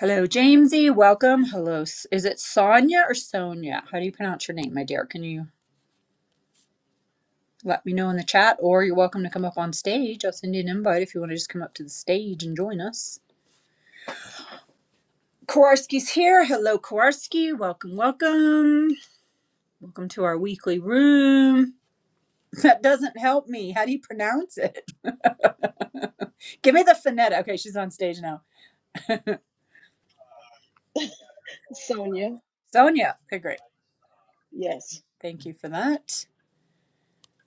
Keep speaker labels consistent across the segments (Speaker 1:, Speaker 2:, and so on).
Speaker 1: Hello, Jamesy. Welcome. Hello. S- Is it Sonia or Sonia? How do you pronounce your name, my dear? Can you let me know in the chat, or you're welcome to come up on stage? I'll send you an invite if you want to just come up to the stage and join us. Kowarski's here. Hello, Kowarski. Welcome, welcome. Welcome to our weekly room. That doesn't help me. How do you pronounce it? Give me the phonetic. Okay, she's on stage now.
Speaker 2: Sonia.
Speaker 1: Sonia. Okay, great. Thank you for that.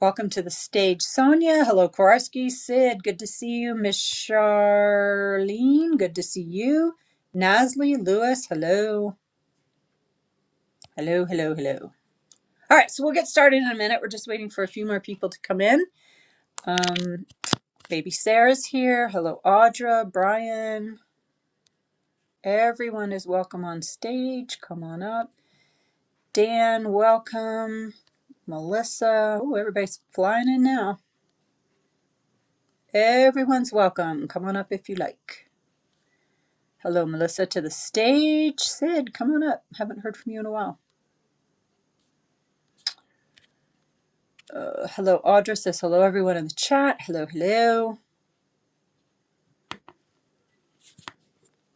Speaker 1: Welcome to the stage, Sonia. Hello, Kowarski. Sid, good to see you. Miss Charlene, good to see you. Nasli, Lewis, hello. Hello, hello, hello. All right, so we'll get started in a minute. We're just waiting for a few more people to come in. Um, baby Sarah's here. Hello, Audra, Brian. Everyone is welcome on stage. Come on up. Dan, welcome. Melissa. Oh, everybody's flying in now. Everyone's welcome. Come on up if you like. Hello, Melissa, to the stage. Sid, come on up. Haven't heard from you in a while. Uh, hello, Audra says hello, everyone in the chat. Hello, hello.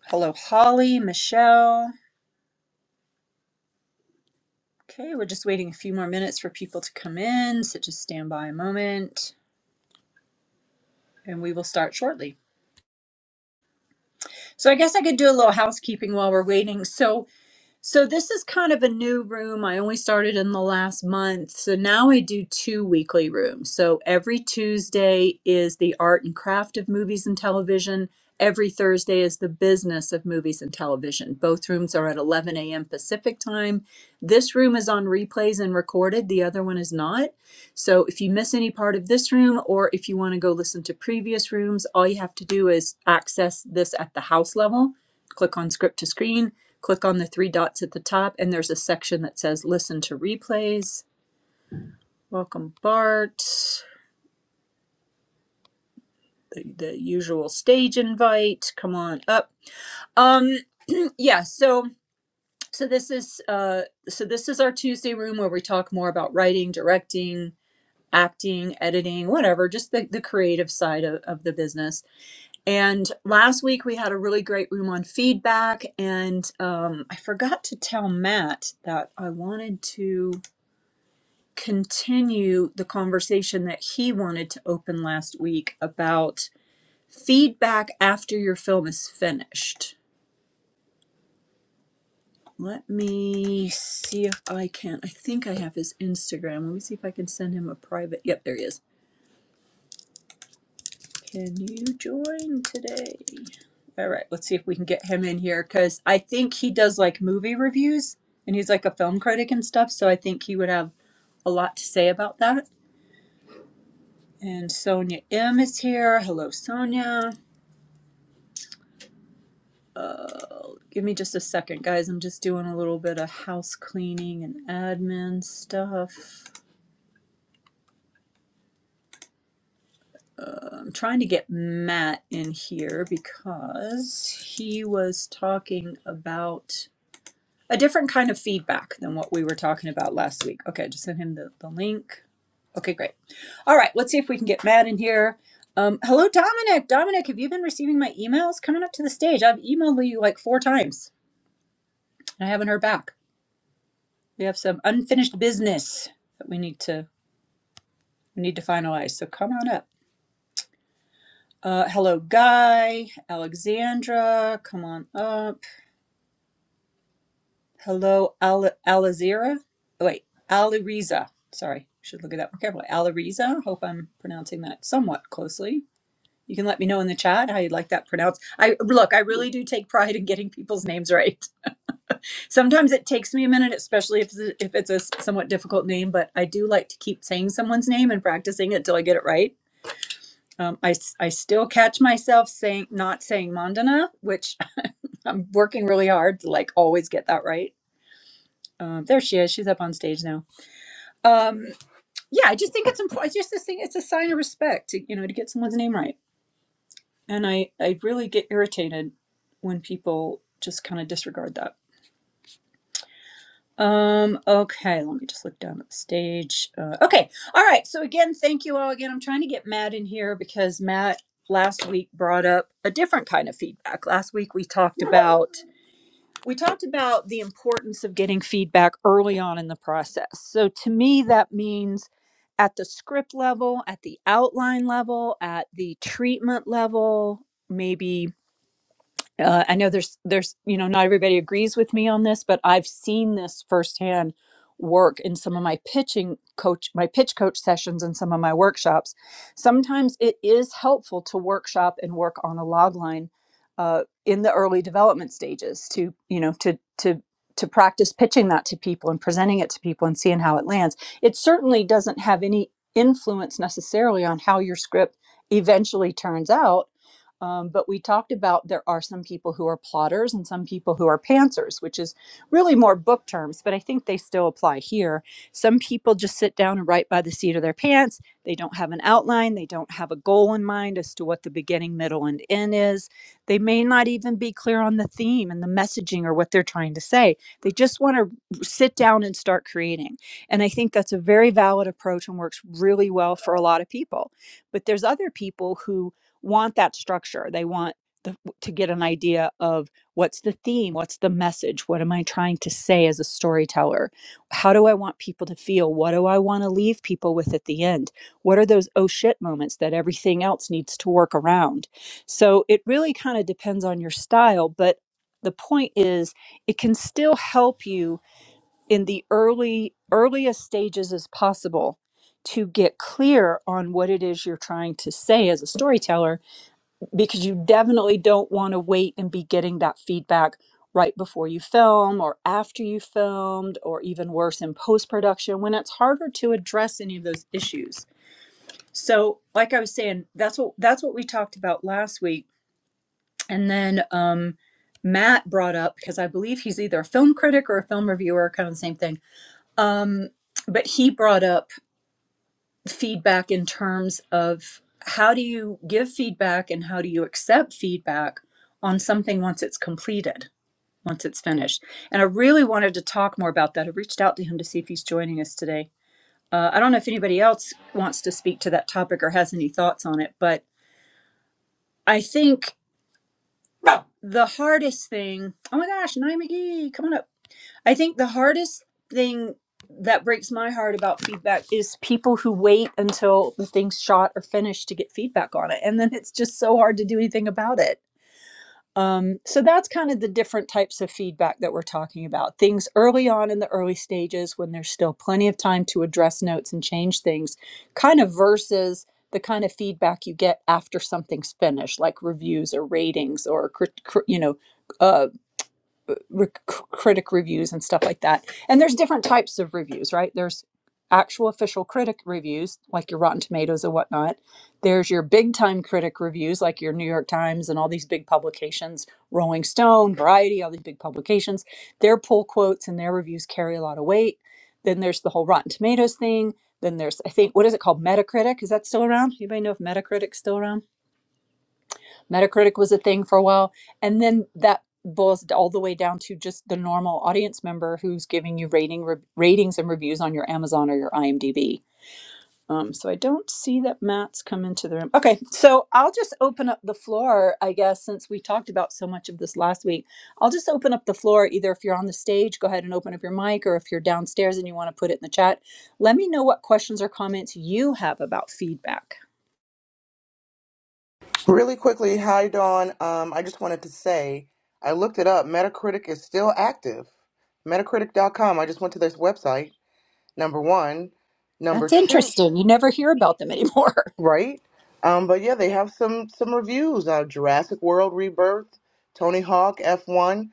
Speaker 1: Hello, Holly, Michelle. Okay, we're just waiting a few more minutes for people to come in, so just stand by a moment and we will start shortly. So, I guess I could do a little housekeeping while we're waiting. So, So this is kind of a new room. I only started in the last month. So now I do two weekly rooms. So every Tuesday is the art and craft of movies and television. Every Thursday is the business of movies and television. Both rooms are at 11 a.m. Pacific time. This room is on replays and recorded. The other one is not. So if you miss any part of this room or if you want to go listen to previous rooms, all you have to do is access this at the house level. Click on script to screen Click on the three dots at the top, and there's a section that says Listen to Replays. Welcome, Bart. The, the usual stage invite. Come on up. Um, yeah, so so this is uh so this is our Tuesday room where we talk more about writing, directing, acting, editing, whatever, just the, the creative side of, of the business. And last week we had a really great room on feedback, and um, I forgot to tell Matt that I wanted to. continue the conversation that he wanted to open last week about feedback after your film is finished. Let me see if I can. I think I have his Instagram. Let me see if I can send him a private. Yep, there he is. Can you join today? All right, let's see if we can get him in here because I think he does like movie reviews and he's like a film critic and stuff. So I think he would have a lot to say about that. And Sonia M is here. Hello, Sonia. Give me just a second, guys. I'm just doing a little bit of house cleaning and admin stuff. I'm trying to get Matt in here because he was talking about a different kind of feedback than what we were talking about last week. Okay, just send him the, the link. Okay, great. All right, let's see if we can get Matt in here. Um, hello, Dominic. Dominic, have you been receiving my emails? Coming up to the stage. I've emailed you like four times and I haven't heard back. We have some unfinished business that we need to We need to finalize. So come on up. Uh, hello, Guy, Alexandra, come on up. Hello, Al- Alizira. Oh, wait, Aliriza. Sorry, should look at that more carefully. Aliriza. Hope I'm pronouncing that somewhat closely. You can let me know in the chat how you'd like that pronounced. I look, I really do take pride in getting people's names right. Sometimes it takes me a minute, especially if it's a, if it's a somewhat difficult name, but I do like to keep saying someone's name and practicing it till I get it right Um, I, s- I still catch myself saying not saying Mandana, which I'm working really hard to like always get that right. Um, there she is. She's up on stage now. Um, yeah, I just think it's important. I just this thing, it's a sign of respect to you know to get someone's name right. And I I really get irritated when people just kind of disregard that. Um, okay, let me just look down at the stage. Uh, okay, all right. So, again, thank you all again. I'm trying to get Matt in here because Matt last week brought up a different kind of feedback. Last week we talked about we talked about the importance of getting feedback early on in the process. So to me that means at the script level, at the outline level, at the treatment level, maybe uh, I know there's there's you know not everybody agrees with me on this, but I've seen this firsthand work in some of my pitching coach my pitch coach sessions and some of my workshops. Sometimes it is helpful to workshop and work on a log line uh, in the early development stages to you know to to to practice pitching that to people and presenting it to people and seeing how it lands. It certainly doesn't have any influence necessarily on how your script eventually turns out um, but we talked about there are some people who are plotters and some people who are pantsers, which is really more book terms, but I think they still apply here. Some people just sit down and write by the seat of their pants. They don't have an outline, they don't have a goal in mind as to what the beginning, middle, and end is. They may not even be clear on the theme and the messaging or what they're trying to say. They just want to sit down and start creating. And I think that's a very valid approach and works really well for a lot of people. But there's other people who want that structure. They want the, to get an idea of what's the theme, what's the message, what am I trying to say as a storyteller? How do I want people to feel? What do I want to leave people with at the end? What are those oh shit moments that everything else needs to work around? So it really kind of depends on your style, but the point is it can still help you in the early earliest stages as possible to get clear on what it is you're trying to say as a storyteller because you definitely don't want to wait and be getting that feedback right before you film or after you filmed or even worse in post production when it's harder to address any of those issues. So, like I was saying, that's what that's what we talked about last week. And then um Matt brought up because I believe he's either a film critic or a film reviewer, kind of the same thing. Um but he brought up feedback in terms of how do you give feedback and how do you accept feedback on something once it's completed, once it's finished. And I really wanted to talk more about that. I reached out to him to see if he's joining us today. Uh, I don't know if anybody else wants to speak to that topic or has any thoughts on it, but I think the hardest thing. Oh my gosh, Naima McGee, come on up. I think the hardest thing that breaks my heart about feedback is people who wait until the thing's shot or finished to get feedback on it. And then it's just so hard to do anything about it. Um, so that's kind of the different types of feedback that we're talking about. Things early on in the early stages when there's still plenty of time to address notes and change things, kind of versus the kind of feedback you get after something's finished, like reviews or ratings or crit- crit- you know uh, re- critic reviews and stuff like that. And there's different types of reviews, right? There's actual official critic reviews, like your Rotten Tomatoes and whatnot. There's your big time critic reviews, like your New York Times and all these big publications, Rolling Stone, Variety, all these big publications. Their pull quotes and their reviews carry a lot of weight. Then there's the whole Rotten Tomatoes thing. Then there's, I think, what is it called? Metacritic. Is that still around? Anybody know if Metacritic's still around? Metacritic was a thing for a while. And then that boils all the way down to just the normal audience member who's giving you rating re- ratings and reviews on your Amazon or your IMDb. Um, so I don't see that Matt's come into the room. Okay, so I'll just open up the floor, I guess, since we talked about so much of this last week. I'll just open up the floor. Either if you're on the stage, go ahead and open up your mic, or if you're downstairs and you want to put it in the chat, let me know what questions or comments you have about feedback.
Speaker 3: Really quickly, hi Dawn. Um, I just wanted to say I looked it up. Metacritic is still active. Metacritic dot com. I just went to this website. Number one, number
Speaker 1: That's
Speaker 3: two,
Speaker 1: interesting. You never hear about them anymore.
Speaker 3: right? Um, but yeah, they have some some reviews. Uh, Jurassic World Rebirth, Tony Hawk F1.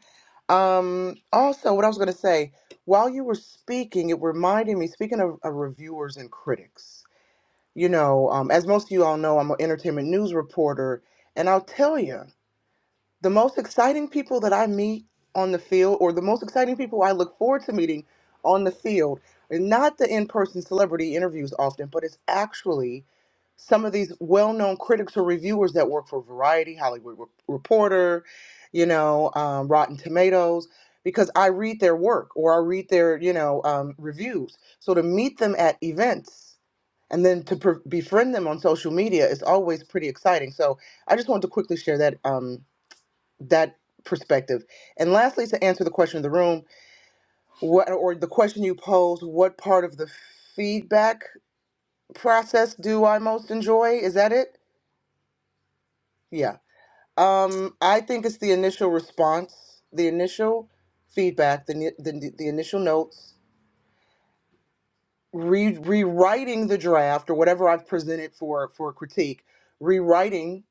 Speaker 3: Um, also, what I was going to say while you were speaking, it reminded me. Speaking of, of reviewers and critics, you know, um, as most of you all know, I'm an entertainment news reporter, and I'll tell you. the most exciting people that I meet on the field, or the most exciting people I look forward to meeting on the field, are not the in person celebrity interviews often, but it's actually some of these well known critics or reviewers that work for Variety, Hollywood Re- Reporter, you know, um, Rotten Tomatoes, because I read their work or I read their, you know, um, reviews. So to meet them at events, and then to pre- befriend them on social media is always pretty exciting. So I just wanted to quickly share that Um, that perspective. And lastly, to answer the question of the room, what or the question you posed, what part of the feedback process do I most enjoy? Is that it? Yeah. Um, I think it's the initial response, the initial feedback, the ni- the, the initial notes, re- rewriting the draft or whatever I've presented for for critique, rewriting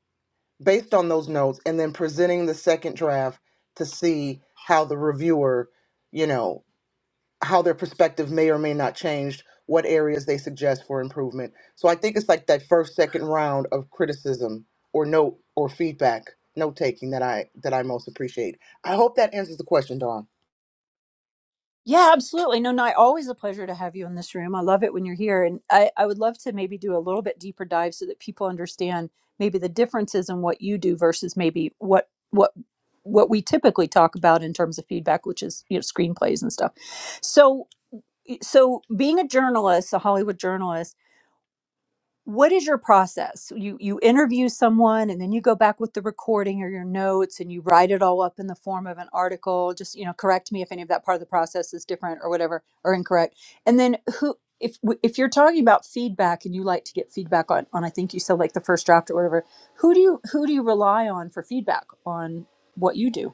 Speaker 3: based on those notes, and then presenting the second draft to see how the reviewer, you know, how their perspective may or may not change what areas they suggest for improvement so i think it's like that first second round of criticism or note or feedback note taking that i that i most appreciate i hope that answers the question dawn
Speaker 1: Yeah, absolutely. No, no, always a pleasure to have you in this room. I love it when you're here. And I, I would love to maybe do a little bit deeper dive so that people understand maybe the differences in what you do versus maybe what what what we typically talk about in terms of feedback, which is you know screenplays and stuff. So so being a journalist, a Hollywood journalist what is your process you you interview someone and then you go back with the recording or your notes and you write it all up in the form of an article just you know correct me if any of that part of the process is different or whatever or incorrect and then who if w- if you're talking about feedback and you like to get feedback on on i think you said like the first draft or whatever who do you who do you rely on for feedback on what you do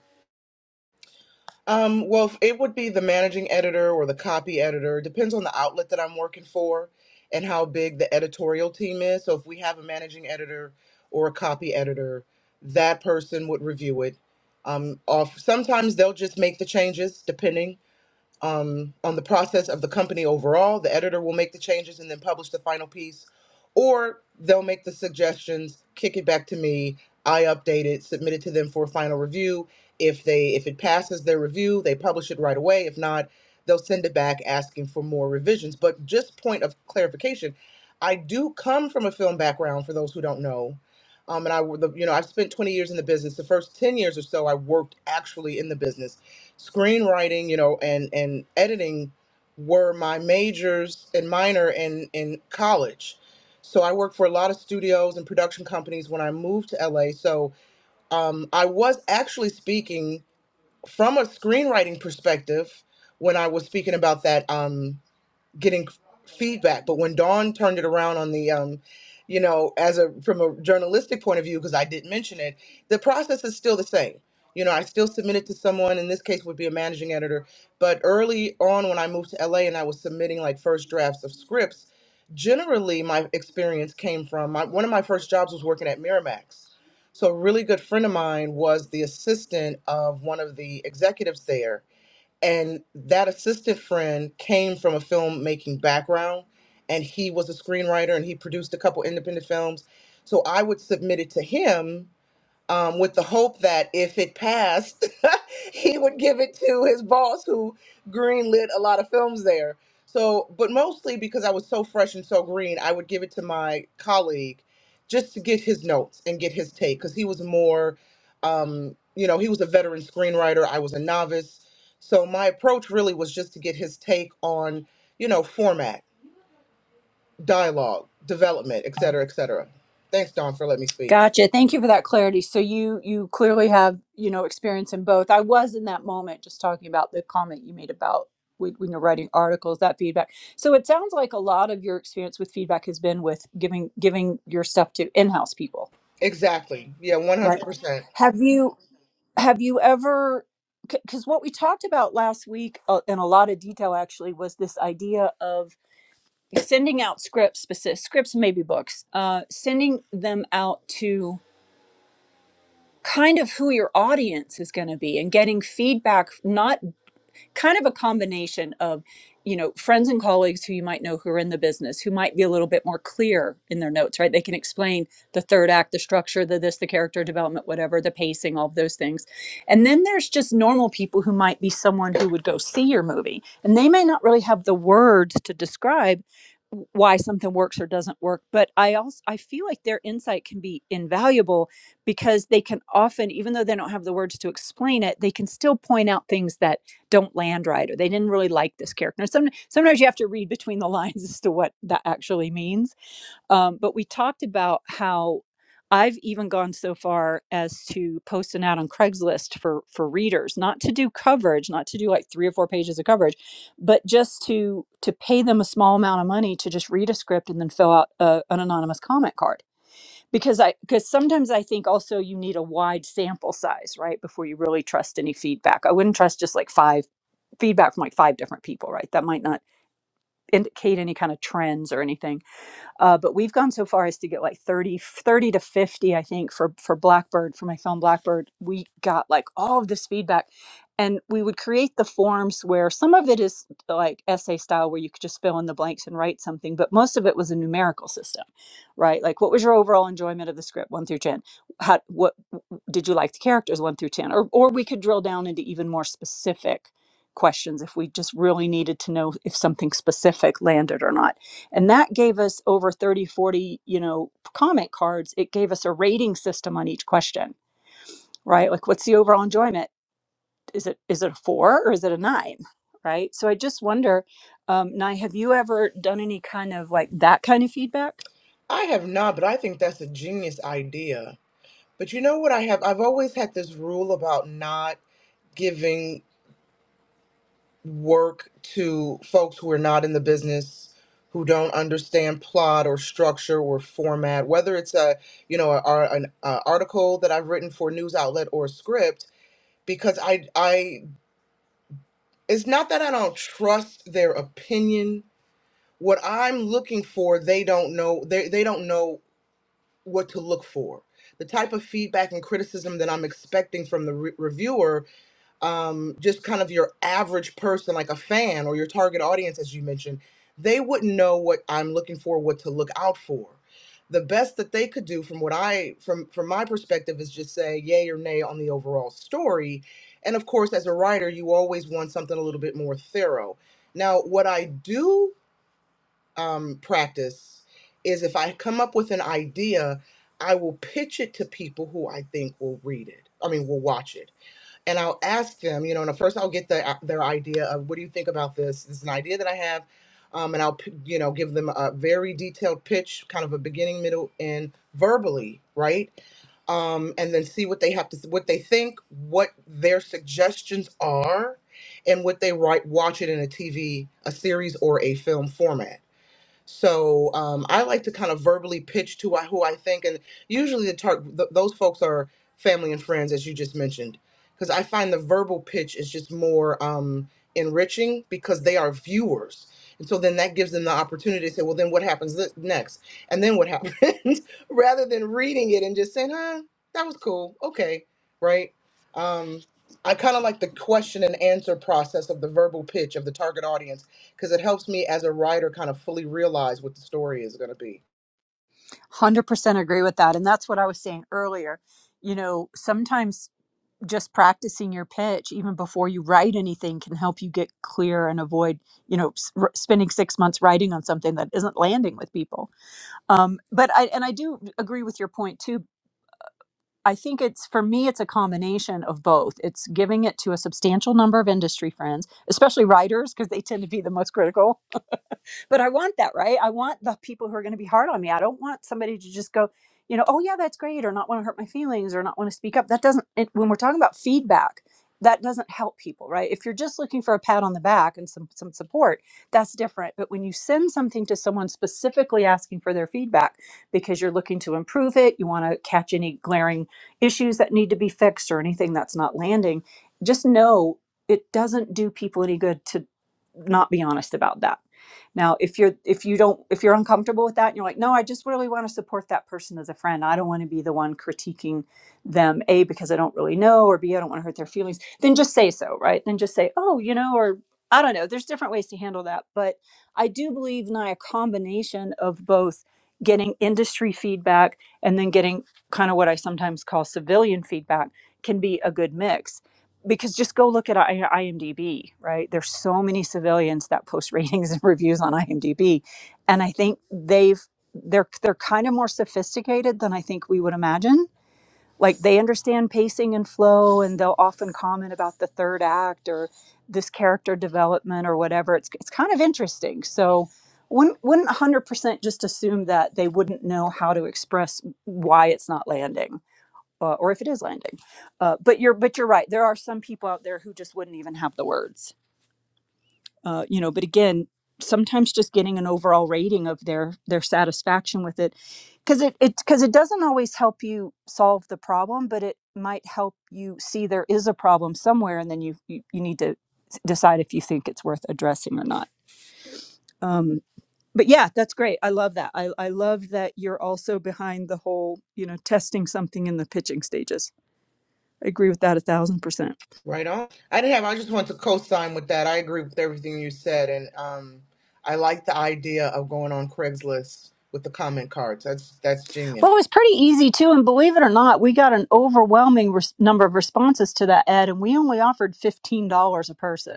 Speaker 3: um, well if it would be the managing editor or the copy editor It depends on the outlet that i'm working for and how big the editorial team is so if we have a managing editor or a copy editor that person would review it um, off sometimes they'll just make the changes depending um, on the process of the company overall. The editor will make the changes and then publish the final piece, or they'll make the suggestions, kick it back to me. I update it, submit it to them for a final review. If they if it passes their review, they publish it right away. If not, they'll send it back asking for more revisions. But just point of clarification, I do come from a film background. For those who don't know. Um, and I, w- the- you know, I've spent 20 years in the business. The first 10 years or so, I worked actually in the business screenwriting, you know, and and editing were my majors and minor in in college. So I worked for a lot of studios and production companies when I moved to LA. So um, I was actually speaking from a screenwriting perspective when I was speaking about that. Um, getting feedback. But when Dawn turned it around on the, um, you know, as a from a journalistic point of view, because I did mention it, the process is still the same. You know, I still submit it to someone. In this case, would be a managing editor. But early on, when I moved to LA and I was submitting like first drafts of scripts, generally my experience came from my, one of my first jobs was working at Miramax. So a really good friend of mine was the assistant of one of the executives there and that assistant friend came from a filmmaking background and he was a screenwriter and he produced a couple independent films so i would submit it to him um, with the hope that if it passed, he would give it to his boss, who greenlit a lot of films there. So, but mostly because I was so fresh and so green, I would give it to my colleague just to get his notes and get his take because he was more, um, you know, he was a veteran screenwriter. I was a novice. So my approach really was just to get his take on, you know, format, dialogue, development, et cetera, et cetera. Thanks, Don, for letting me speak.
Speaker 1: Gotcha. Thank you for that clarity. So you you clearly have, you know, experience in both. I was in that moment just talking about the comment you made about when when you're writing articles, that feedback. So it sounds like a lot of your experience with feedback has been with giving giving your stuff to in-house people,
Speaker 3: Exactly. Yeah,
Speaker 1: right?
Speaker 3: 100%.
Speaker 1: Have you have you ever because what we talked about last week uh, in a lot of detail actually was this idea of sending out scripts, specific scripts, maybe books, uh, sending them out to kind of who your audience is going to be and getting feedback not kind of a combination of you know friends and colleagues who you might know who are in the business who might be a little bit more clear in their notes right they can explain the third act the structure the this the character development whatever the pacing all of those things and then there's just normal people who might be someone who would go see your movie and they may not really have the words to describe why something works or doesn't work but i also i feel like their insight can be invaluable because they can often even though they don't have the words to explain it they can still point out things that don't land right or they didn't really like this character. some, sometimes you have to read between the lines as to what that actually means. Um, but we talked about how I've even gone so far as to post an ad on Craigslist for for readers, not to do coverage, not to do like three or four pages of coverage, but just to to pay them a small amount of money to just read a script and then fill out a, an anonymous comment card. Because I because sometimes I think also you need a wide sample size, right, before you really trust any feedback. I wouldn't trust just like five feedback from like five different people, right? That might not indicate any kind of trends or anything. Uh, but we've gone so far as to get like 30, to 50, I think, for, for Blackbird, for my film Blackbird. We got like all of this feedback. And we would create the forms where some of it is like essay style, where you could just fill in the blanks and write something, but most of it was a numerical system, right? Like, what was your overall enjoyment of the script, one through 10? How, what did you like the characters one through 10 or or we could drill down into even more specific questions if we just really needed to know if something specific landed or not and that gave us over 30 40 you know comment cards it gave us a rating system on each question right like what's the overall enjoyment is it is it a four or is it a nine right so i just wonder um nye have you ever done any kind of like that kind of feedback
Speaker 3: I have not, but I think that's a genius idea. But you know what I have? I've always had this rule about not giving work to folks who are not in the business, who don't understand plot or structure or format, whether it's a, you know, a, a- an a article that I've written for a news outlet or a script, because I I it's not that I don't trust their opinion. What I'm looking for, they don't know. They they don't know what to look for the type of feedback and criticism that i'm expecting from the re- reviewer um, just kind of your average person like a fan or your target audience as you mentioned they wouldn't know what i'm looking for what to look out for the best that they could do from what i from from my perspective is just say yay or nay on the overall story and of course as a writer you always want something a little bit more thorough now what i do um, practice is if I come up with an idea, I will pitch it to people who I think will read it. I mean, will watch it, and I'll ask them. You know, and first I'll get the, uh, their idea of what do you think about this? This is an idea that I have, um, and I'll p- you know give them a very detailed pitch, kind of a beginning, middle, end, verbally, right? um, and then see what they have to what they think, what their suggestions are, and what they write watch it in a TV, a series, or a film format so um, I like to kind of verbally pitch to wh- who I think, and usually the tar- th- those folks are family and friends, as you just mentioned, because I find the verbal pitch is just more um, enriching because they are viewers. And so then that gives them the opportunity to say, well, then what happens th- next? And then what happens? Rather than reading it and just saying, huh, that was cool. Okay. Right. Um, I kind of like the question and answer process of the verbal pitch of the target audience because it helps me as a writer kind of fully realize what the story is going to be.
Speaker 1: 100% agree with that and that's what i was saying earlier you know sometimes just practicing your pitch even before you write anything can help you get clear and avoid you know s- r- spending six months writing on something that isn't landing with people um, but i and i do agree with your point too i think it's for me it's a combination of both it's giving it to a substantial number of industry friends especially writers because they tend to be the most critical but I want that, right? I want the people who are going to be hard on me. I don't want somebody to just go, you know, oh yeah, that's great, or not want to hurt my feelings, or not want to speak up. That doesn't. It, when we're talking about feedback, that doesn't help people, right? If you're just looking for a pat on the back and some some support, that's different. But when you send something to someone specifically asking for their feedback because you're looking to improve it, you want to catch any glaring issues that need to be fixed or anything that's not landing, just know it doesn't do people any good to not be honest about that now, if you're if you don't if you're uncomfortable with that and you're like, "No, I just really want to support that person as a friend. I don't want to be the one critiquing them A because I don't really know or B I don't want to hurt their feelings." Then just say so, right? Then just say, "Oh, you know," or I don't know. There's different ways to handle that, but I do believe in a combination of both getting industry feedback and then getting kind of what I sometimes call civilian feedback can be a good mix because just go look at IMDb, right? There's so many civilians that post ratings and reviews on IMDb, and I think they've they're they're kind of more sophisticated than I think we would imagine. Like they understand pacing and flow, and they'll often comment about the third act or this character development or whatever. It's it's kind of interesting. So wouldn't wouldn't 100% just assume that they wouldn't know how to express why it's not landing uh, or if it is landing. Uh, but you're but you're right. There are some people out there who just wouldn't even have the words. Uh, you know, but again, sometimes just getting an overall rating of their their satisfaction with it, because it it because it doesn't always help you solve the problem, but it might help you see there is a problem somewhere, and then you you, you need to s- decide if you think it's worth addressing or not. Um, but yeah, that's great. I love that. I, I love that you're also behind the whole, you know, testing something in the pitching stages. I agree with that a thousand percent.
Speaker 3: Right on. I didn't have. I just want to co-sign with that. I agree with everything you said, and um, I like the idea of going on Craigslist with the comment cards. That's that's genius.
Speaker 1: Well, it was pretty easy too, and believe it or not, we got an overwhelming res- number of responses to that ad, and we only offered fifteen dollars a person.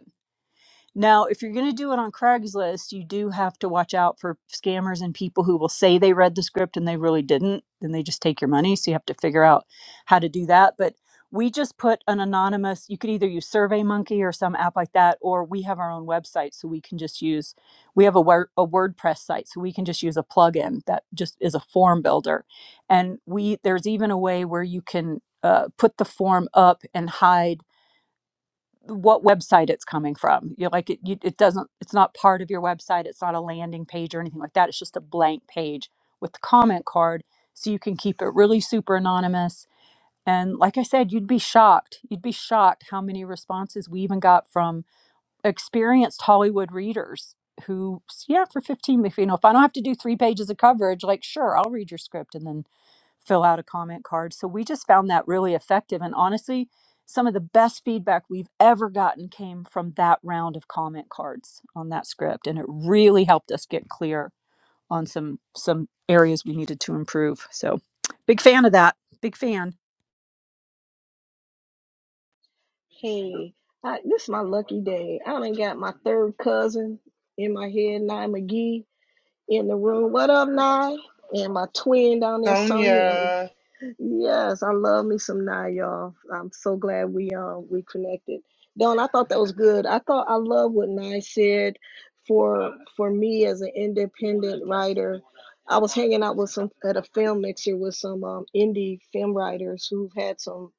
Speaker 1: Now, if you're going to do it on Craigslist, you do have to watch out for scammers and people who will say they read the script and they really didn't. Then they just take your money. So you have to figure out how to do that. But we just put an anonymous, you could either use SurveyMonkey or some app like that, or we have our own website. So we can just use, we have a, Wor- a WordPress site. So we can just use a plugin that just is a form builder. And we, there's even a way where you can uh, put the form up and hide what website it's coming from. You're like it. You, it doesn't. It's not part of your website. It's not a landing page or anything like that. It's just a blank page with the comment card, so you can keep it really super anonymous. And like I said, you'd be shocked. You'd be shocked how many responses we even got from experienced Hollywood readers who, yeah, for 15, if, you know, if I don't have to do three pages of coverage, like, sure, I'll read your script and then fill out a comment card. So we just found that really effective. And honestly, some of the best feedback we've ever gotten came from that round of comment cards on that script. And it really helped us get clear on some some areas we needed to improve. So big fan of that. Big fan.
Speaker 2: Hey, I, this is my lucky day. I done got my third cousin in my head, Nye McGee, in the room. What up, Nye? And my twin down there, Sonia. And
Speaker 3: Sonia,
Speaker 2: yes, I love me some Nye, y'all. I'm so glad we um we connected. Don, I thought that was good. I thought I love what Nye said for for me as an independent writer. I was hanging out with some at a film mixer with some um, indie film writers who've had some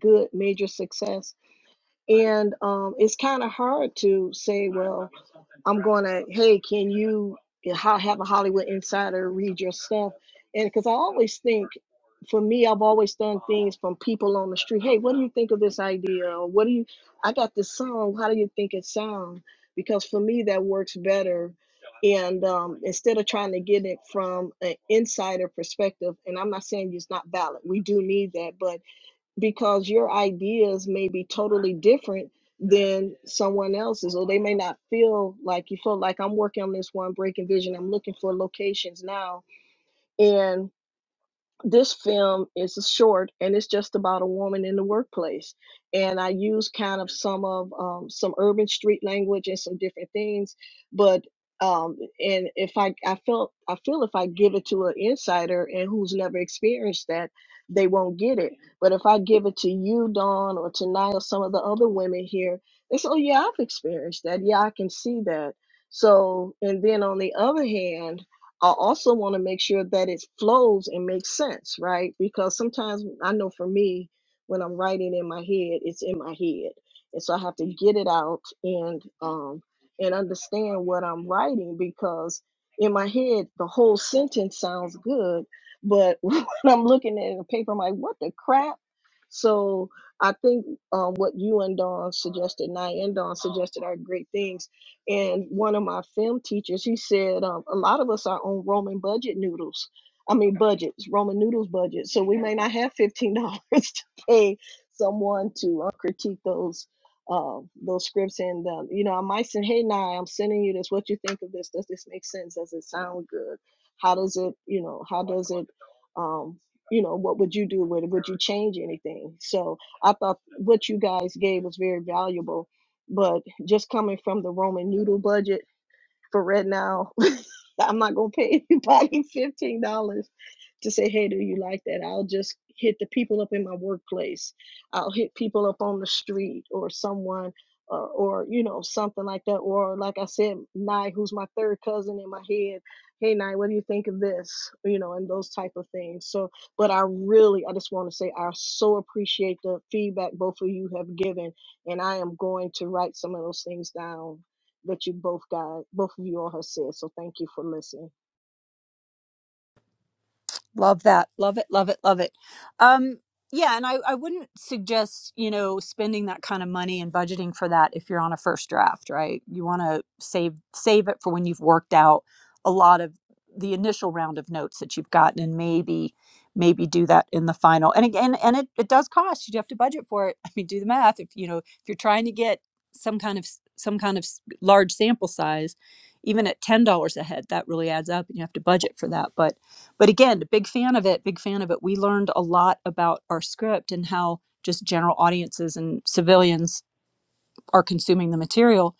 Speaker 2: good major success And um, it's kind of hard to say, well, I'm going to, hey, can you ho- have a Hollywood insider read your stuff? And because I always think, for me, I've always done things from people on the street. Hey, what do you think of this idea? Or what do you, I got this song. How do you think it sounds? Because for me, that works better. And um, instead of trying to get it from an insider perspective, and I'm not saying it's not valid, we do need that, but because your ideas may be totally different than someone else's or they may not feel like you feel like i'm working on this one breaking vision i'm looking for locations now and this film is a short and it's just about a woman in the workplace and i use kind of some of um, some urban street language and some different things but um, and if I, I felt I feel if I give it to an insider and who's never experienced that, they won't get it. But if I give it to you, Dawn, or tonight, or some of the other women here, they say, "Oh yeah, I've experienced that. Yeah, I can see that." So, and then on the other hand, I also want to make sure that it flows and makes sense, right? Because sometimes I know for me, when I'm writing in my head, it's in my head, and so I have to get it out and um, and understand what I'm writing because in my head the whole sentence sounds good, but when I'm looking at the paper, I'm like, what the crap? So I think um, what you and Dawn suggested, Nye and Dawn suggested, are great things and one of my film teachers, he said, um, a lot of us are on Roman budget noodles. I mean, budgets, Roman noodles budget. So we may not have fifteen dollars to pay someone to uh, critique those uh, those scripts. And um, you know, I might say, hey, Nye, I'm sending you this. What you think of this? Does this make sense? Does it sound good? How does it, you know, how does it, um, you know, what would you do with it? Would you change anything? So I thought what you guys gave was very valuable but just coming from the Roman noodle budget for Red Now, I'm not gonna pay anybody fifteen dollars to say, hey, do you like that? I'll just hit the people up in my workplace. I'll hit people up on the street or someone or, or you know, something like that. Or like I said, Nye, who's my third cousin in my head, hey Nye, what do you think of this? You know, and those type of things. So but I really I just want to say I so appreciate the feedback both of you have given and I am going to write some of those things down that you both got both of you all have said. So thank you for listening.
Speaker 1: Love that. Love it. Love it. Love it. Um, yeah, and I, I wouldn't suggest, you know, spending that kind of money and budgeting for that if you're on a first draft, right? You want to save save it for when you've worked out a lot of the initial round of notes that you've gotten and maybe maybe do that in the final. And again, and it, it does cost. You do have to budget for it. I mean, do the math. If you know, if you're trying to get some kind of s- some kind of s- large sample size, even at $10 a head, that really adds up and you have to budget for that. But but again big fan of it big fan of it we learned a lot about our script and how just general audiences and civilians are consuming the material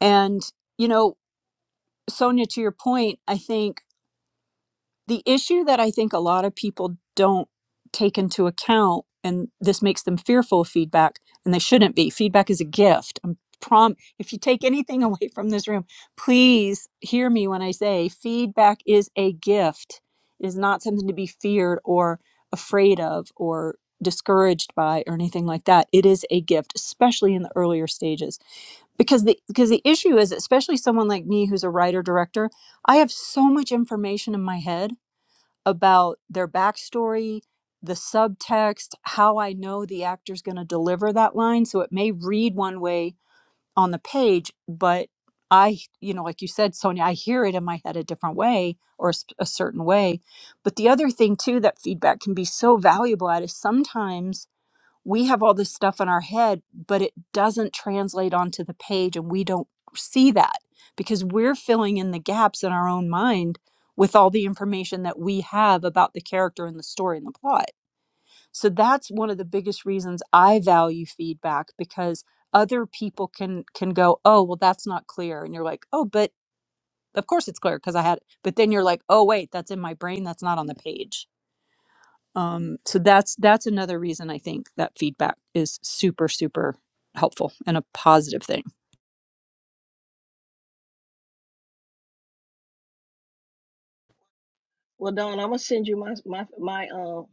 Speaker 1: and you know sonia to your point i think the issue that I think a lot of people don't take into account, and this makes them fearful of feedback, and they shouldn't be. Feedback is a gift. I'm prom. If you take anything away from this room, please hear me when I say feedback is a gift. It is not something to be feared or afraid of or discouraged by or anything like that. It is a gift, especially in the earlier stages, because the because the issue is, especially someone like me who's a writer director, I have so much information in my head about their backstory, the subtext, how I know the actor's going to deliver that line. So it may read one way on the page, but I, you know, like you said, Sonia, I hear it in my head a different way or a, s- a certain way. But the other thing, too, that feedback can be so valuable at is sometimes we have all this stuff in our head, but it doesn't translate onto the page and we don't see that because we're filling in the gaps in our own mind with all the information that we have about the character and the story and the plot. So that's one of the biggest reasons I value feedback because other people can can go, "Oh, well that's not clear." And you're like, "Oh, but of course it's clear because I had it." But then you're like, "Oh, wait, that's in my brain, that's not on the page." um, so that's that's another reason i think that feedback is super super helpful and a positive thing
Speaker 2: Well, Don, I'm gonna send you my my my um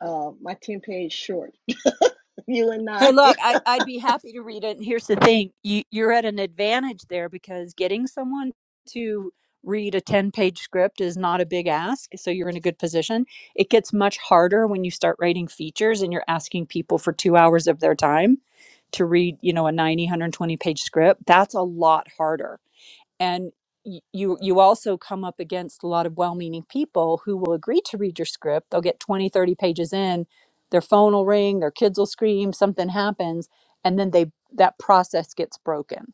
Speaker 2: uh, my ten page short. You and
Speaker 1: hey
Speaker 2: I.
Speaker 1: look I'd, I'd be happy to read it and here's the thing you, you're at an advantage there because getting someone to read a 10 page script is not a big ask so you're in a good position it gets much harder when you start writing features and you're asking people for two hours of their time to read you know a 90 120 page script that's a lot harder and y- you you also come up against a lot of well-meaning people who will agree to read your script they'll get 20 30 pages in their phone will ring their kids will scream something happens and then they that process gets broken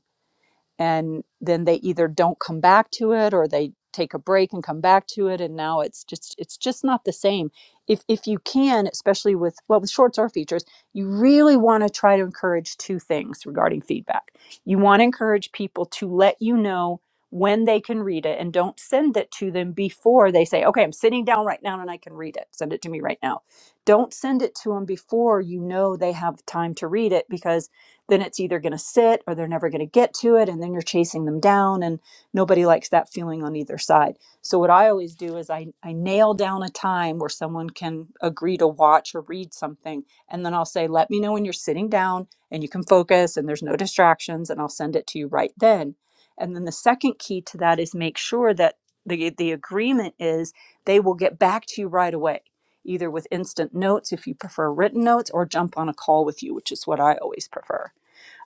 Speaker 1: and then they either don't come back to it or they take a break and come back to it and now it's just it's just not the same if if you can especially with well with shorts or features you really want to try to encourage two things regarding feedback you want to encourage people to let you know when they can read it and don't send it to them before they say okay i'm sitting down right now and i can read it send it to me right now don't send it to them before you know they have time to read it because then it's either going to sit or they're never going to get to it and then you're chasing them down and nobody likes that feeling on either side so what i always do is i, I nail down a time where someone can agree to watch or read something and then i'll say let me know when you're sitting down and you can focus and there's no distractions and i'll send it to you right then and then the second key to that is make sure that the, the agreement is they will get back to you right away either with instant notes if you prefer written notes or jump on a call with you which is what i always prefer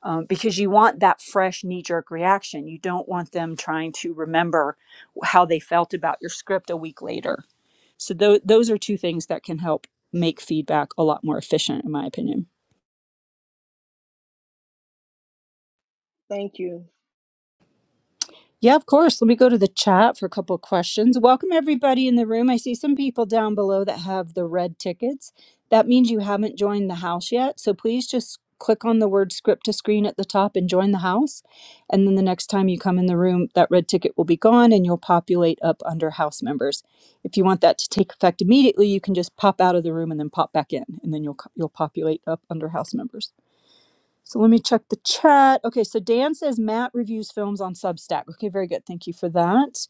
Speaker 1: um, because you want that fresh knee jerk reaction. You don't want them trying to remember how they felt about your script a week later. So, tho- those are two things that can help make feedback a lot more efficient, in my opinion.
Speaker 2: Thank you.
Speaker 1: Yeah, of course. Let me go to the chat for a couple of questions. Welcome everybody in the room. I see some people down below that have the red tickets. That means you haven't joined the house yet. So please just click on the word script to screen at the top and join the house. And then the next time you come in the room, that red ticket will be gone and you'll populate up under house members. If you want that to take effect immediately, you can just pop out of the room and then pop back in and then you'll co- you'll populate up under house members. So let me check the chat. Okay, so Dan says Matt reviews films on Substack. Okay, very good. Thank you for that.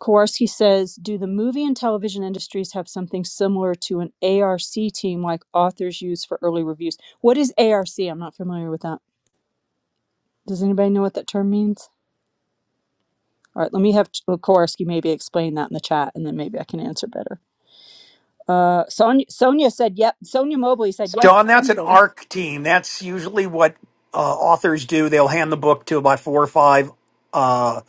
Speaker 1: Kowarski says, do the movie and television industries have something similar to an ARC team like authors use for early reviews? What is ARC? I'm not familiar with that. Does anybody know what that term means? All right, let me have well, Kowarski maybe explain that in the chat and then maybe I can answer better. Uh, Sonia, Sonia said, yep. Sonia Mobley said
Speaker 4: So
Speaker 1: yes to
Speaker 4: Don, that's an
Speaker 1: something.
Speaker 4: ARC team. That's usually what uh, authors do. They'll hand the book to about four or five uh,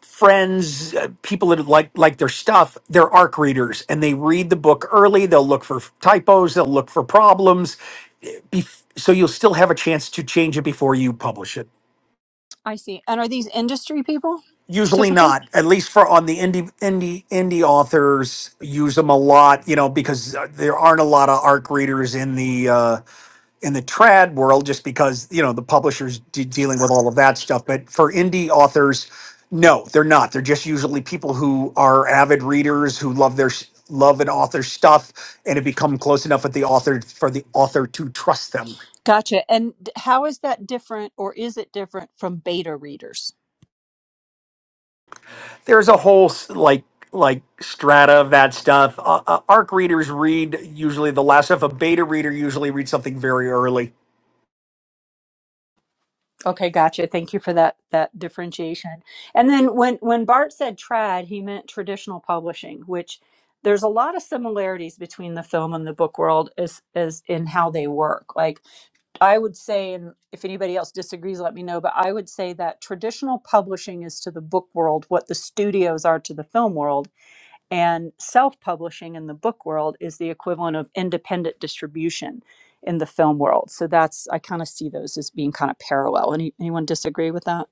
Speaker 4: friends, uh, people that like like their stuff. They're ARC readers, and they read the book early. They'll look for typos. They'll look for problems. Bef- so you'll still have a chance to change it before you publish it.
Speaker 1: I see. And are these industry people
Speaker 4: Usually
Speaker 1: typically?
Speaker 4: not, at least for on the indie indie indie authors use them a lot, you know, because uh, there aren't a lot of ARC readers in the uh, in the trad world just because you know the publishers de- dealing with all of that stuff but for indie authors no they're not they're just usually people who are avid readers who love their s- love an author's stuff and have become close enough with the author for the author to trust them
Speaker 1: Gotcha. And d- how is that different or is it different from beta readers?
Speaker 4: there's a whole s- like like strata of that stuff uh, uh, arc readers read usually the last stuff a beta reader usually reads something very early
Speaker 1: Okay, gotcha. Thank you for that that differentiation. And then when when Bart said trad, he meant traditional publishing, which there's a lot of similarities between the film and the book world as as in how they work. Like I would say and if anybody else disagrees let me know, but I would say that traditional publishing is to the book world what the studios are to the film world And self publishing in the book world is the equivalent of independent distribution in the film world. So that's, I kind of see those as being kind of parallel. Any, anyone disagree with that?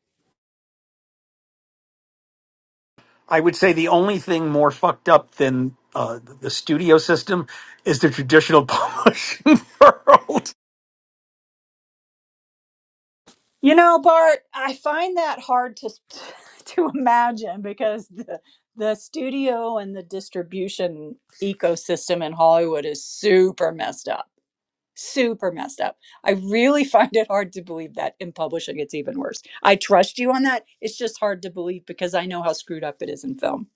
Speaker 4: I would say the only thing more fucked up than uh, the studio system is the traditional publishing world.
Speaker 1: You know, Bart, I find that hard to to imagine because the the studio and the distribution ecosystem in Hollywood is super messed up. super messed up. I really find it hard to believe that in publishing it's even worse. I trust you on that. It's just hard to believe because I know how screwed up it is in film.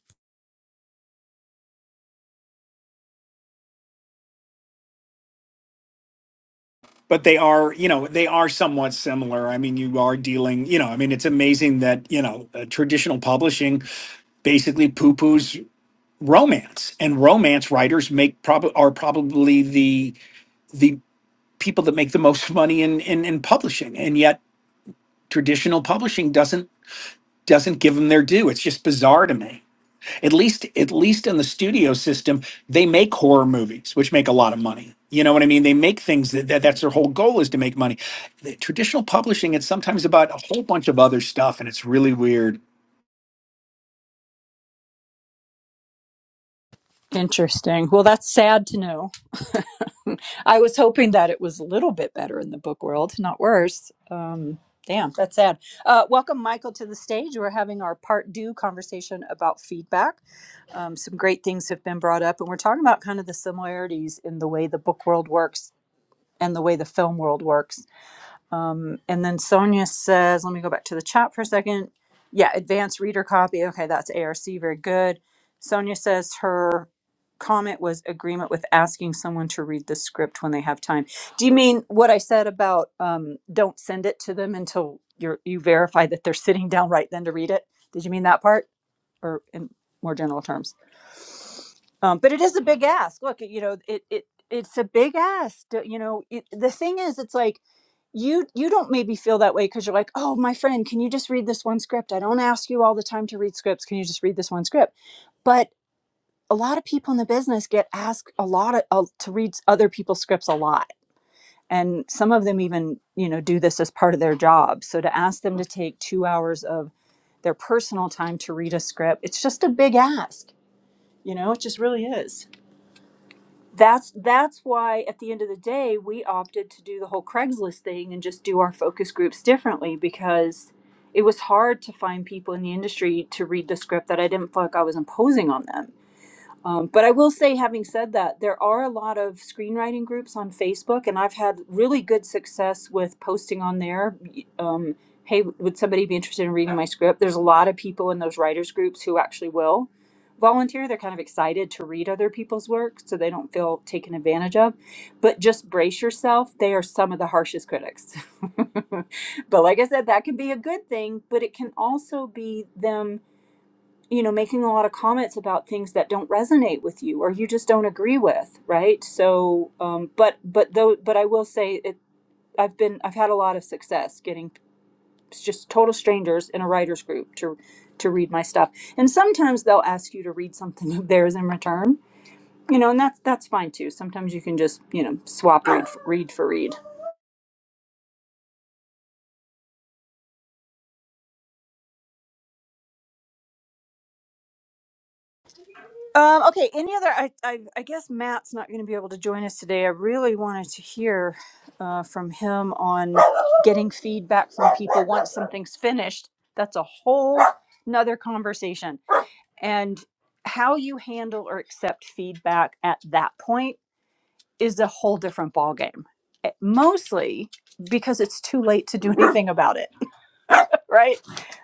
Speaker 4: but they are you know they are somewhat similar i mean you are dealing you know i mean it's amazing that you know uh, traditional publishing basically poo-poos romance and romance writers make probably are probably the the people that make the most money in, in in publishing and yet traditional publishing doesn't doesn't give them their due it's just bizarre to me At least, at least in the studio system, they make horror movies, which make a lot of money. You know what I mean? They make things that, that that's their whole goal is to make money. The traditional publishing, it's sometimes about a whole bunch of other stuff, and it's really weird.
Speaker 1: Interesting. Well, that's sad to know. I was hoping that it was a little bit better in the book world, not worse. Um, damn, that's sad. Uh, welcome, Michael, to the stage. We're having our part two conversation about feedback. Um, some great things have been brought up, and we're talking about kind of the similarities in the way the book world works and the way the film world works Um, and then Sonia says, let me go back to the chat for a second. Yeah, advanced reader copy. Okay, that's ARC. Very good. Sonia says her comment was agreement with asking someone to read the script when they have time. Do you mean what I said about um, don't send it to them until you're, you verify that they're sitting down right then to read it? Did you mean that part or in more general terms? Um, but it is a big ask. Look, you know, it, it, it's a big ask. You know, it, the thing is, it's like, you you don't maybe feel that way because you're like oh my friend can you just read this one script i don't ask you all the time to read scripts can you just read this one script but a lot of people in the business get asked a lot of, uh, to read other people's scripts a lot and some of them even you know do this as part of their job so to ask them to take two hours of their personal time to read a script it's just a big ask you know it just really is that's that's why at the end of the day we opted to do the whole Craigslist thing and just do our focus groups differently because it was hard to find people in the industry to read the script that I didn't feel like I was imposing on them. Um, but I will say, having said that, there are a lot of screenwriting groups on Facebook, and I've had really good success with posting on there. Um, hey, would somebody be interested in reading my script? There's a lot of people in those writers groups who actually will volunteer. They're kind of excited to read other people's work, so they don't feel taken advantage of. But just brace yourself; they are some of the harshest critics. but like I said, that can be a good thing, but it can also be them you know, making a lot of comments about things that don't resonate with you or you just don't agree with, right? So, um, but but though, but I will say it. I've been I've had a lot of success getting just total strangers in a writers group to to read my stuff, and sometimes they'll ask you to read something of theirs in return, you know, and that's that's fine too. Sometimes you can just you know swap read for, read for read. Um, okay. Any other? I, I, I guess Matt's not going to be able to join us today. I really wanted to hear uh, from him on getting feedback from people once something's finished. That's a whole nother conversation. And how you handle or accept feedback at that point is a whole different ballgame. Eh, Mostly because it's too late to do anything about it, right?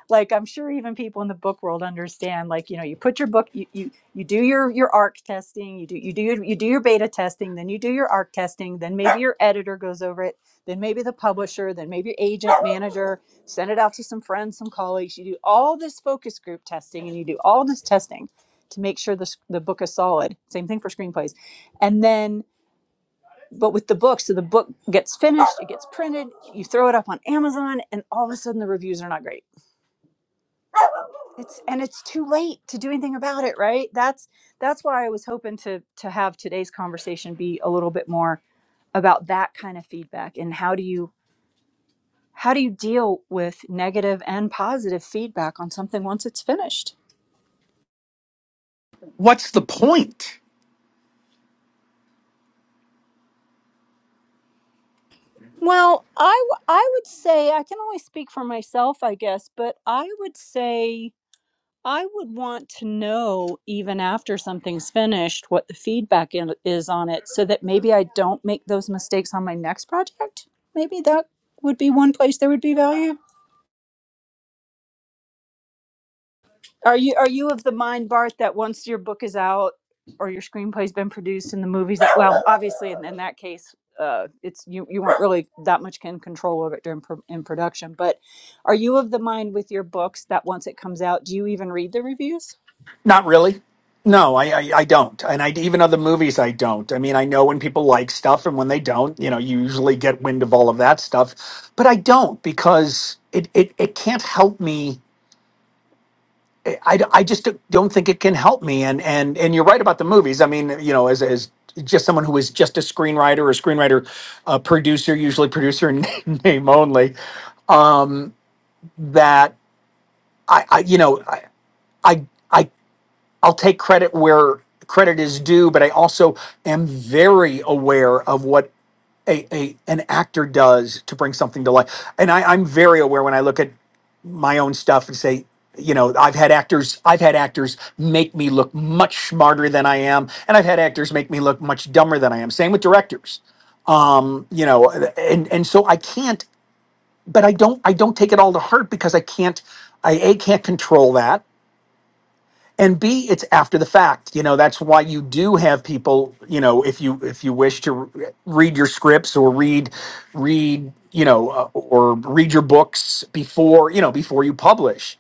Speaker 1: like i'm sure even people in the book world understand like you know you put your book you you, you do your your arc testing you do you do your, you do your beta testing then you do your arc testing then maybe your editor goes over it then maybe the publisher then maybe your agent manager send it out to some friends some colleagues you do all this focus group testing and you do all this testing to make sure the, the book is solid same thing for screenplays and then but with the book so the book gets finished it gets printed you throw it up on amazon and all of a sudden the reviews are not great it's and it's too late to do anything about it, right? That's that's why I was hoping to to have today's conversation be a little bit more about that kind of feedback and how do you how do you deal with negative and positive feedback on something once it's finished?
Speaker 4: What's the point?
Speaker 1: Well, I w- I would say I can only speak for myself, I guess, but I would say I would want to know, even after something's finished, what the feedback in- is on it so that maybe I don't make those mistakes on my next project. Maybe that would be one place there would be value. Are you are you of the mind, Bart, that once your book is out or your screenplay's been produced and the movies well, obviously in, in that case, uh, it's you you weren't really that much in control of it during pro- in production. But are you of the mind with your books that once it comes out, do you even read the reviews?
Speaker 4: Not really. No, I, I, I don't. And I, even other movies, I don't. I mean, I know when people like stuff and when they don't, you know, you usually get wind of all of that stuff. But I don't because it, it, it can't help me I, I just don't think it can help me. And and and you're right about the movies. I mean, you know, as as just someone who is just a screenwriter or screenwriter, uh, producer, usually producer in name only, that I, I you know, I, I I I'll take credit where credit is due, but I also am very aware of what a, a an actor does to bring something to life. And I, I'm very aware when I look at my own stuff and say, you know, I've had actors, I've had actors make me look much smarter than I am, and I've had actors make me look much dumber than I am. Same with directors, um, you know, and and so I can't, but I don't, I don't take it all to heart because I can't, I a can't control that, and b it's after the fact you know that's why you do have people you know if you if you wish to re- read your scripts or read read you know uh, or read your books before you know before you publish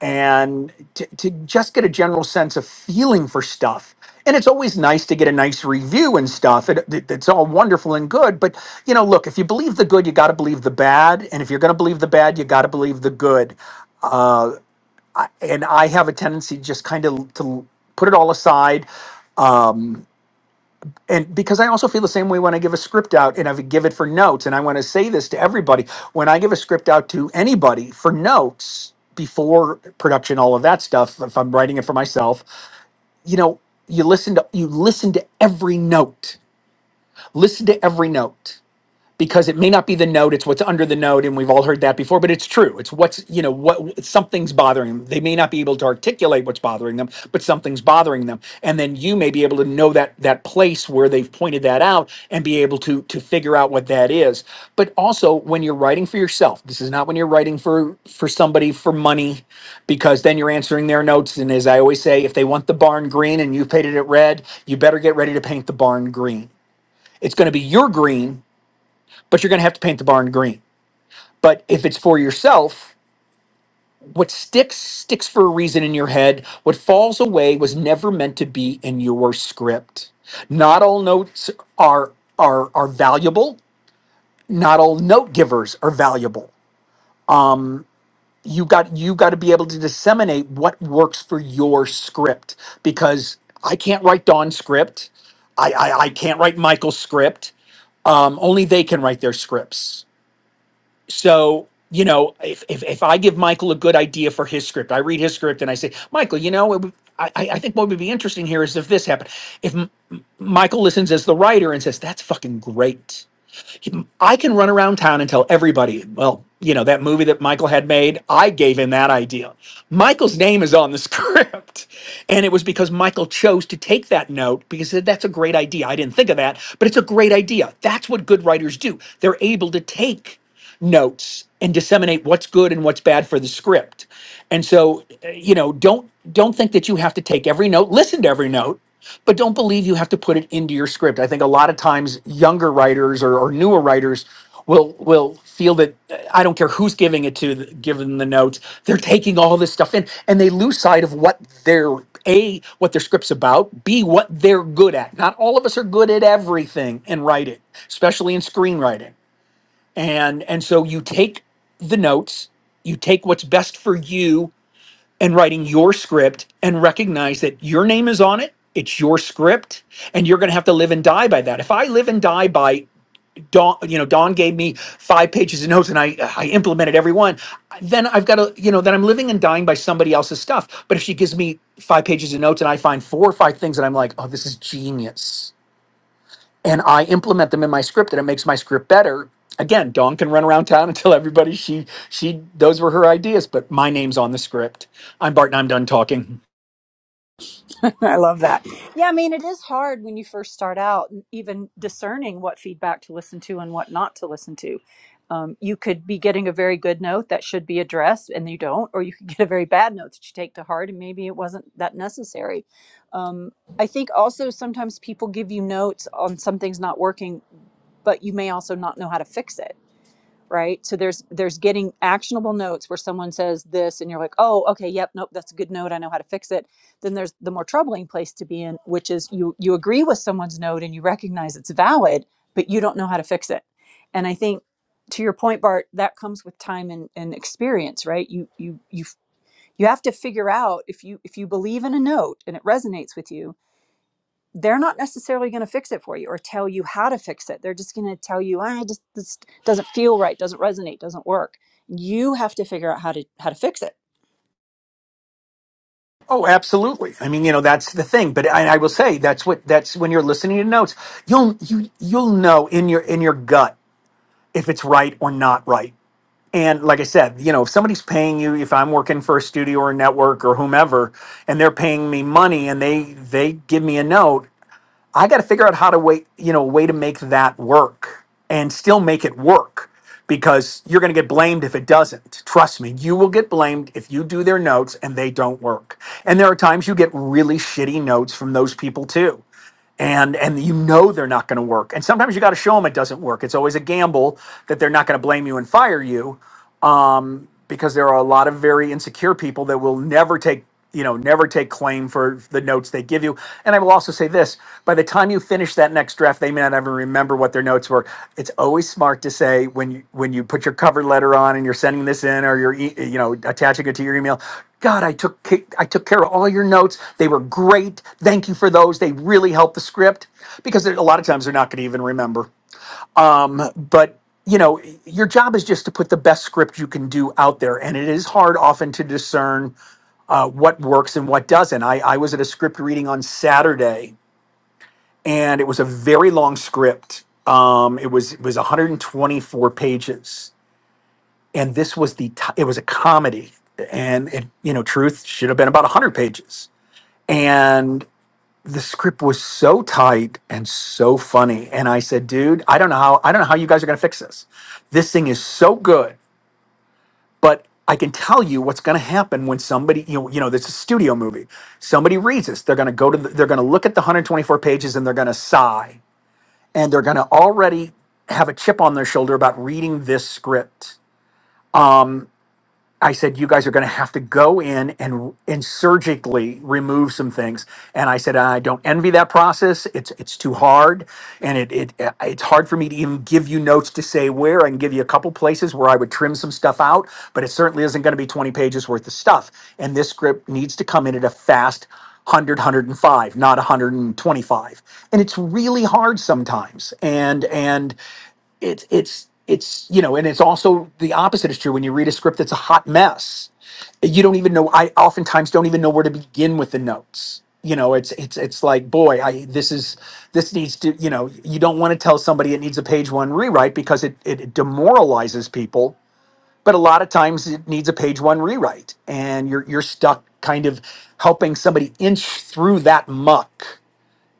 Speaker 4: and to, to just get a general sense of feeling for stuff and it's always nice to get a nice review and stuff it, it- it's all wonderful and good but you know look if you believe the good you got to believe the bad and if you're going to believe the bad you got to believe the good and I have a tendency just kind of to put it all aside. And because I also feel the same way when I give a script out and I would give it for notes, and I want to say this to everybody when I give a script out to anybody for notes before production, all of that stuff, if I'm writing it for myself, you know, you listen to you listen to every note. Listen to every note because it may not be the note it's what's under the note and we've all heard that before but it's true it's what's you know what something's bothering them they may not be able to articulate what's bothering them but something's bothering them and then you may be able to know that that place where they've pointed that out and be able to to figure out what that is but also when you're writing for yourself this is not when you're writing for for somebody for money because then you're answering their notes and as i always say if they want the barn green and you painted it red you better get ready to paint the barn green it's going to be your green but you're going to have to paint the barn green. But if it's for yourself, what sticks sticks for a reason in your head. What falls away was never meant to be in your script. Not all notes are are are valuable. Not all note givers are valuable. You got you got to be able to disseminate what works for your script because I can't write Dawn's script. I I, I can't write Michael's script. Um, only they can write their scripts so you know if, if if i give michael a good idea for his script i read his script and i say michael you know it would, I, I I think what would be interesting here is if this happened if M- M- michael listens as the writer and says that's fucking great he- i can run around town and tell everybody well you know that movie that michael had made i gave him that idea michael's name is on the script and it was because michael chose to take that note because he said that's a great idea i didn't think of that but it's a great idea that's what good writers do they're able to take notes and disseminate what's good and what's bad for the script. And so, uh, you know, don't don't think that you have to take every note, listen to every note, but don't believe you have to put it into your script. I think a lot of times younger writers or, or newer writers will will feel that uh, I don't care who's giving it to, th- giving the notes, they're taking all this stuff in, and they lose sight of what their a what their script's about, b what they're good at. Not all of us are good at everything in writing, especially in screenwriting and and so you take the notes you take what's best for you and writing your script and recognize that your name is on it it's your script and you're going to have to live and die by that if i live and die by don you know don gave me five pages of notes and i i implemented every one then i've got to you know then i'm living and dying by somebody else's stuff but if she gives me five pages of notes and i find four or five things that i'm like oh this is genius and I implement them in my script and it makes my script better. Again, Dawn can run around town and tell everybody she she those were her ideas, but my name's on the script. I'm Bart and I'm done talking.
Speaker 1: I love that. Yeah, I mean, it is hard when you first start out, even discerning what feedback to listen to and what not to listen to. Um, you could be getting a very good note that should be addressed, and you don't, or you could get a very bad note that you take to heart, and maybe it wasn't that necessary. Um, I think also sometimes people give you notes on something's not working, but you may also not know how to fix it right so there's there's getting actionable notes where someone says this and you're like oh okay yep nope that's a good note i know how to fix it then there's the more troubling place to be in which is you you agree with someone's note and you recognize it's valid but you don't know how to fix it and i think to your point bart that comes with time and, and experience right you you you you have to figure out if you if you believe in a note and it resonates with you they're not necessarily going to fix it for you or tell you how to fix it. They're just going to tell you, "I just this doesn't feel right, doesn't resonate, doesn't work." You have to figure out how to how to fix it
Speaker 4: Oh, absolutely. I mean, you know, that's the thing. But I, I will say that's what that's when you're listening to notes, you'll you you'll know in your in your gut if it's right or not right. And like I said, you know, if somebody's paying you, if I'm working for a studio or a network or whomever, and they're paying me money and they they give me a note, I got to figure out how to wait, you know, way to make that work and still make it work because you're going to get blamed if it doesn't. Trust me, you will get blamed if you do their notes and they don't work. And there are times you get really shitty notes from those people too. And and you know they're not going to work. And sometimes you got to show them it doesn't work. It's always a gamble that they're not going to blame you and fire you, um, because there are a lot of very insecure people that will never take you know never take claim for the notes they give you and i will also say this by the time you finish that next draft they may not even remember what their notes were it's always smart to say when you when you put your cover letter on and you're sending this in or you're e- you know attaching it to your email god i took ca- i took care of all your notes they were great thank you for those they really helped the script because there- a lot of times they're not going to even remember um, but you know, your job is just to put the best script you can do out there, and it is hard often to discern uh, what works and what doesn't. I, I was at a script reading on Saturday, and it was a very long script. Um, it was it was 124 pages, and this was the t- it was a comedy, and it you know, truth should have been about 100 pages, the script was so tight and so funny and i said dude i don't know how i don't know how you guys are going to fix this this thing is so good but i can tell you what's going to happen when somebody you know, you know this is a studio movie somebody reads this they're going to go to the, they're going to look at the 124 pages and they're going to sigh and they're going to already have a chip on their shoulder about reading this script I said, you guys are going to have to go in and and surgically remove some things. And I said, I don't envy that process. It's it's too hard, and it it it's hard for me to even give you notes to say where. I can give you a couple places where I would trim some stuff out, but it certainly isn't going to be 20 pages worth of stuff. And this script needs to come in at a fast 100 not 125 and it's really hard sometimes and and it's it's it's you know and it's also the opposite is true when you read a script that's a hot mess you don't even know i oftentimes don't even know where to begin with the notes you know it's it's it's like boy i this is this needs to you know you don't want to tell somebody it needs a page one rewrite because it it demoralizes people but a lot of times it needs a page one rewrite and you're you're stuck kind of helping somebody inch through that muck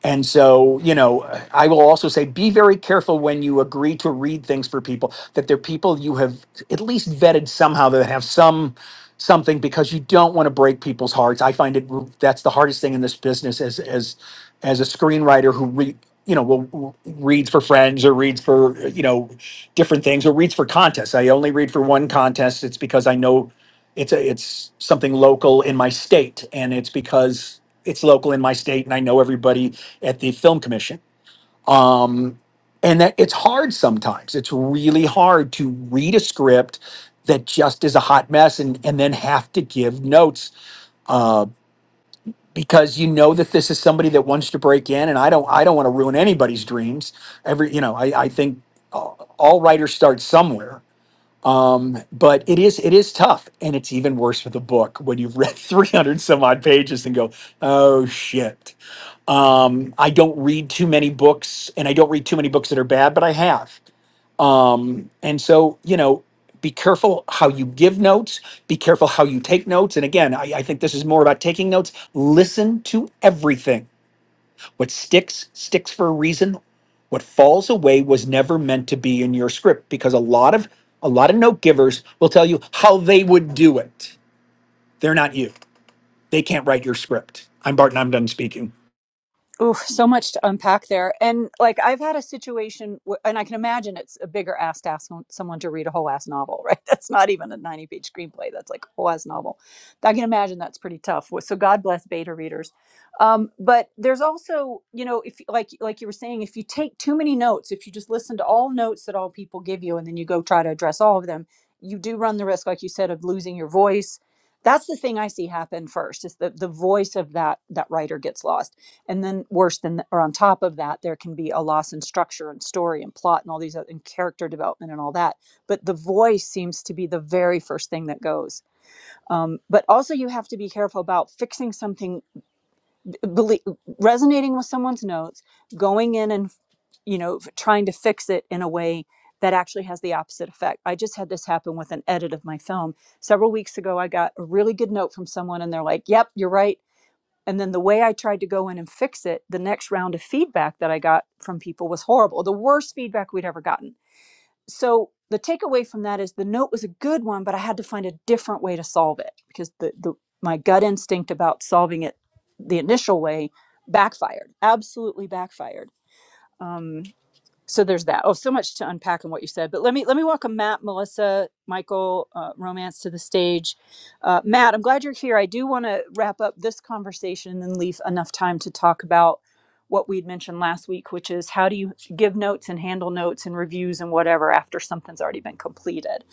Speaker 4: and so, you know, I will also say be very careful when you agree to read things for people that they're people you have at least vetted somehow that have some something because you don't want to break people's hearts. I find it that's the hardest thing in this business as as as a screenwriter who re, you know will reads for friends or reads for you know different things or reads for contests. I only read for one contest. It's because I know it's a, it's something local in my state and it's because it's local in my state and I know everybody at the film commission um and that it's hard sometimes it's really hard to read a script that just is a hot mess and and then have to give notes uh because you know that this is somebody that wants to break in and I don't I don't want to ruin anybody's dreams every you know I I think all all writers start somewhere um, but it is it is tough, and it's even worse with a book when you've read 300 some odd pages and go, oh shit. Um, I don't read too many books, and I don't read too many books that are bad, but I have. Um, and so you know, be careful how you give notes. Be careful how you take notes. And again, I, I think this is more about taking notes. Listen to everything what sticks, sticks for a reason. What falls away was never meant to be in your script because a lot of a lot of note givers will tell you how they would do it. They're not you. They can't write your script. I'm Barton, I'm done speaking.
Speaker 1: Oof, so much to unpack there. And like I've had a situation, wh- and I can imagine it's a bigger ask to ask someone to read a whole ass novel, right? That's not even a 90 page screenplay. That's like a whole ass novel. I can imagine that's pretty tough. So God bless beta readers. Um, but there's also, you know, if like like you were saying, if you take too many notes, if you just listen to all notes that all people give you, and then you go try to address all of them, you do run the risk, like you said, of losing your voice. That's the thing I see happen first is that the voice of that that writer gets lost and then worse than or on top of that there can be a loss in structure and story and plot and all these other and character development and all that but the voice seems to be the very first thing that goes um, but also you have to be careful about fixing something b- resonating with someone's notes going in and you know trying to fix it in a way that actually has the opposite effect i just had this happen with an edit of my film several weeks ago i got a really good note from someone and they're like yep you're right and then the way I tried to go in and fix it, the next round of feedback that I got from people was horrible, the worst feedback we'd ever gotten. So the takeaway from that is the note was a good one, but I had to find a different way to solve it because the, the my gut instinct about solving it the initial way backfired, absolutely backfired. Um, so there's that oh so much to unpack in what you said but let me let me welcome matt melissa michael uh, romance to the stage uh, matt i'm glad you're here i do want to wrap up this conversation and leave enough time to talk about what we'd mentioned last week which is how do you give notes and handle notes and reviews and whatever after something's already been completed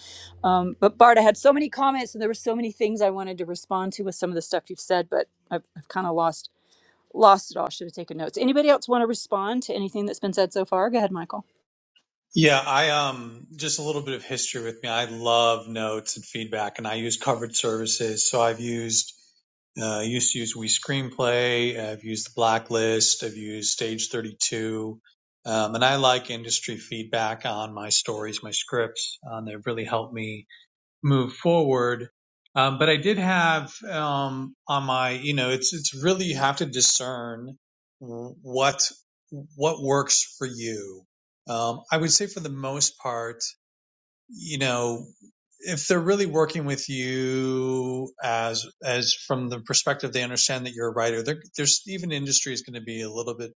Speaker 1: um, but bart i had so many comments and there were so many things i wanted to respond to with some of the stuff you've said but i've, I've kind of lost lost it all should have taken notes anybody else want to respond to anything that's been said so far go ahead michael
Speaker 5: Yeah, I um just a little bit of history with me. I love notes and feedback, and I use covered services. So I've used uh, used to use We Screenplay. I've used the Blacklist. I've used Stage Thirty Two, um, and I like industry feedback on my stories, my scripts. Um, they've really helped me move forward. Um, but I did have um, on my, you know, it's it's really you have to discern what what works for you. Um, I would say for the most part, you know, if they're really working with you as as from the perspective they understand that you're a writer, there's even industry is going to be a little bit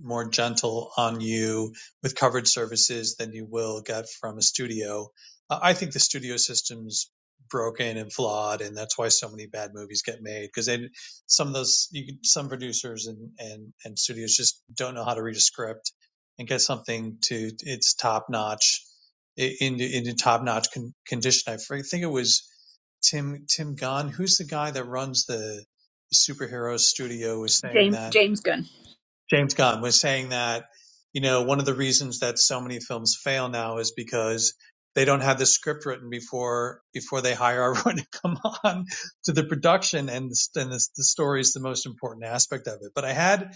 Speaker 5: more gentle on you with coverage services than you will get from a studio. Uh, I think the studio system's broken and flawed, and that's why so many bad movies get made because they some of those you some producers and and and studios just don't know how to read a script and get something to its top notch in the- in the top notch con- condition. I think it was Tim Tim Gunn, who's the guy that runs the superhero studio, was saying
Speaker 1: James
Speaker 5: that
Speaker 1: James Gunn.
Speaker 5: James Gunn was saying that you know one of the reasons that so many films fail now is because they don't have the script written before before they hire everyone to come on to the production, and the, and the, the story is the most important aspect of it. But I had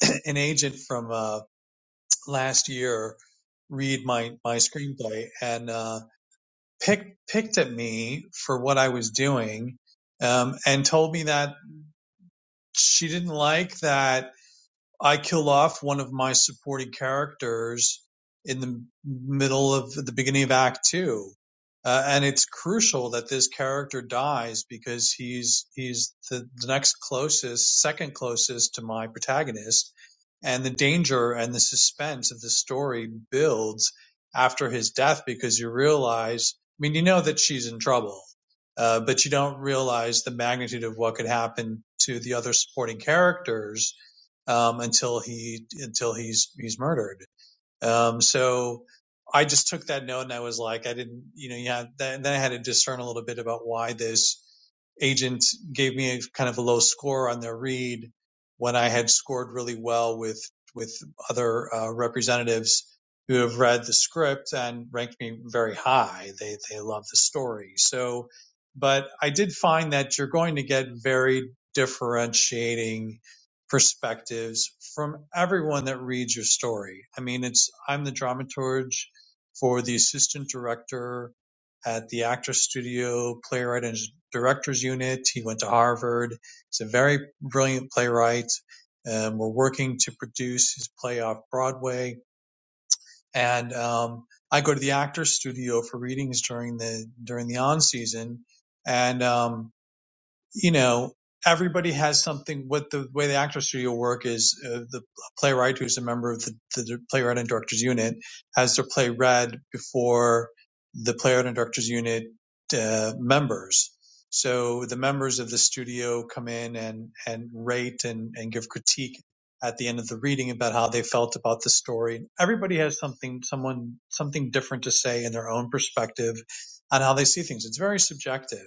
Speaker 5: an agent from uh, last year read my my screenplay and. Uh, pick, picked at me for what I was doing um, and told me that she didn't like that I kill off one of my supporting characters in the middle of the beginning of Act Two, uh, and it's crucial that this character dies because he's he's the, the next closest, second closest to my protagonist, and the danger and the suspense of the story builds after his death because you realize, I mean, you know that she's in trouble. Uh, but you don't realize the magnitude of what could happen to the other supporting characters um, until he until he's he's murdered. Um, so I just took that note and I was like, I didn't, you know, yeah. Then, then I had to discern a little bit about why this agent gave me a kind of a low score on their read when I had scored really well with with other uh, representatives who have read the script and ranked me very high. They they love the story. So, but I did find that you're going to get very differentiating perspectives from everyone that reads your story. I mean, it's I'm the dramaturge for the assistant director at the Actors Studio, playwright, and directors unit. He went to Harvard. He's a very brilliant playwright. Um, we're working to produce his play off Broadway, and um, I go to the Actors Studio for readings during the during the on season, and um, you know, everybody has something with the way the actor studio work is uh, the playwright who's a member of the, the playwright and directors unit has their play read before the playwright and directors unit uh, members. So the members of the studio come in and, and rate and, and give critique at the end of the reading about how they felt about the story. Everybody has something, someone, something different to say in their own perspective on how they see things. It's very subjective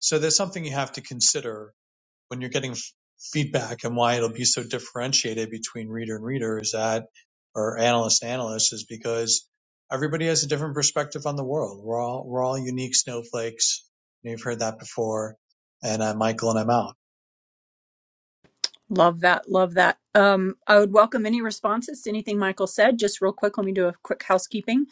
Speaker 5: so there's something you have to consider when you're getting f- feedback and why it'll be so differentiated between reader and reader is that, or analyst and analyst is because everybody has a different perspective on the world. We're all, we're all unique snowflakes. you've heard that before. And I'm Michael and I'm out.
Speaker 1: Love that. Love that. Um, I would welcome any responses to anything Michael said. Just real quick, let me do a quick housekeeping.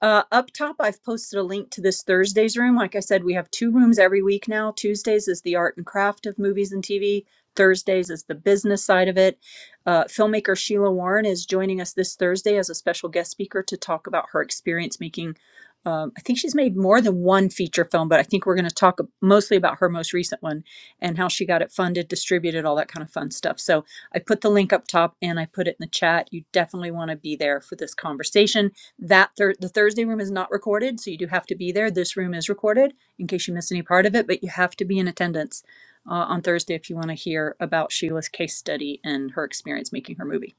Speaker 1: Uh, up top, I've posted a link to this Thursday's room. Like I said, we have two rooms every week now. Tuesdays is the art and craft of movies and TV. Thursdays is the business side of it. Uh, filmmaker Sheila Warren is joining us this Thursday as a special guest speaker to talk about her experience making. Um, I think she's made more than one feature film, but I think we're going to talk mostly about her most recent one and how she got it funded, distributed, all that kind of fun stuff. So I put the link up top and I put it in the chat. You definitely want to be there for this conversation. That thir- the Thursday room is not recorded, so you do have to be there. This room is recorded in case you miss any part of it, but you have to be in attendance uh, on Thursday if you want to hear about Sheila's case study and her experience making her movie.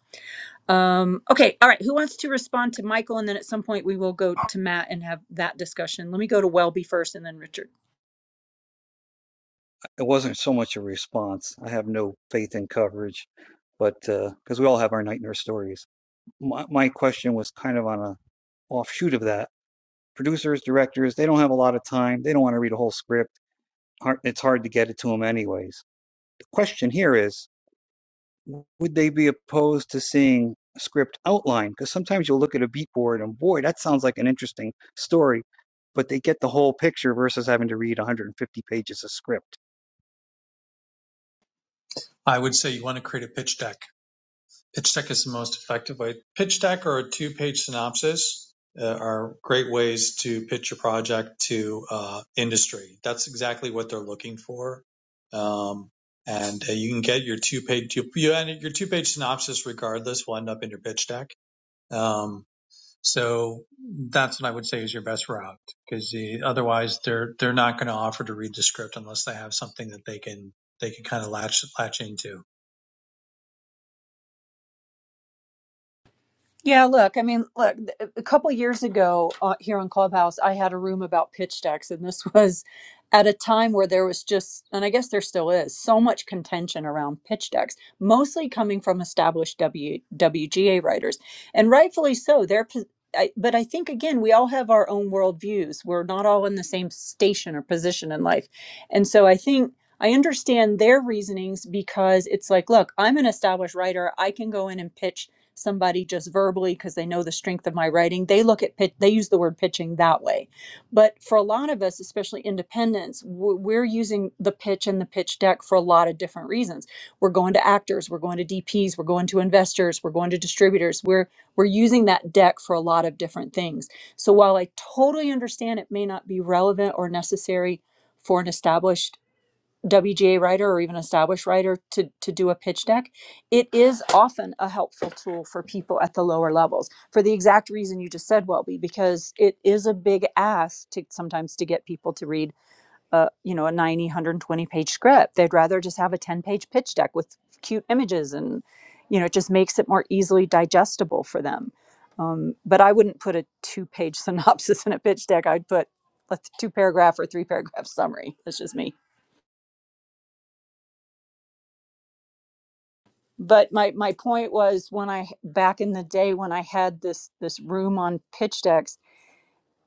Speaker 1: Um, okay, all right. Who wants to respond to Michael? And then at some point we will go to Matt and have that discussion. Let me go to Welby first, and then Richard.
Speaker 6: It wasn't so much a response. I have no faith in coverage, but because uh, we all have our night nurse stories. My, my question was kind of on a offshoot of that. Producers, directors, they don't have a lot of time. They don't want to read a whole script. it's hard to get it to them anyways. The question here is, would they be opposed to seeing a script outline? Because sometimes you'll look at a beat board and boy, that sounds like an interesting story, but they get the whole picture versus having to read 150 pages of script.
Speaker 5: I would say you want to create a pitch deck pitch deck is the most effective way. Pitch deck or a two page synopsis uh, are great ways to pitch your project to uh, industry. That's exactly what they're looking for. Um, and uh, you can get your two page you, you your two page synopsis regardless will end up in your pitch deck. Um, so that's what I would say is your best route because the, otherwise they're they're not going to offer to read the script unless they have something that they can they can kind of latch latch into.
Speaker 1: Yeah, look, I mean, look, th- uh, a couple years ago uh, here on Clubhouse, I had a room about pitch decks, and this was at a time where there was just, and I guess there still is, so much contention around pitch decks, mostly coming from established w, WGA writers, and rightfully so. They're, pos- I, but I think again, we all have our own worldviews. We're not all in the same station or position in life, and so I think. I understand their reasonings because it's like, look, I'm an established writer. I can go in and pitch somebody just verbally because they know the strength of my writing. They look at pitch, they use the word pitching that way. But for a lot of us, especially independents, we're using the pitch and the pitch deck for a lot of different reasons. We're going to actors, we're going to DPs, we're going to investors, we're going to distributors. We're we're using that deck for a lot of different things. So while I totally understand it may not be relevant or necessary for an established WGA writer or even established writer to, to do a pitch deck, it is often a helpful tool for people at the lower levels for the exact reason you just said, Welby, because it is a big ask to sometimes to get people to read a you know a 90, one twenty page script. They'd rather just have a 10 page pitch deck with cute images and you know it just makes it more easily digestible for them. Um, but I wouldn't put a two page synopsis in a pitch deck. I'd put a two paragraph or three paragraph summary. That's just me. but my my point was when I back in the day when I had this this room on pitch Deck,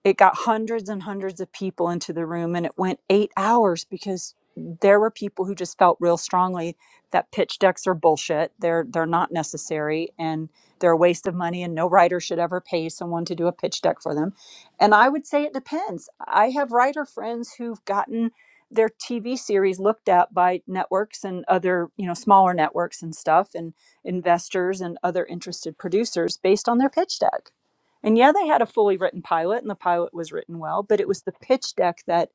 Speaker 1: it got hundreds and hundreds of people into the room and it went eight hours because there were people who just felt real strongly that pitch decks are bullshit they're they're not necessary and they're a waste of money and no writer should ever pay someone to do a pitch deck for them and i would say it depends i have writer friends who've gotten their tv series looked at by networks and other you know smaller networks and stuff and investors and other interested producers based on their pitch deck and yeah, they had a fully written pilot and the pilot was written well, but it was the pitch deck that,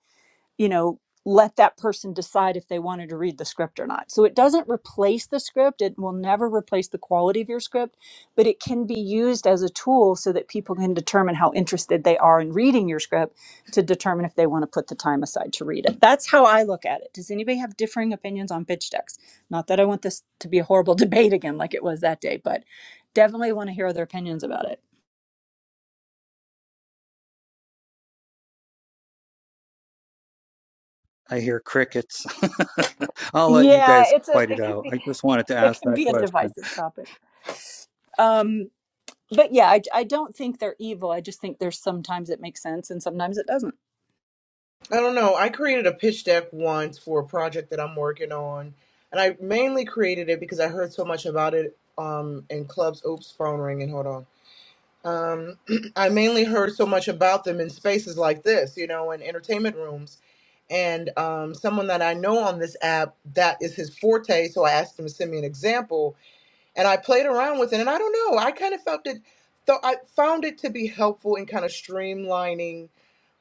Speaker 1: you know, let that person decide if they wanted to read the script or not. So it doesn't replace the script. It will never replace the quality of your script, but it can be used as a tool so that people can determine how interested they are in reading your script to determine if they want to put the time aside to read it. That's how I look at it. Does anybody have differing opinions on pitch decks? Not that I want this to be a horrible debate again like it was that day, but definitely want to hear other opinions about it.
Speaker 6: I hear crickets. I'll let you
Speaker 1: Yeah,
Speaker 6: guys
Speaker 1: it's a
Speaker 6: fight it
Speaker 1: it can
Speaker 6: out.
Speaker 1: be
Speaker 6: I just wanted to
Speaker 1: it
Speaker 6: ask
Speaker 1: can
Speaker 6: that
Speaker 1: be a
Speaker 6: question.
Speaker 1: divisive topic. Um, but yeah, I, I don't think they're evil. I just think there's sometimes it makes sense and sometimes it doesn't.
Speaker 3: I don't know. I created a pitch deck once for a project that I'm working on, and I mainly created it because I heard so much about it um, in clubs. Oops, phone ringing. Hold on. Um, I mainly heard so much about them in spaces like this, you know, in entertainment rooms. And um, someone that I know on this app, that is his forte. So I asked him to send me an example and I played around with it. And I don't know, I kind of felt it. Though I found it to be helpful in kind of streamlining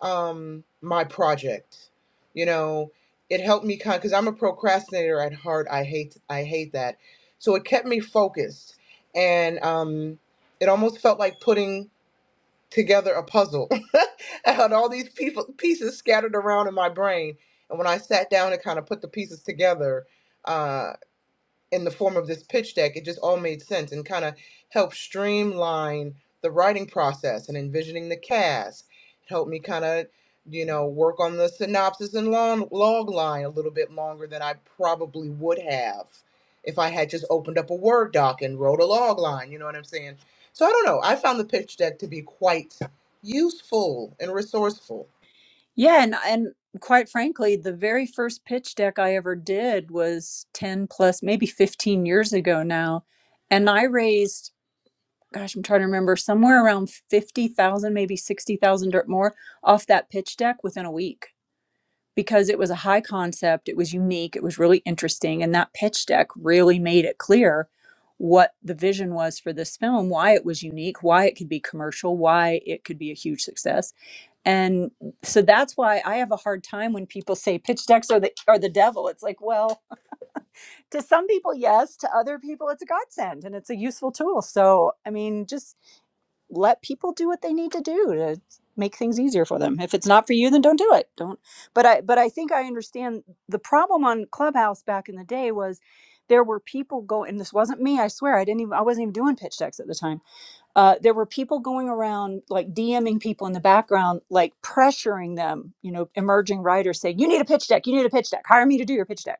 Speaker 3: um, my project. You know, it helped me kind because I'm a procrastinator at heart. I hate I hate that. So it kept me focused, and um, it almost felt like putting together a puzzle. I had all these people pieces scattered around in my brain, and when I sat down and kind of put the pieces together. uh, in the form of this pitch deck, it just all made sense and kind of helped streamline the writing process and envisioning the cast. It helped me kind of, you know, work on the synopsis and log, log line a little bit longer than I probably would have if I had just opened up a Word doc and wrote a log line. You know what I'm saying? So I don't know. I found the pitch deck to be quite useful and resourceful.
Speaker 1: Yeah, and and quite frankly, the very first pitch deck I ever did was 10 plus maybe 15 years ago now, and I raised gosh, I'm trying to remember somewhere around 50,000, maybe 60,000 or more off that pitch deck within a week because it was a high concept, it was unique, it was really interesting. And that pitch deck really made it clear what the vision was for this film, why it was unique, why it could be commercial, why it could be a huge success. And so that's why I have a hard time when people say pitch decks are the are the devil. It's like, well, to some people yes, to other people it's a godsend and it's a useful tool. So, I mean, just let people do what they need to do to make things easier for them. If it's not for you, then don't do it. Don't. But I but I think I understand the problem on Clubhouse back in the day was there were people go and this wasn't me, I swear. I didn't even I wasn't even doing pitch decks at the time uh, there were people going around like DMing people in the background, like pressuring them, you know, emerging writers saying, you need a pitch deck, you need a pitch deck, hire me to do your pitch deck.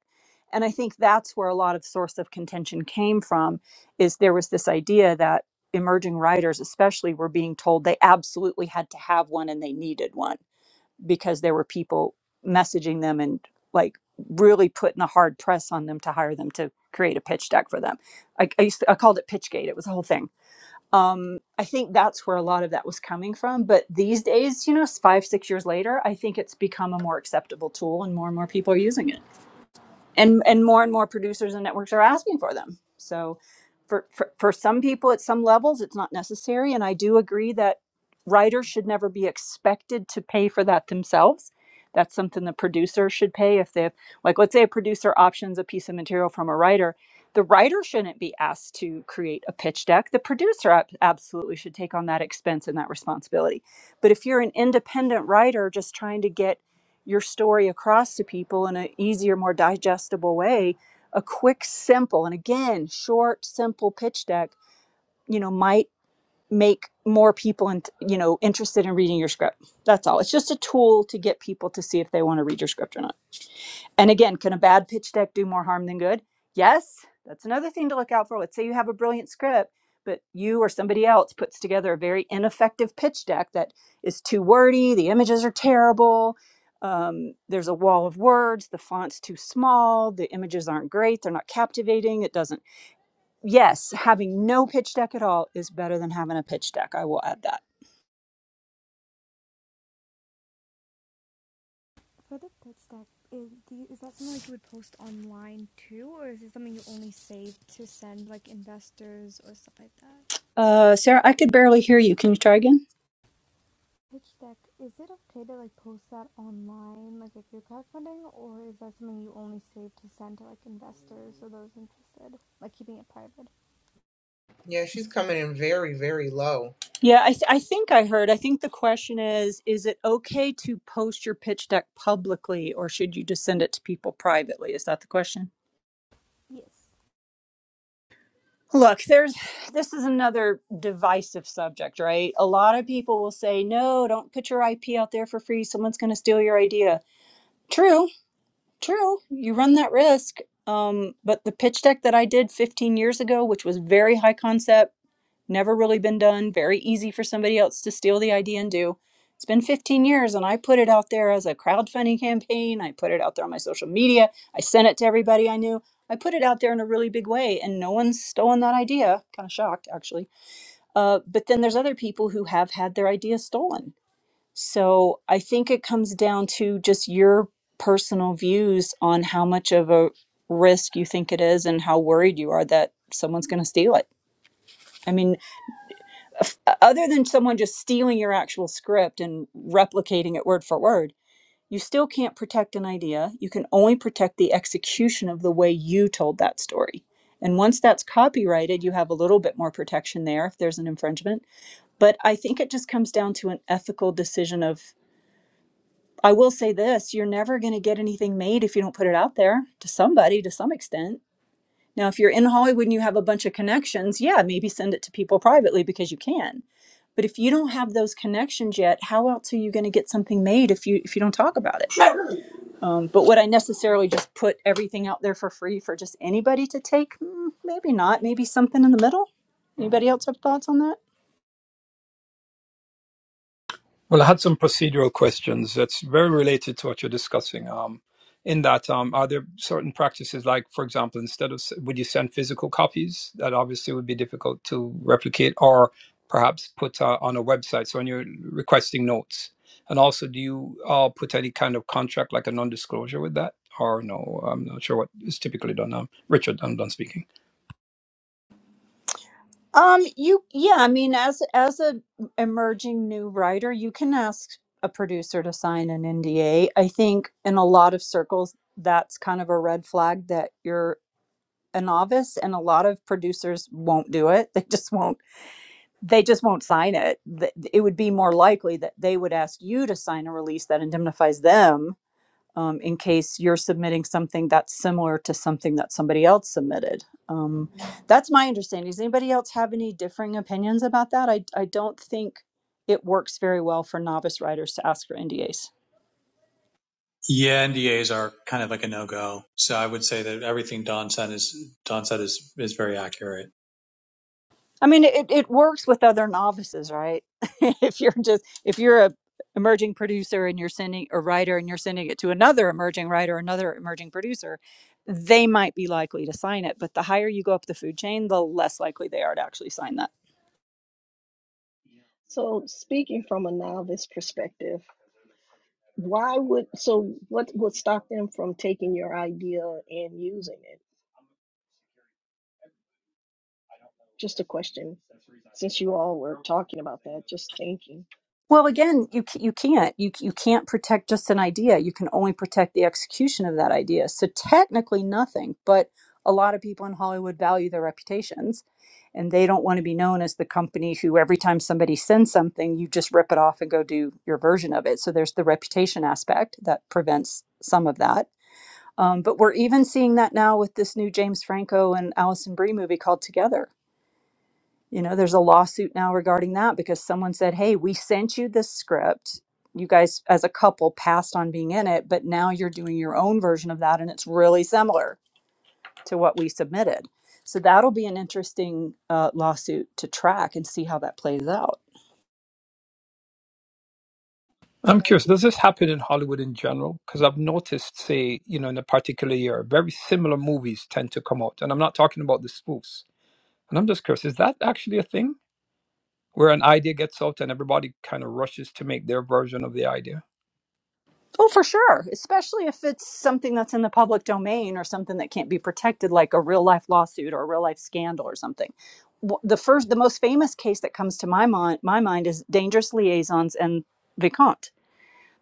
Speaker 1: And I think that's where a lot of source of contention came from is there was this idea that emerging writers especially were being told they absolutely had to have one and they needed one because there were people messaging them and like really putting a hard press on them to hire them to create a pitch deck for them. I, I used to, I called it Pitchgate. It was a whole thing um, I think that's where a lot of that was coming from. But these days, you know, s- five, six years later, I think it's become a more acceptable tool and more and more people are using it and and more and more producers and networks are asking for them so for, for for some people at some levels it's not necessary and i do agree that writers should never be expected to pay for that themselves that's something the producer should pay if they have like let's say a producer options a piece of material from a writer the writer shouldn't be asked to create a pitch deck the producer ab- absolutely should take on that expense and that responsibility but if you're an independent writer just trying to get your story across to people in an easier, more digestible way, a quick, simple, and again, short, simple pitch deck, you know, might make more people and you know interested in reading your script. That's all. It's just a tool to get people to see if they want to read your script or not. And again, can a bad pitch deck do more harm than good? Yes, that's another thing to look out for. Let's say you have a brilliant script, but you or somebody else puts together a very ineffective pitch deck that is too wordy, the images are terrible, um, there's a wall of words, the font's too small, the images aren't great, they're not captivating, it doesn't. Yes, having no pitch deck at all is better than having a pitch deck. I will add that.
Speaker 7: For the pitch deck, is, do you, is that something like you would post online too, or is it something you only save to send like investors or stuff like that?
Speaker 1: Uh, Sarah, I could barely hear you. Can you try again?
Speaker 7: Pitch deck, is it okay to like post that online, like if you're crowdfunding, or is that something you only save to send to like investors or those interested, like keeping it private?
Speaker 3: Yeah, she's coming in very, very low.
Speaker 1: Yeah, I, th- I think I heard. I think the question is Is it okay to post your pitch deck publicly or should you just send it to people privately? Is that the question?
Speaker 7: Yes.
Speaker 1: Look, there's this is another divisive subject, right? A lot of people will say, no, don't put your IP out there for free. Someone's going to steal your idea. True, true. You run that risk. Um, but the pitch deck that I did 15 years ago, which was very high concept, never really been done, very easy for somebody else to steal the idea and do. It's been 15 years and I put it out there as a crowdfunding campaign. I put it out there on my social media. I sent it to everybody I knew. I put it out there in a really big way and no one's stolen that idea. Kind of shocked actually. Uh, but then there's other people who have had their idea stolen. So I think it comes down to just your personal views on how much of a risk you think it is and how worried you are that someone's going to steal it. I mean, other than someone just stealing your actual script and replicating it word for word, you still can't protect an idea. You can only protect the execution of the way you told that story. And once that's copyrighted, you have a little bit more protection there if there's an infringement. But I think it just comes down to an ethical decision of I will say this, you're never going to get anything made if you don't put it out there to somebody to some extent. Now, if you're in Hollywood and you have a bunch of connections, yeah, maybe send it to people privately because you can but if you don't have those connections yet, how else are you going to get something made if you if you don't talk about it? Um, but would I necessarily just put everything out there for free for just anybody to take? Mm, Maybe not. Maybe something in the middle. Anybody else have thoughts on that?
Speaker 8: Well, I had some procedural questions that's very related to what you're discussing. Um, in that, um, are there certain practices, like, for example, instead of s- would you send physical copies that obviously would be difficult to replicate, or perhaps put uh, on a website? So when you're requesting notes, and also, do you uh, put any kind of contract, like a non-disclosure, with that, or no? I'm not sure what is typically done. Um, Richard, I'm done speaking.
Speaker 1: Um, you yeah, I mean, as as a emerging new writer, you can ask a producer to sign an NDA. I think in a lot of circles, that's kind of a red flag that you're a novice, and a lot of producers won't do it. They just won't they just won't sign it. Th- It would be more likely that they would ask you to sign a release that indemnifies them um, in case you're submitting something that's similar to something that somebody else submitted. Um, that's my understanding. Does anybody else have any differing opinions about that? I, I don't think it works very well for novice writers to ask for NDAs.
Speaker 5: Yeah, NDAs are kind of like a no-go. So I would say that everything Don said is Don said is is very accurate.
Speaker 1: I mean, it, it works with other novices, right? if you're just if you're a emerging producer and you're sending a writer and you're sending it to another emerging writer, another emerging producer, they might be likely to sign it. But the higher you go up the food chain, the less likely they are to actually sign that.
Speaker 2: So, speaking from a novice perspective, why would so what would stop them from taking your idea and using it? Just a question. Since you all were talking about that, just thinking.
Speaker 1: Well, again, you c- you can't you c- you can't protect just an idea. You can only protect the execution of that idea. So technically, nothing. But a lot of people in Hollywood value their reputations, and they don't want to be known as the company who every time somebody sends something, you just rip it off and go do your version of it. So there's the reputation aspect that prevents some of that. Um, but we're even seeing that now with this new James Franco and Allison Brie movie called Together you know, there's a lawsuit now regarding that because someone said, hey, we sent you this script. You guys, as a couple, passed on being in it, but now you're doing your own version of that, and it's really similar to what we submitted. So that'll be an interesting uh, lawsuit to track and see how that plays out.
Speaker 8: I'm
Speaker 2: Thank
Speaker 8: curious, does
Speaker 2: you.
Speaker 8: this happen in Hollywood in general? Because I've noticed, say, you know, in a particular year, very similar movies tend to come out. And I'm not talking about the spoofs. And I'm just curious, is that actually a thing where an idea gets out and everybody kind of rushes to make their version of the idea?
Speaker 1: Oh, for sure, especially if it's something that's in the public domain or something that can't be protected, like a real life lawsuit or a real life scandal or something. W- The first, the most famous case that comes to my mind, my mind is dangerous liaisons and Vicomte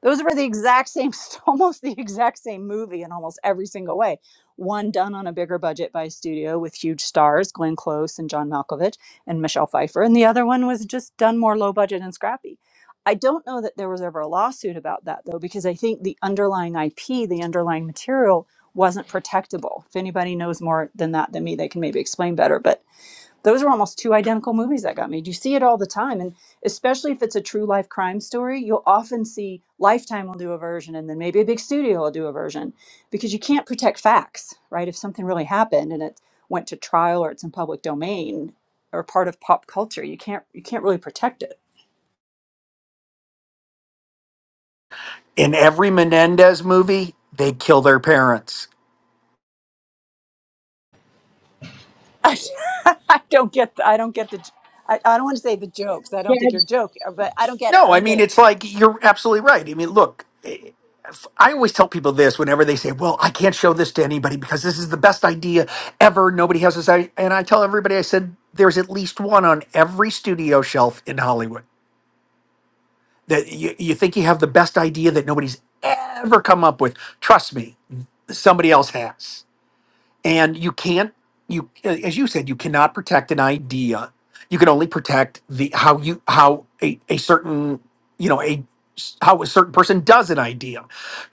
Speaker 1: Those were the exact same, almost the exact same movie in almost every single way. One done on a bigger budget by a studio with huge stars, Glenn Close and John Malkovich and Michelle Pfeiffer, and the other one was just done more low budget and scrappy. I don't know that there was ever a lawsuit about that though, because I think the underlying IP, the underlying material, wasn't protectable. If anybody knows more than that than me, they can maybe explain better. But those are almost two identical movies that got made. You see it all the time. And especially if it's a true life crime story, you'll often see Lifetime will do a version and then maybe a big studio will do a version because you can't protect facts, right? If something really happened and it went to trial or it's in public domain or part of pop culture, you can't you can't really protect it.
Speaker 4: In every Menendez movie, they kill their parents.
Speaker 1: I, don't get the, I don't get the I, I don't want to say the jokes. I
Speaker 9: Yeah,
Speaker 1: don't think you're joking, but I don't get it. I
Speaker 4: No, I
Speaker 1: don't get
Speaker 4: mean
Speaker 1: it.
Speaker 4: it's like you're absolutely right. I mean, look. I always tell people this whenever they say, "Well, I can't show this to anybody because this is the best idea ever. Nobody has this." i- And I tell everybody, I said, "There's at least one on every studio shelf in Hollywood that you, you think you have the best idea that nobody's ever come up with. Trust me, somebody else has." and you can't you as you said you cannot protect an idea you can only protect the how you how a, a certain you know a how a certain person does an idea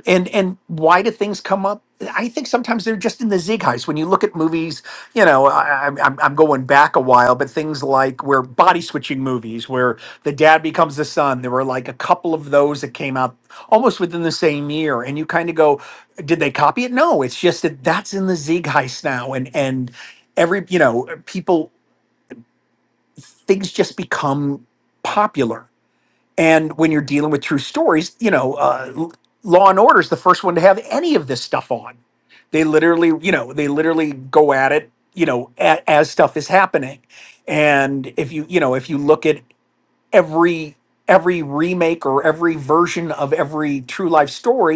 Speaker 4: and and why do things come up i think sometimes they're just in the zeitgeist. when you look at movies you know I, I'm, I'm I'm going back a while but things like where body switching movies where the dad becomes the son there were like a couple of those that came out almost within the same year and you kind of go did they copy it? No, it's just that that's in the zeitgeist now, and and every you know people things just become popular. And when you're dealing with true stories, you know, uh, L- Law and Order is the first one to have any of this stuff on. They literally, you know, they literally go at it, you know, a, as stuff is happening. And if you, you know, if you look at every every remake or every version of every true life story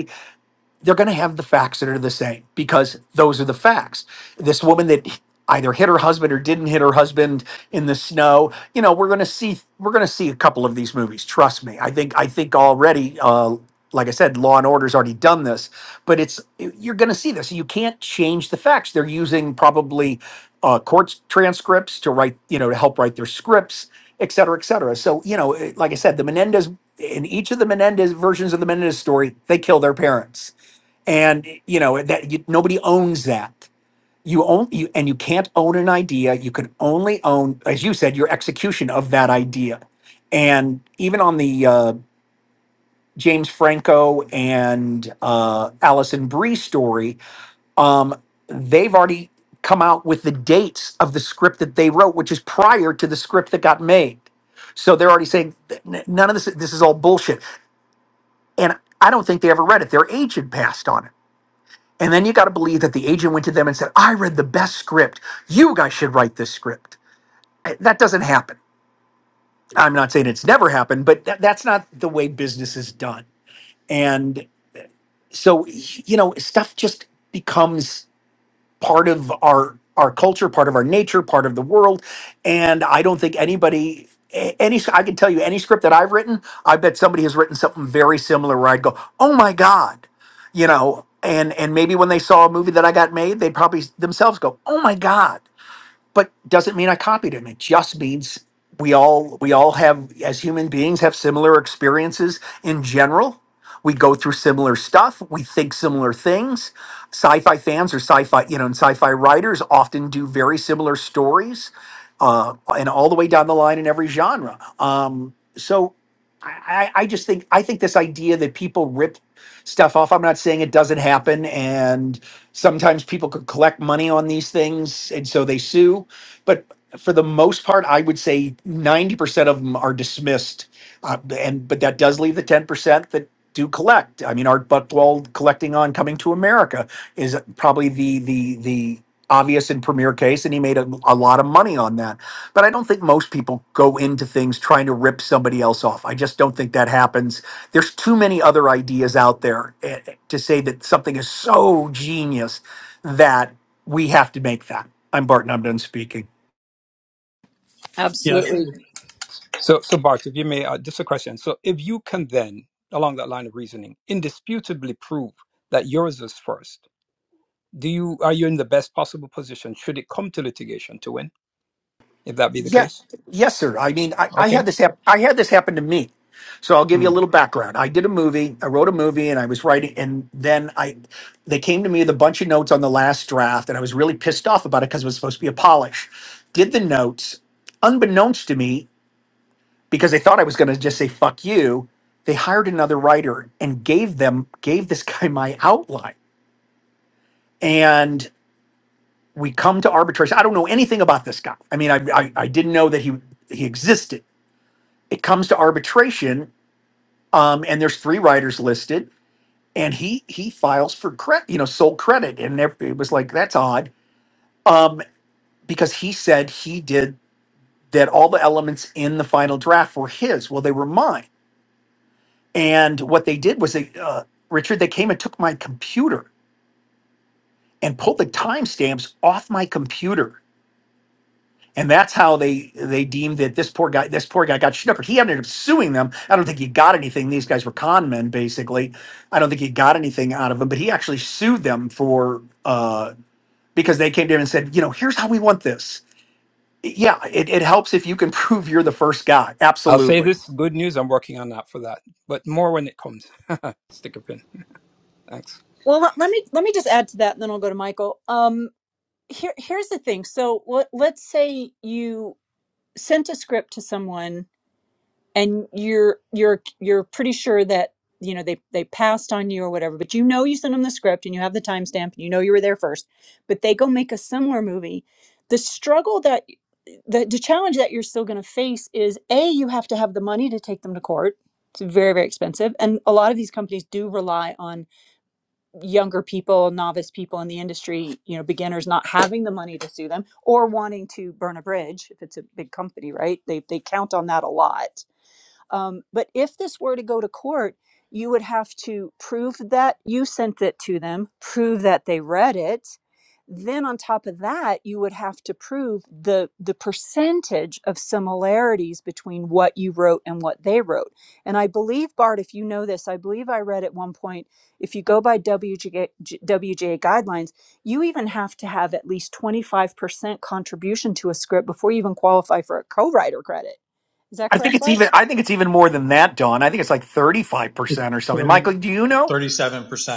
Speaker 4: they're going to have the facts that are the same because those are the facts. This woman that either hit her husband or didn't hit her husband in the snow. You know, we're going to see we're going to see a couple of these movies. Trust me. I think I think already. Uh, like I said, Law and Order's already done this, but it's you're going to see this. You can't change the facts. They're using probably uh, court transcripts to write, you know, to help write their scripts, et cetera, et cetera. So you know, like I said, the Menendez in each of the Menendez versions of the Menendez story, they kill their parents and you know that you, nobody owns that you own you and you can't own an idea you can only own as you said your execution of that idea and even on the uh, james franco and uh, allison brie story um, they've already come out with the dates of the script that they wrote which is prior to the script that got made so they're already saying "N- none of this this is all bullshit and i don't think they ever read it their agent passed on it And then you got to believe that the agent went to them and said, I read the best script. You guys should write this script. Uh, That doesn't happen. I'm not saying it's never happened, but that, that's not the way business is done. And so, you know, stuff just becomes part of our our culture, part of our nature, part of the world. And I don't think anybody a- any I can tell you any script that I've written, I bet somebody has written something very similar where I'd go, "Oh my god." You know, and and maybe when they saw a movie that I got made, they'd probably s- themselves go, "Oh my god." but doesn't mean I copied him. It just means we all we all have as human beings have similar experiences in general. We go through similar stuff. We think similar things. Sci-fi fans or sci-fi, you know, and sci-fi writers often do very similar stories, uh, and all the way down the line in every genre. Um, so, I, I I just think I think this idea that people rip stuff off. I'm not saying it doesn't happen, and Sometimes people could collect money on these things, and so they sue. But for the most part, I would say 90% of them are dismissed uh, and but that does leave the ten percent that do collect. I mean, Art Buchwald collecting on Coming to America is probably the the the obvious and premier case, and he made a, a lot of money on that. But I don't think most people go into things trying to rip somebody else off. I just don't think that happens. There's too many other ideas out there eh, eh, to say that something is so genius that we have to make that. I'm Barton. I'm done speaking.
Speaker 5: Yeah, I think
Speaker 1: Absolutely.
Speaker 5: it's
Speaker 8: So, so Bart, if you may, uh, just a question. So, if you can then, along that line of reasoning, indisputably prove that yours is first, do you are you in the best possible position should it come to litigation to win if that be the
Speaker 4: Yeah,
Speaker 8: case
Speaker 4: yes, sir. I mean, I, I
Speaker 8: okay
Speaker 4: had this hap- I had this happen to me. So I'll give you a
Speaker 8: Mm.
Speaker 4: little background. I did a movie. I wrote a movie, and I was writing. And then I, they came to me with a bunch of notes on the last draft, and I was really pissed off about it because it was supposed to be a polish. Did the notes, unbeknownst to me, because they thought I was going to just say "fuck you." They hired another writer and gave them gave this guy my outline, and we come to arbitration. I don't know anything about this guy. I mean, I I, I didn't know that he he existed it comes to arbitration um, and there's three writers listed and he he files for credit you know sole credit and ev- it was like that's odd um, because he said he did that all the elements in the final draft were his well they were mine and what they did was they uh, richard they came and took my computer and pulled the timestamps off my computer and that's how they they deemed that this poor guy this poor guy got schnookered. He ended up suing them. I don't think he got anything. These guys were con men, basically. I don't think he got anything out of them, but he actually sued them for uh, because they came to him and said, you know, here's how we want this. Yeah, it, it helps if you can prove you're the first guy.
Speaker 8: i'll say
Speaker 4: Absolutely.
Speaker 8: this good news i'm working on that for that but more when it comes stick a pin Thanks.
Speaker 1: Well, let, let me let me just add to that, and then I'll go to Michael. Um. here here's the thing so let, let's say you sent a script to someone and you're you're you're pretty sure that you know they they passed on you or whatever but you know you sent them the script and you have the timestamp and you know you were there first but they go make a similar movie the struggle that the, the challenge that you're still going to face is a you have to have the money to take them to court it's very very expensive and a lot of these companies do rely on younger people, novice people in the industry, you know, beginners not having the money to sue them or wanting to burn a bridge if it's a big company, right? They they count on that a lot. Um, but if this were to go to court, you would have to prove that you sent it to them, prove that they read it. Then on top of that, you would have to prove the the percentage of similarities between what you wrote and what they wrote. And I believe Bart, if you know this, I believe I read at one point, if you go by WGA, WGA guidelines, you even have to have at least 25% contribution to a script before you even qualify for a co-writer credit. Is that
Speaker 4: I think
Speaker 1: correct,
Speaker 4: it's
Speaker 1: Bart?
Speaker 4: even. I think it's even more than that, Don. I think it's like thirty five percent
Speaker 5: it's
Speaker 4: or something. Michael, do you know?
Speaker 5: percent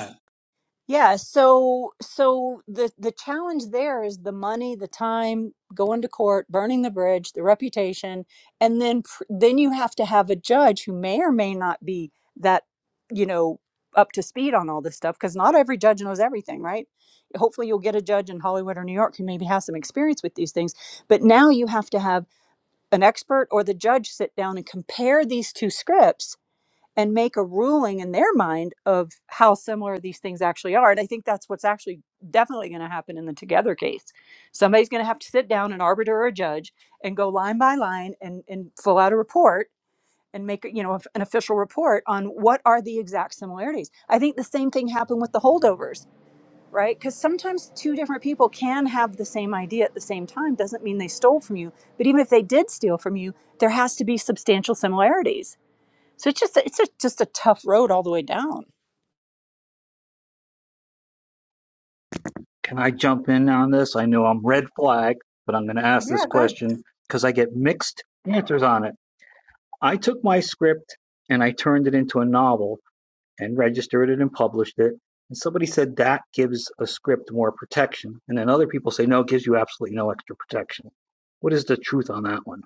Speaker 1: Yeah, so so the the challenge there is the money, the time, going to court, burning the bridge, the reputation, and then pr- then you have to have a judge who may or may not be that, you know, up to speed on all this stuff because not every judge knows everything, right? Hopefully you'll get a judge in Hollywood or New York who maybe has some experience with these things, but now you have to have an expert or the judge sit down and compare these two scripts and make a ruling in their mind of how similar these things actually are. And I think that's what's actually definitely going to happen in the Together case. Somebody's going to have to sit down, an arbiter or a judge, and go line by line and, and fill out a report and make you know an official report on what are the exact similarities. I think the same thing happened with the holdovers, right? Because sometimes two different people can have the same idea at the same time. Doesn't mean they stole from you, but even if they did steal from you, there has to be substantial similarities so it's just it's a, just a tough road all the way down.
Speaker 6: Can I jump in on this? I know I'm red flag, but I'm going to ask this
Speaker 1: Yeah, go ahead.
Speaker 6: question because I get mixed answers on it. I took my script and I turned it into a novel and registered it and published it. And somebody said that gives a script more protection. And then other people say, no, it gives you absolutely no extra protection. What is the truth on that one?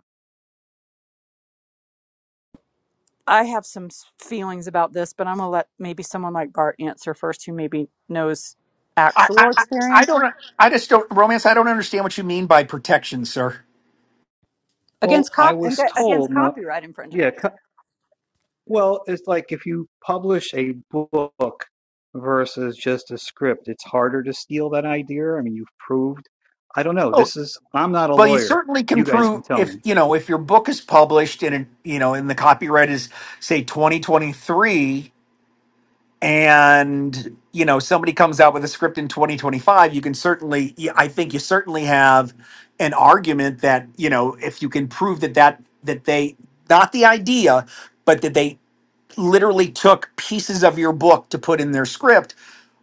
Speaker 1: I have some s- feelings about this, but I'm gonna let maybe someone like Bart answer first, who maybe knows
Speaker 4: I, I
Speaker 1: actual
Speaker 4: I I
Speaker 1: experience
Speaker 4: don't. I just don't. Romance. I don't understand what you mean by protection, sir.
Speaker 6: Well,
Speaker 1: against
Speaker 6: I
Speaker 1: cop and
Speaker 6: was
Speaker 1: against
Speaker 6: told, now,
Speaker 1: copyright
Speaker 6: yeah,
Speaker 1: infringement.
Speaker 6: Well, it's like if you publish a book versus just a script, it's harder to steal that idea. I mean, you've proved. I don't know. This is, I'm not a
Speaker 4: Well, you
Speaker 6: lawyer.
Speaker 4: certainly can
Speaker 6: You guys
Speaker 4: prove
Speaker 6: can tell
Speaker 4: if
Speaker 6: me.
Speaker 4: you know if your book is published in a, you know and the copyright is say 2023 and you know somebody comes out with a script in 2025 you can certainly yeah, I think you certainly have an argument that you know if you can prove that that that they not the idea but that they literally took pieces of your book to put in their script,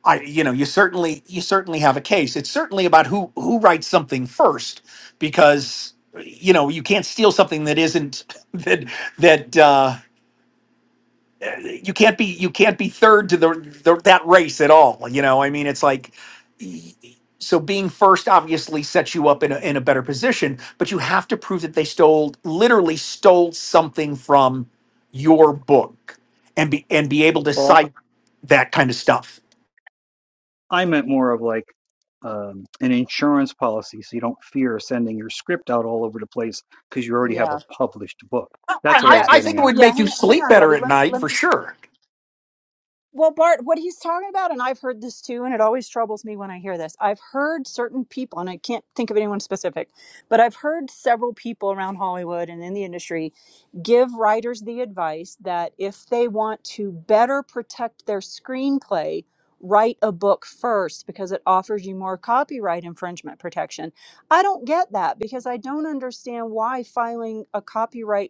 Speaker 4: I you know you certainly you certainly have a case. It's certainly about who who writes something first because you know you can't steal something that isn't that that. uh, you can't be you can't be third to the, the that race at all. You know, I mean, it's like so being first obviously sets you up in a, in a better position, but you have to prove that they stole literally stole something from your book and be and be able to
Speaker 6: Well,
Speaker 4: cite that kind of stuff.
Speaker 6: I meant more of like um, an insurance policy so you don't fear sending your script out all over the place because you already have a
Speaker 1: Yeah,
Speaker 6: published book.
Speaker 4: I,
Speaker 6: That's what I
Speaker 4: I
Speaker 1: yeah,
Speaker 6: was
Speaker 4: I think
Speaker 6: getting
Speaker 4: it
Speaker 6: at.
Speaker 4: would
Speaker 1: yeah.
Speaker 4: make you
Speaker 1: Hang, hang
Speaker 4: sleep
Speaker 1: on,
Speaker 4: better
Speaker 1: Robbie.
Speaker 4: at
Speaker 1: Let,
Speaker 4: night
Speaker 1: let,
Speaker 4: for sure.
Speaker 1: Well, Bart, what he's talking about, and I've heard this too, and it always troubles me when I hear this. I've heard certain people, and I can't think of anyone specific, but I've heard several people around Hollywood and in the industry give writers the advice that if they want to better protect their screenplay, write a book first because it offers you more copyright infringement protection. I don't get that because I don't understand why filing a copyright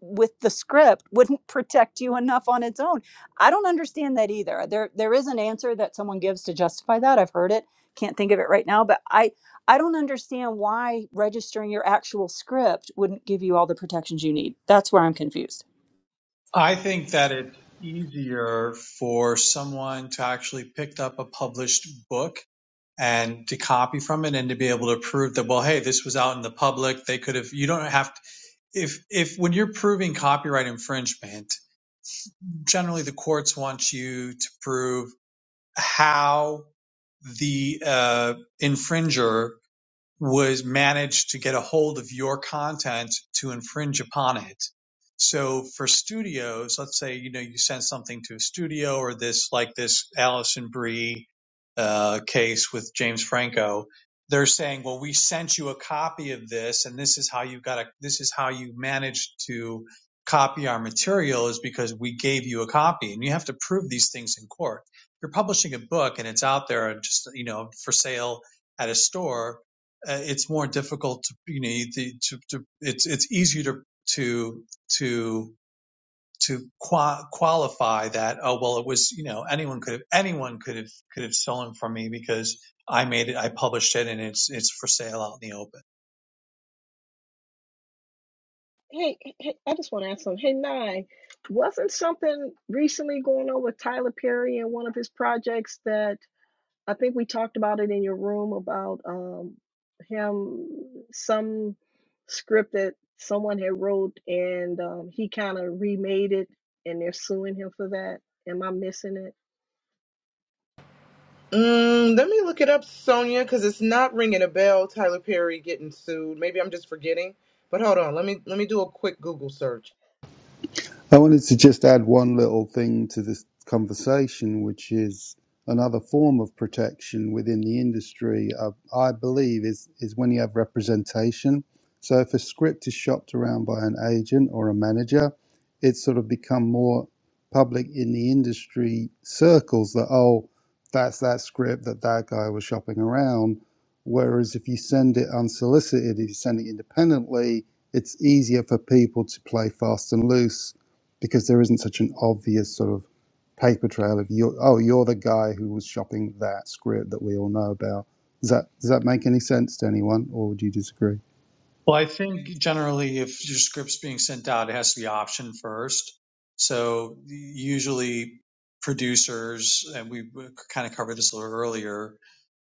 Speaker 1: with the script wouldn't protect you enough on its own. I don't understand that either. There there is an answer that someone gives to justify that. I've heard it. Can't think of it right now, but I I don't understand why registering your actual script wouldn't give you all the protections you need. That's where I'm confused.
Speaker 5: I think that it's easier for someone to actually pick up a published book and to copy from it and to be able to prove that well hey this was out in the public they could have you don't have to, if if when you're proving copyright infringement generally the courts want you to prove how the uh, infringer was managed to get a hold of your content to infringe upon it. So for studios, let's say, you know, you send something to a studio or this, like this Alison Brie, uh, case with James Franco, they're saying, well, we sent you a copy of this and this is how you got a, this is how you managed to copy our material is because we gave you a copy and you have to prove these things in court. You're publishing a book and it's out there just, you know, for sale at a store uh, it's more difficult to you know you- to, to, to it's it's easier to to to to qua- qualify that oh well it was you know anyone could have anyone could have could have stolen from me because I made it I published it and it's it's for sale out in the open.
Speaker 2: Hey, hey I just want to ask something. Hey, Nye, wasn't something recently going on with Tyler Perry and one of his projects that? I think we talked about it in your room about um, him, some script that someone had wrote and um, he kind of remade it and they're suing him for that. Am I missing it?
Speaker 3: Mm, let me look it up, Sonia, because it's not ringing a bell. Tyler Perry getting sued. Maybe I'm just forgetting. But hold on, let me let me do a quick Google search.
Speaker 10: I wanted to just add one little thing to this conversation, which is another form of protection within the industry. I, I believe is is when you have representation. So if a script is shopped around by an agent or a manager, it's sort of become more public in the industry circles that oh, that's that script that that guy was shopping around. Whereas if you send it unsolicited, if you send it independently, it's easier for people to play fast and loose because there isn't such an obvious sort of paper trail of you. Oh, you're the guy who was shopping that script that we all know about. Does that does that make any sense to anyone, or would you disagree?
Speaker 5: Well, I think generally if your script's being sent out, it has to be optioned first. So usually producers and we kind of covered this a little earlier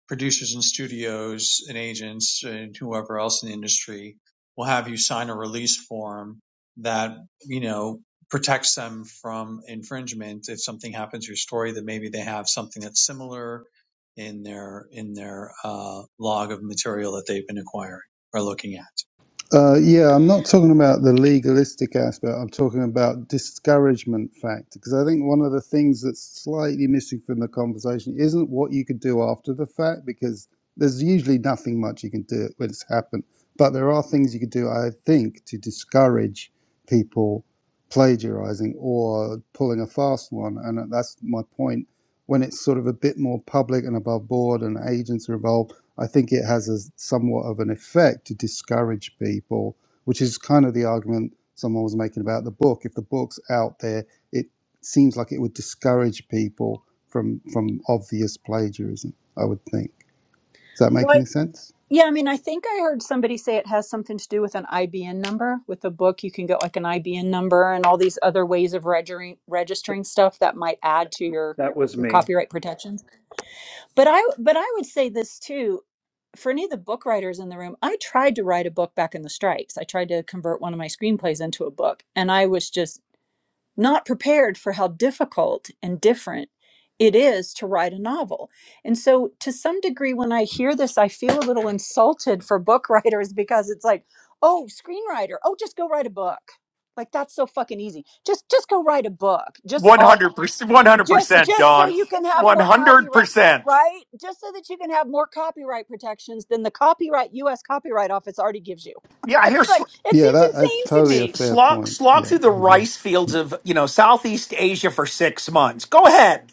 Speaker 5: producers and studios and agents and whoever else in the industry will have you sign a release form that you know protects them from infringement if something happens to your story that maybe they have something that's similar in their in their uh, log of material that they've been acquiring or looking at
Speaker 10: Uh, yeah, I'm not talking about the legalistic aspect. I'm talking about discouragement factor because I think one of the things that's slightly missing from the conversation isn't what you could do after the fact because there's usually nothing much you can do when it's happened. But there are things you could do, I think, to discourage people plagiarizing or pulling a fast one. And that's my point. When it's sort of a bit more public and above board and agents are involved, I think it has a somewhat of an effect to discourage people, which is kind of the argument someone was making about the book. If the book's out there, it seems like it would discourage people from from obvious plagiarism. I would think. Does that make any
Speaker 1: What?
Speaker 10: sense?
Speaker 1: Yeah, I mean, I think I heard somebody say it has something to do with an IBN number. With a book, you can get like an IBN number and all these other ways of registering registering stuff that might add to your
Speaker 6: That was
Speaker 1: your
Speaker 6: me.
Speaker 1: copyright protections. but i but i would say this too for any of the book writers in the room i tried to write a book back in the strikes i tried to convert one of my screenplays into a book and i was just not prepared for how difficult and different it is to write a novel and so to some degree when i hear this i feel a little insulted for book writers because it's like oh screenwriter oh just go write a book like that's so fucking easy just just go write a book just
Speaker 4: One
Speaker 1: all
Speaker 4: hundred percent, one hundred
Speaker 1: just
Speaker 4: percent,
Speaker 1: just so
Speaker 4: Don.
Speaker 1: you can have
Speaker 4: One
Speaker 1: more
Speaker 4: hundred
Speaker 1: copyright
Speaker 4: percent.
Speaker 1: right just so that you can have more copyright protections than the copyright us copyright office already gives you
Speaker 4: Yeah, I hear.
Speaker 1: it's like it
Speaker 10: Yeah,
Speaker 1: seems
Speaker 10: that, that's
Speaker 1: insane to
Speaker 10: totally
Speaker 4: S-
Speaker 10: a
Speaker 1: me
Speaker 10: fair
Speaker 4: slog
Speaker 10: point.
Speaker 4: slog
Speaker 10: Yeah,
Speaker 4: through the
Speaker 10: I agree.
Speaker 4: rice fields of you know Southeast Asia for six months. Go ahead.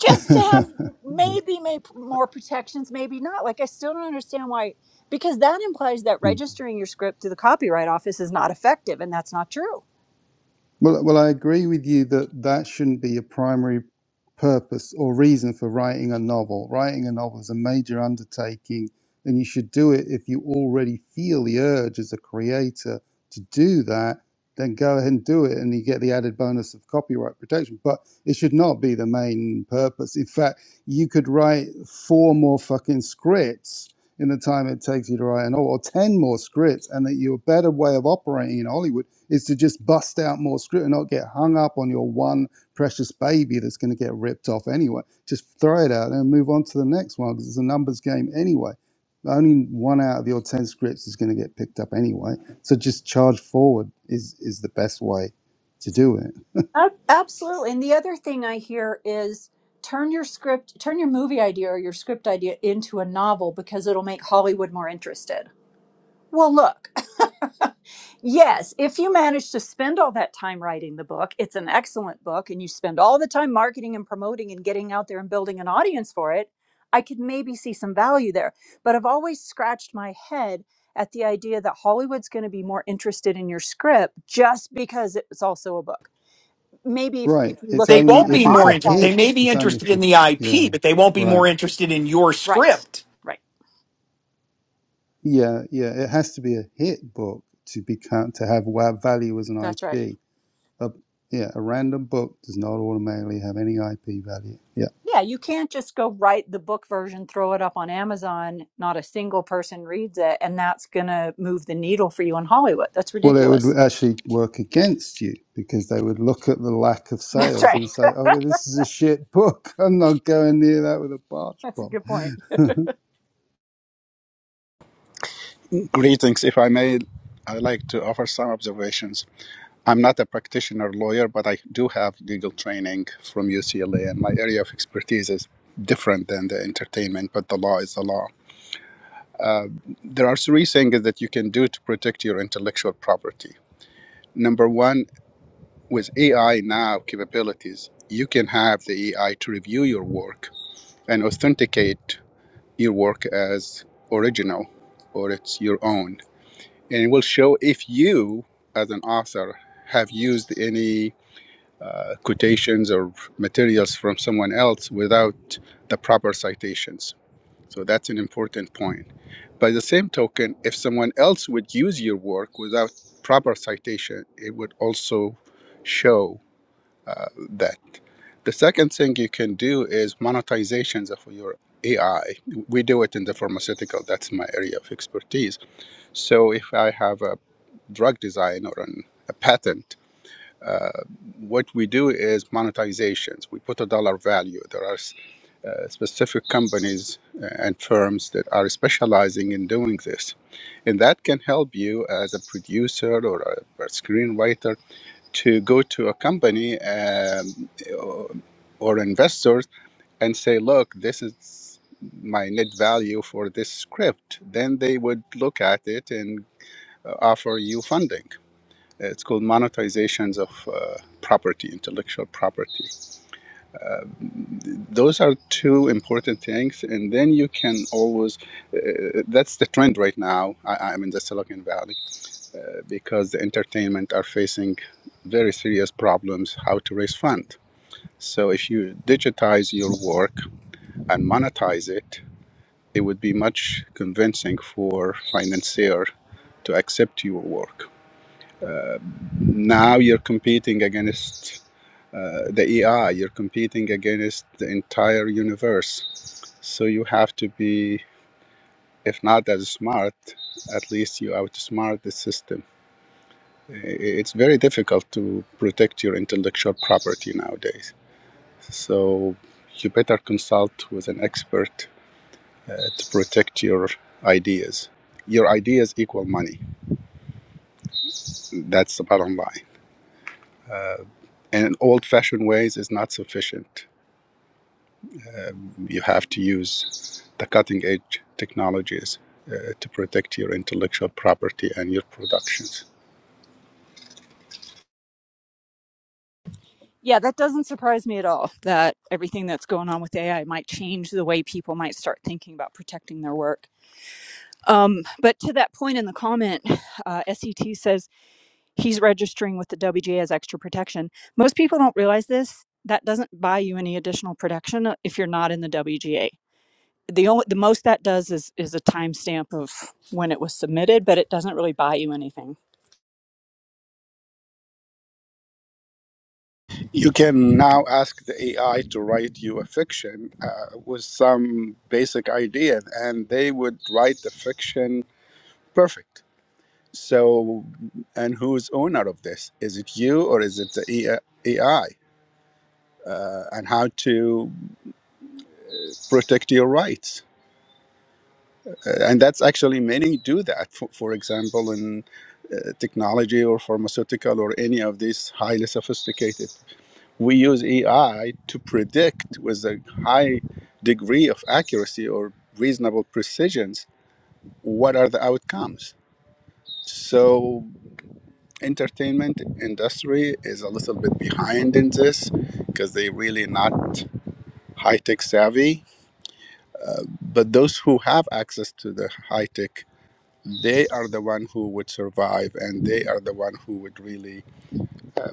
Speaker 1: just to have
Speaker 10: Yeah.
Speaker 1: maybe maybe more protections maybe not like i still don't understand why because that implies that registering your script to the copyright office is not effective and that's not true
Speaker 10: Well, well, I agree with you that that shouldn't be a primary purpose or reason for writing a novel. Writing a novel is a major undertaking, and you should do it if you already feel the urge as a creator to do that. Then go ahead and do it, and you get the added bonus of copyright protection. But it should not be the main purpose. In fact, you could write four more fucking scripts in the time it takes you to write an or, or 10 more scripts and that your better way of operating in hollywood is to just bust out more script and not get hung up on your one precious baby that's going to get ripped off anyway just throw it out and move on to the next one because it's a numbers game anyway only one out of your 10 scripts is going to get picked up anyway so just charge forward is is the best way to do it
Speaker 1: Ab- absolutely and the other thing i hear is turn your script turn your movie idea or your script idea into a novel because it'll make hollywood more interested Well, look, yes, if you manage to spend all that time writing the book, it's an excellent book, and you spend all the time marketing and promoting and getting out there and building an audience for it, I could maybe see some value there. But I've always scratched my head at the idea that Hollywood's going to be more interested in your script just because it's also a book. Maybe if,
Speaker 10: right
Speaker 1: if you
Speaker 10: it's
Speaker 1: look at,
Speaker 4: They
Speaker 1: you're
Speaker 10: only
Speaker 1: going
Speaker 4: won't
Speaker 1: to
Speaker 10: if
Speaker 4: be
Speaker 10: it's
Speaker 4: more
Speaker 10: a
Speaker 4: interested.
Speaker 1: monetize
Speaker 4: They
Speaker 1: it.
Speaker 10: hit
Speaker 4: may be
Speaker 10: it's only if
Speaker 4: interested in
Speaker 10: the
Speaker 4: the
Speaker 10: yeah
Speaker 4: IP, but they won't be
Speaker 10: right
Speaker 4: more interested in your
Speaker 1: Right,
Speaker 4: script.
Speaker 1: right.
Speaker 10: Yeah, yeah, it has to be a hit book to become to have wa- value as an
Speaker 1: That's right.
Speaker 10: IP. yeah, a random book does not automatically have any IP value. Yeah.
Speaker 1: Yeah, you can't just go write the book version, throw it up on Amazon, not a single person reads it, and that's going to move the needle for you in Hollywood. That's
Speaker 10: Well, it
Speaker 1: ridiculous.
Speaker 10: would actually work against you because they would look at the lack of
Speaker 1: That's
Speaker 10: sales
Speaker 1: right.
Speaker 10: and say, "Okay, this is a shit book. I'm not going near that with a barge
Speaker 1: That's a
Speaker 10: pole."
Speaker 1: good point.
Speaker 11: Greetings. If I may, I'd like to offer some observations. I'm not a practitioner lawyer, but I do have legal training from UCLA, and my area of expertise is different than the entertainment, but the law is the law. There are three things that you can do to protect your intellectual property. Number one, with AI now capabilities, you can have the AI to review your work and authenticate your work as original or it's your own and it will show if you, as an author, have used any uh, quotations or materials from someone else without the proper citations. So that's an important point. By the same token, if someone else would use your work without proper citation, it would also show uh, that. The second thing you can do is monetizations of your AI. We do it in the pharmaceutical, that's my area of expertise. So if I have a drug design or an, a patent, uh, what we do is monetizations. We put a dollar value. There are uh, specific companies uh, and firms that are specializing in doing this. And that can help you as a producer or a, a screenwriter to go to a company um, or, or investors and say, look, this is my net value for this script. Then they would look at it and uh, offer you funding it's called monetizations of uh, property, intellectual property. Those are two important things, and then you can always. Uh, that's the trend right now. I, I'm in the Silicon Valley uh, because the entertainment are facing very serious problems how to raise fund. So if you digitize your work and monetize it, it would be much convincing for financier to accept your work. Uh, now you're competing against uh, the AI. You're competing against the entire universe. So you have to be, if not as smart, at least you outsmart the system. I- It's very difficult to protect your intellectual property nowadays. So you better consult with an expert uh, to protect your ideas. Your ideas equal money. That's the bottom line. And old fashioned ways is not sufficient. You have to use the cutting edge technologies uh, to protect your intellectual property and your productions.
Speaker 1: Yeah, that doesn't surprise me at all that everything that's going on with AI might change the way people might start thinking about protecting their work. Um, but to that point in the comment, uh, SET says he's registering with the WGA as extra protection. Most people don't realize this. That doesn't buy you any additional protection if you're not in the WGA. the only the most that does is is a timestamp of when it was submitted, but it doesn't really buy you anything.
Speaker 11: You can now ask the AI to write you a fiction uh, with some basic idea, and they would write the fiction perfect. So, and who's owner of this? Is it you or is it the AI? Uh, and how to protect your rights? Uh, and that's actually many do that for, for example in uh, technology or pharmaceutical or any of these highly sophisticated we use ai to predict with a high degree of accuracy or reasonable precisions what are the outcomes so entertainment industry is a little bit behind in this because they really not high tech savvy but those who have access to the high tech they are the one who would survive and they are the one who would really uh,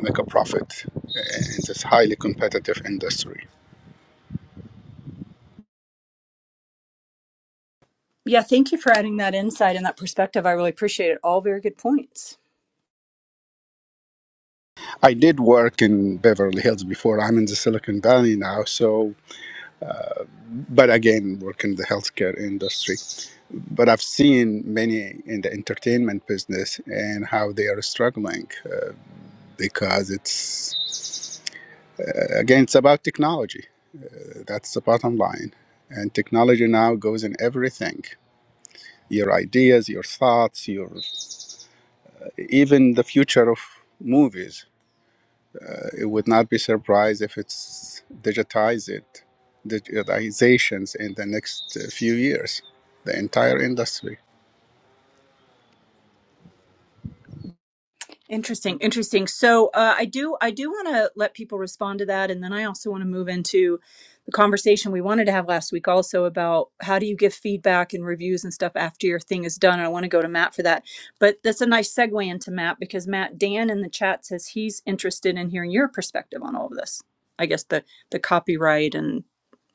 Speaker 11: make a profit in this highly competitive industry
Speaker 1: Yeah, thank you for adding that insight and that perspective. I really appreciate it. All very good points.
Speaker 11: i did work in beverly hills before i'm in the silicon valley now so but again work in the healthcare industry but i've seen many in the entertainment business and how they are struggling uh, because it's again it's about technology that's the bottom line and technology now goes in everything your ideas, your thoughts, your even the future of movies. It would not be surprised if it's digitized, digitizations in the next uh, few years, the entire industry.
Speaker 1: Interesting, interesting. So uh, I do, I do want to let people respond to that, and then I also want to move into the conversation we wanted to have last week, also about how do you give feedback and reviews and stuff after your thing is done. And I want to go to Matt for that, but that's a nice segue into Matt because Matt Dan in the chat says he's interested in hearing your perspective on all of this. I guess the the copyright and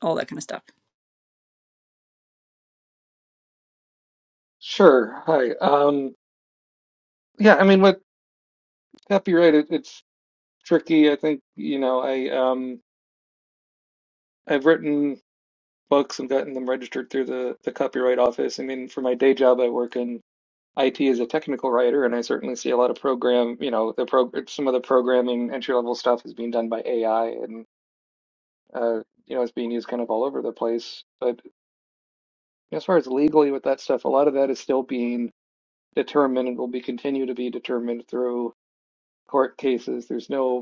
Speaker 1: all that kind of stuff.
Speaker 12: Sure. Hi. Um, yeah, I mean, with copyright, it, it's tricky. I think, you know, I um, I've written books and gotten them registered through the the copyright office. I mean, for my day job, I work in IT as a technical writer, and I certainly see a lot of program, you know, the pro some of the programming entry level stuff is being done by AI, and uh, you know, it's being used kind of all over the place. But as far as legally with that stuff, a lot of that is still being determined and will be continue to be determined through court cases. There's no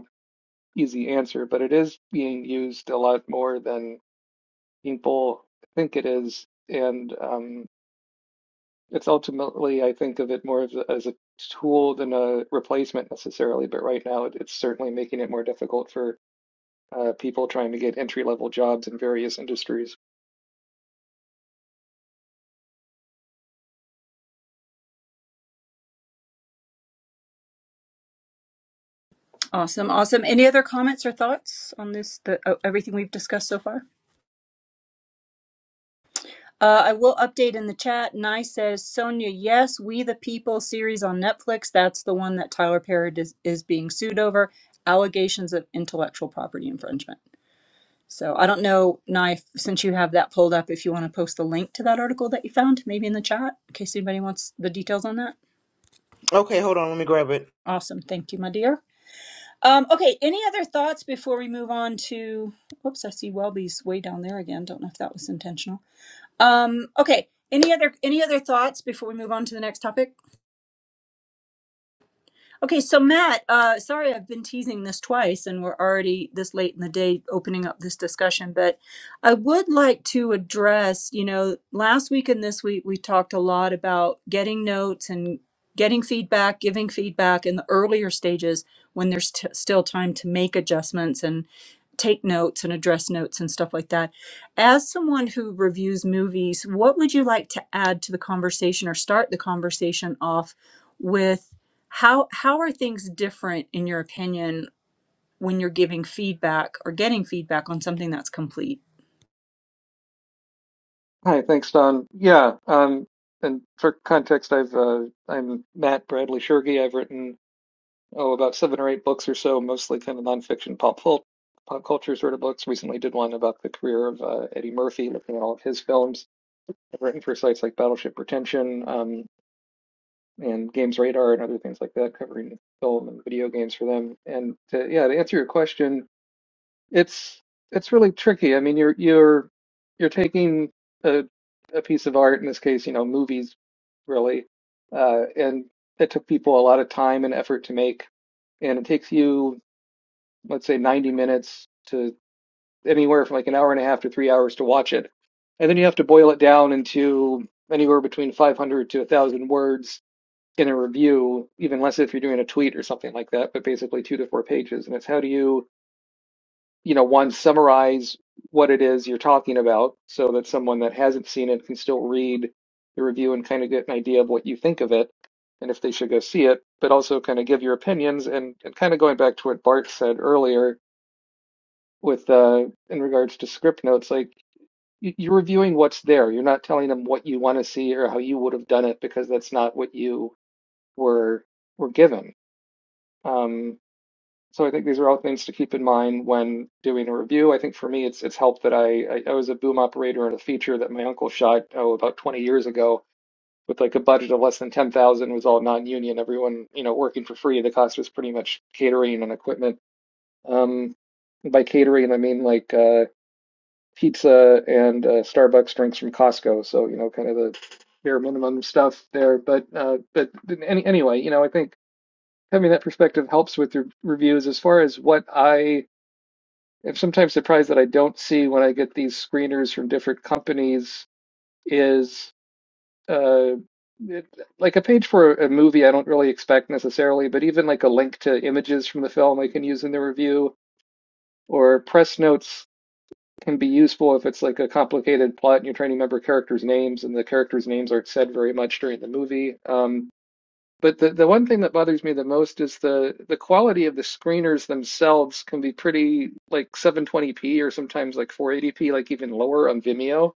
Speaker 12: easy answer, but it is being used a lot more than people think it is. And um, it's ultimately, I think of it more as a, as a tool than a replacement necessarily. But right now, it, it's certainly making it more difficult for uh, people trying to get entry level jobs in various industries.
Speaker 1: Awesome, awesome. Any other comments or thoughts on this? The, oh, everything we've discussed so far. Uh, I will update in the chat. Nye says, Sonia, yes, We the People series on Netflix. That's the one that Tyler Perry is, is being sued over. Allegations of intellectual property infringement. So I don't know, Nye, if- since you have that pulled up, if you want to post the link to that article that you found, maybe in the chat, in case anybody wants the details on that.
Speaker 3: Okay, hold on, let me grab it.
Speaker 1: Awesome. Thank you, my dear. Um, okay, any other thoughts before we move on to. Whoops, I see Welby's way down there again. Don't know if that was intentional. Um, okay. Any other any other thoughts before we move on to the next topic? Okay, so Matt, uh, sorry I've been teasing this twice and we're already this late in the day opening up this discussion, but I would like to address, you know, last week and this week we talked a lot about getting notes and getting feedback, giving feedback in the earlier stages when there's t- still time to make adjustments and take notes and address notes and stuff like that. As someone who reviews movies, what would you like to add to the conversation or start the conversation off? with how how are things different in your opinion when you're giving feedback or getting feedback on something that's complete?
Speaker 12: Hi, thanks, Don. Yeah, um, and for context, I've uh, I'm Matt Bradley Shergi. I've written oh, about seven or eight books or so, mostly kind of nonfiction pop pop culture sort of books. Recently did one about the career of uh, Eddie Murphy, looking at all of his films. I've written for sites like Battleship Retention um, and Games Radar and other things like that, covering film and video games for them. And to, yeah, to answer your question, it's it's really tricky. I mean, you're you're you're taking a a piece of art, in this case, you know, movies, really, uh, and it took people a lot of time and effort to make, and it takes you let's say 90 minutes to anywhere from like an hour and a half to three hours to watch it. And then you have to boil it down into anywhere between 500 to 1,000 words in a review, even less if you're doing a tweet or something like that, but basically two to four pages. And it's how do you, you know, one, summarize what it is you're talking about so that someone that hasn't seen it can still read the review and kind of get an idea of what you think of it and if they should go see it, but also kind of give your opinions and, and kind of going back to what Bart said earlier with uh, in regards to script notes, like you're reviewing what's there. You're not telling them what you want to see or how you would have done it because that's not what you were were given. Um, so I think these are all things to keep in mind when doing a review. I think for me, it's it's helped that I I, I was a boom operator in a feature that my uncle shot oh about 20 years ago with like a budget of less than 10,000. It was all non-union. Everyone you know working for free. The cost was pretty much catering and equipment. Um, by catering, I mean like. Uh, pizza and uh, Starbucks drinks from Costco. So, you know, kind of the bare minimum stuff there. But uh, but any, anyway, you know, I think having that perspective helps with your reviews as far as what I am sometimes surprised that I don't see when I get these screeners from different companies is uh, it, like a page for a movie I don't really expect necessarily, but even like a link to images from the film I can use in the review or press notes can be useful if it's like a complicated plot and you're trying to remember characters' names and the characters' names aren't said very much during the movie. Um, but the, the one thing that bothers me the most is the the quality of the screeners themselves can be pretty like 720p or sometimes like 480p, like even lower on Vimeo.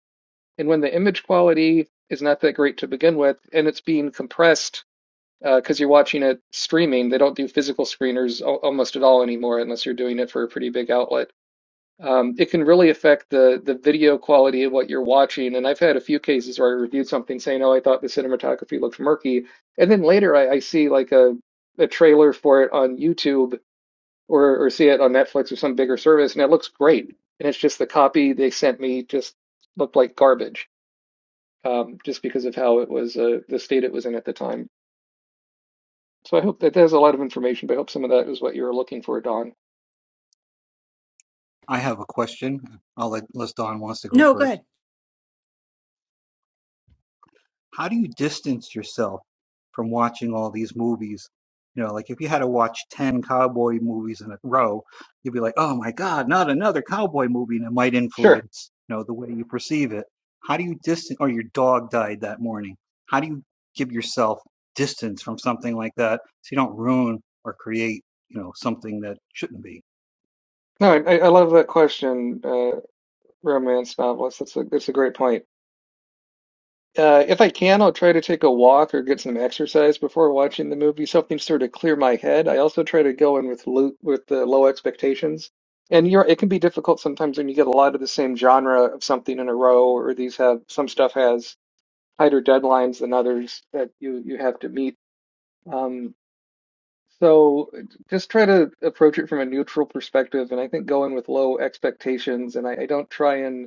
Speaker 12: And when the image quality is not that great to begin with, and it's being compressed because uh, you're watching it streaming, they don't do physical screeners al- almost at all anymore unless you're doing it for a pretty big outlet um, it can really affect the the video quality of what you're watching. And I've had a few cases where I reviewed something saying, "Oh, I thought the cinematography looked murky," and then later I, I see like a a trailer for it on YouTube or or see it on Netflix or some bigger service, and it looks great. And it's just the copy they sent me just looked like garbage, um, just because of how it was uh, the state it was in at the time. So I hope that there's a lot of information, but I hope some of that is what you were looking for, Don.
Speaker 6: I have a question. I'll let, unless Don wants to go
Speaker 1: No, go
Speaker 6: first.
Speaker 1: ahead.
Speaker 6: how do you distance yourself from watching all these movies? You know, like if you had to watch 10 cowboy movies in a row, you'd be like, oh my God, not another cowboy movie. And it might
Speaker 12: Sure.
Speaker 6: influence, you know, the way you perceive it. How do you distance, or your dog died that morning? How do you give yourself distance from something like that so you don't ruin or create, you know, something that shouldn't be?
Speaker 12: No, I, I I love that question, uh, romance novels. That's a that's a great point. Uh, if I can, I'll try to take a walk or get some exercise before watching the movie, something sort of clear my head. I also try to go in with lo with the low expectations. And you're, it can be difficult sometimes when you get a lot of the same genre of something in a row, or these have some stuff has tighter deadlines than others that you you have to meet. Um, so just try to approach it from a neutral perspective, and I think go in with low expectations. And I, I don't try and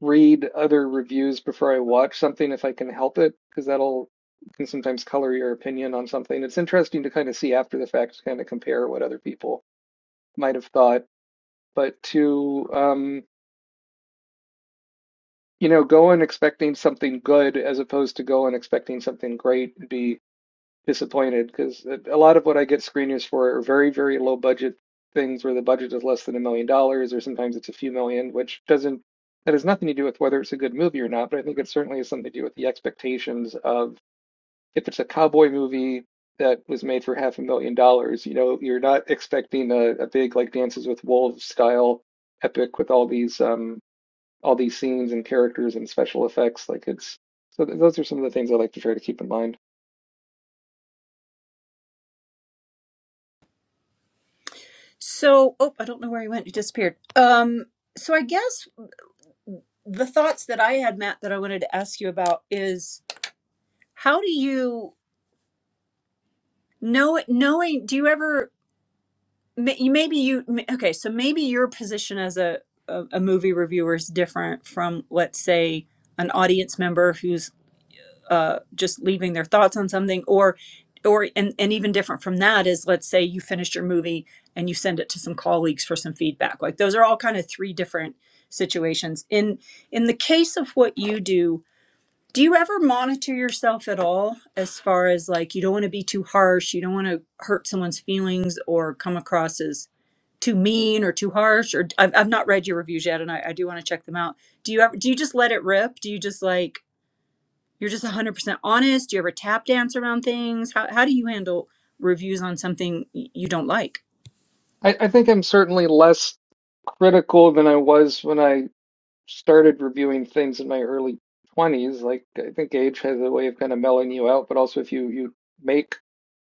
Speaker 12: read other reviews before I watch something if I can help it, because that'll can sometimes color your opinion on something. It's interesting to kind of see after the fact, kind of compare what other people might have thought, but to um, you know go in expecting something good as opposed to go in expecting something great and be disappointed because a lot of what I get screeners for are very, very low budget things where the budget is less than a million dollars or sometimes it's a few million, which doesn't, that has nothing to do with whether it's a good movie or not, but I think it certainly has something to do with the expectations of if it's a cowboy movie that was made for half a million dollars, you know, you're not expecting a, a big like Dances with Wolves style epic with all these um all these scenes and characters and special effects. Like it's so those are some of the things I like to try to keep in mind.
Speaker 1: So, oh, I don't know where he went. He disappeared. Um, so I guess the thoughts that I had, Matt, that I wanted to ask you about is how do you know it? Knowing, do you ever? may- You maybe you m- okay. So maybe your position as a a, a movie reviewer is different from, let's say, an audience member who's uh, just leaving their thoughts on something or or and, and even different from that is let's say you finished your movie and you send it to some colleagues for some feedback like those are all kind of three different situations in in the case of what you do do you ever monitor yourself at all as far as like you don't want to be too harsh you don't want to hurt someone's feelings or come across as too mean or too harsh or i've, I've not read your reviews yet and I, I do want to check them out do you ever do you just let it rip do you just like you're just 100% honest. Do you ever tap dance around things? How, how do you handle reviews on something you don't like?
Speaker 12: I, I think I'm certainly less critical than I was when I started reviewing things in my early 20s. Like, I think age has a way of kind of mellowing you out, but also if you you make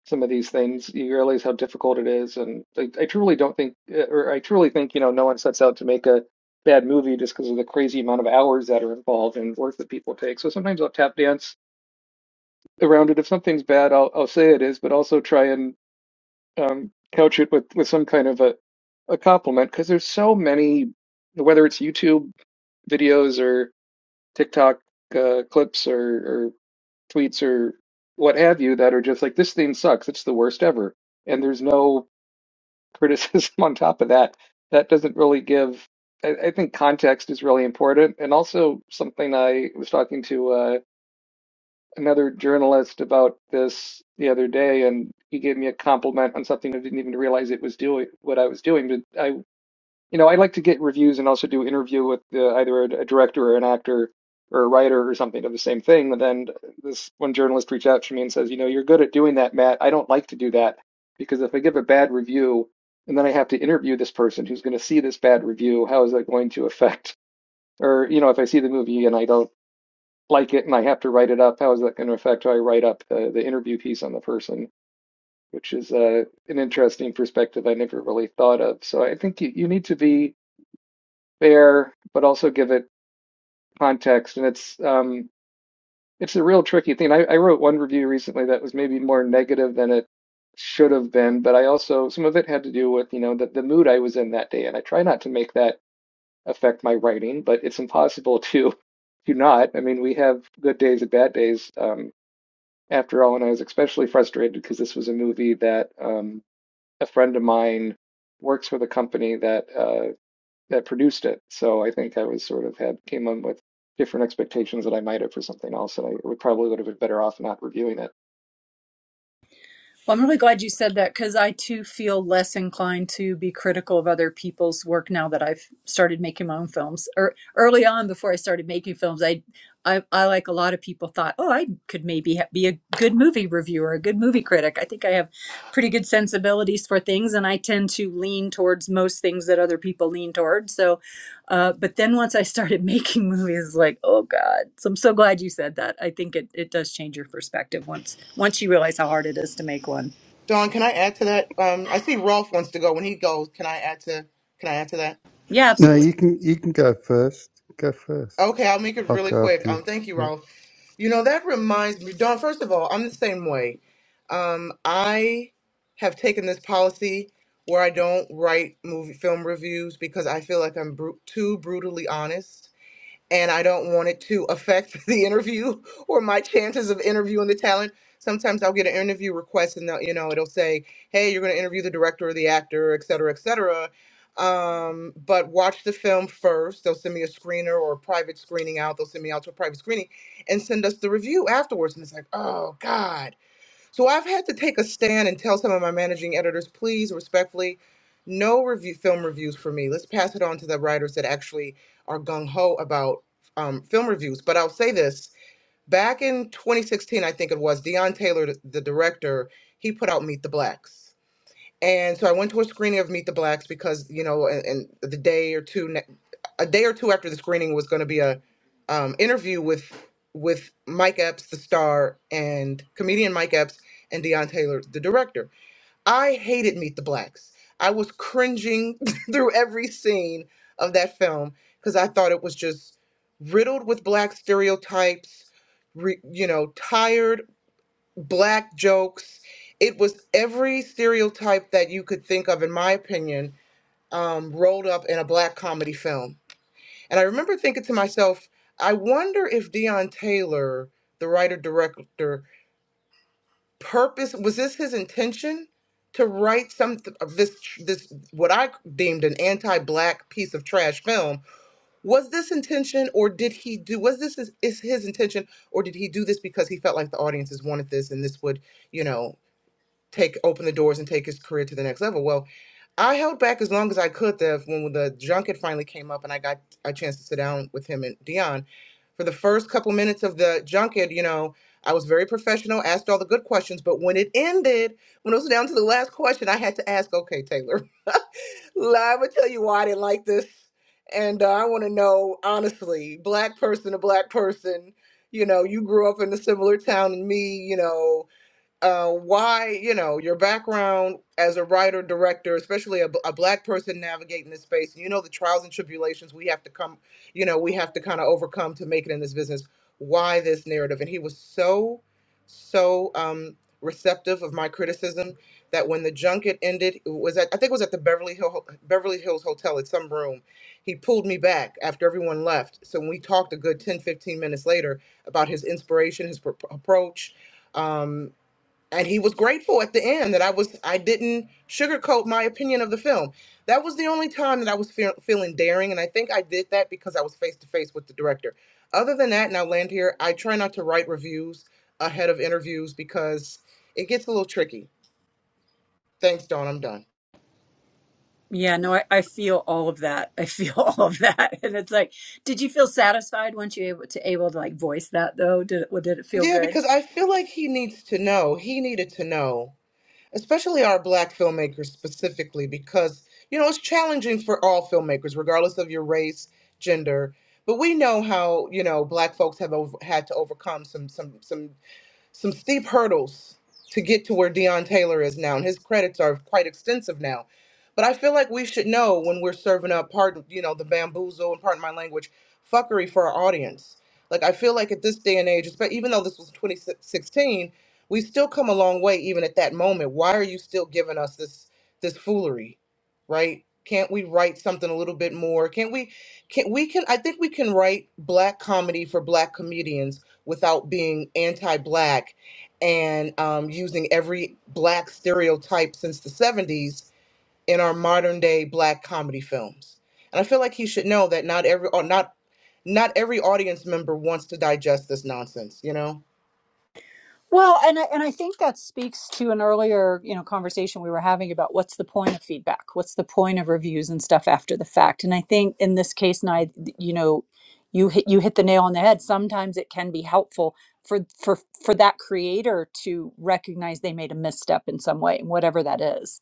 Speaker 12: some of these things, you realize how difficult it is. And I, I truly don't think, uh, or I truly think, you know, no one sets out to make a bad movie just because of the crazy amount of hours that are involved and work that people take. So sometimes I'll tap dance around it. If something's bad, I'll I'll say it is, but also try and um, couch it with with some kind of a a compliment because there's so many, whether it's YouTube videos or TikTok uh, clips or, or tweets or what have you, that are just like this thing sucks. It's the worst ever, and there's no criticism on top of that. That doesn't really give. I, I think context is really important, and also something I was talking to. uh, another journalist about this the other day, and he gave me a compliment on something I didn't even realize it was doing what I was doing. But I, you know, I like to get reviews and also do interview with the, either a, a director or an actor or a writer or something of the same thing. And then this one journalist reached out to me and says, you know, you're good at doing that, Matt. I don't like to do that because if I give a bad review and then I have to interview this person who's going to see this bad review, how is that going to affect? Or you know, if I see the movie and I don't like it and I have to write it up, how is that going to affect how I write up the, the interview piece on the person? Which is uh, an interesting perspective I never really thought of. So I think you, you need to be fair, but also give it context. And it's um, it's a real tricky thing. I, I wrote one review recently that was maybe more negative than it should have been, but I also some of it had to do with you know the, the mood I was in that day, and I try not to make that affect my writing, but it's impossible to to not. I mean, we have good days and bad days. Um, after all, and I was especially frustrated because this was a movie that um, a friend of mine works with a company that uh, that produced it. So I think I was sort of had came in with different expectations that I might have for something else, and I would probably would have been better off not reviewing it.
Speaker 1: Well, I'm really glad you said that because I too feel less inclined to be critical of other people's work now that I've started making my own films. Or early on, before I started making films, I, I, I like a lot of people thought, oh, I could maybe ha- be a good movie reviewer, a good movie critic. I think I have pretty good sensibilities for things, and I tend to lean towards most things that other people lean towards. So Uh, but then once I started making movies, like, oh God. So I'm so glad you said that. I think it, it does change your perspective once once you realize how hard it is to make one.
Speaker 3: Don, can I add to that? Um, I see Rolf wants to go. When he goes, can I add to can I add to that?
Speaker 1: Yeah,
Speaker 10: no,
Speaker 1: absolutely.
Speaker 10: you can you can go first. Go first.
Speaker 3: Okay, I'll make it
Speaker 10: I'll
Speaker 3: really
Speaker 10: go
Speaker 3: quick.
Speaker 10: after you.
Speaker 3: Um, thank you,
Speaker 10: Yeah.
Speaker 3: Rolf. You know that reminds me, Don. First of all, I'm the same way. Um, I have taken this policy where I don't write movie film reviews because I feel like I'm bru- too brutally honest and I don't want it to affect the interview or my chances of interviewing the talent. Sometimes I'll get an interview request and they'll, you know, it'll say, "Hey, you're going to interview the director or the actor, et cetera, et cetera." Um, but watch the film first. They'll send me a screener or a private screening out. They'll send me out to a private screening and send us the review afterwards. And it's like, oh God. So I've had to take a stand and tell some of my managing editors, please respectfully, no review film reviews for me. Let's pass it on to the writers that actually are gung ho about um, film reviews. But I'll say this: back in 2016, I think it was Deion Taylor, the the director, he put out Meet the Blacks. And so I went to a screening of Meet the Blacks because you know, and, and the day or two, ne- a day or two after the screening was going to be a um, interview with with Mike Epps, the star, and comedian Mike Epps and Deion Taylor, the director. I hated Meet the Blacks. I was cringing through every scene of that film because I thought it was just riddled with black stereotypes. Re, you know, tired black jokes. It was every stereotype that you could think of, in my opinion, um, rolled up in a black comedy film. And I remember thinking to myself, I wonder if Deion Taylor, the writer director, purpose was this his intention to write some of this this what I deemed an anti-black piece of trash film? Was this intention, or did he do? Was this his, is his intention, or did he do this because he felt like the audiences wanted this and this would you know take open the doors and take his career to the next level. Well, I held back as long as I could. The when the junket finally came up and I got a chance to sit down with him and Dion, for the first couple minutes of the junket, you know, I was very professional, asked all the good questions, but when it ended, when it was down to the last question, I had to ask, okay, Taylor, I'm gonna tell you why I didn't like this, and uh, I want to know honestly, black person to black person. You know, you grew up in a similar town and me. You know, uh, why you know your background as a writer director especially a, b- a black person navigating this space you know the trials and tribulations we have to come you know we have to kind of overcome to make it in this business why this narrative and he was so so um receptive of my criticism that when the junket ended it was at, i think it was at the beverly hill beverly hills hotel at some room he pulled me back after everyone left so we talked a good 10 15 minutes later about his inspiration his pro- approach um, and he was grateful at the end that I was I didn't sugarcoat my opinion of the film. That was the only time that I was feel, feeling daring, and I think I did that because I was face to face with the director. Other than that, and I'll land here. I try not to write reviews ahead of interviews because it gets a little tricky. Thanks, Dawn. I'm done.
Speaker 1: Yeah, no, I, I feel all of that. I feel all of that. And it's like, did you feel satisfied once you able to able to like voice that though? Did it did it feel
Speaker 3: Yeah,
Speaker 1: good?
Speaker 3: because I feel like he needs to know. He needed to know especially our black filmmakers specifically because you know it's challenging for all filmmakers regardless of your race gender but we know how you know black folks have over, had to overcome some some some some steep hurdles to get to where Deion Taylor is now, and his credits are quite extensive now. But I feel like we should know when we're serving up, pardon, you know, the bamboozle and pardon my language, fuckery for our audience. Like I feel like at this day and age, espe- even though this was 2016, we still come a long way even at that moment. Why are you still giving us this this foolery, right? Can't we write something a little bit more? Can't we? Can we can? I think we can write black comedy for black comedians without being anti-black and um, using every black stereotype since the 70s in our modern day black comedy films and i feel like he should know that not every or not not every audience member wants to digest this nonsense you know
Speaker 1: Well, and I, and I think that speaks to an earlier, you know, conversation we were having about what's the point of feedback? What's the point of reviews and stuff after the fact? And I think in this case, and I, you know, you hit you hit the nail on the head. Sometimes it can be helpful for for for that creator to recognize they made a misstep in some way, and whatever that is.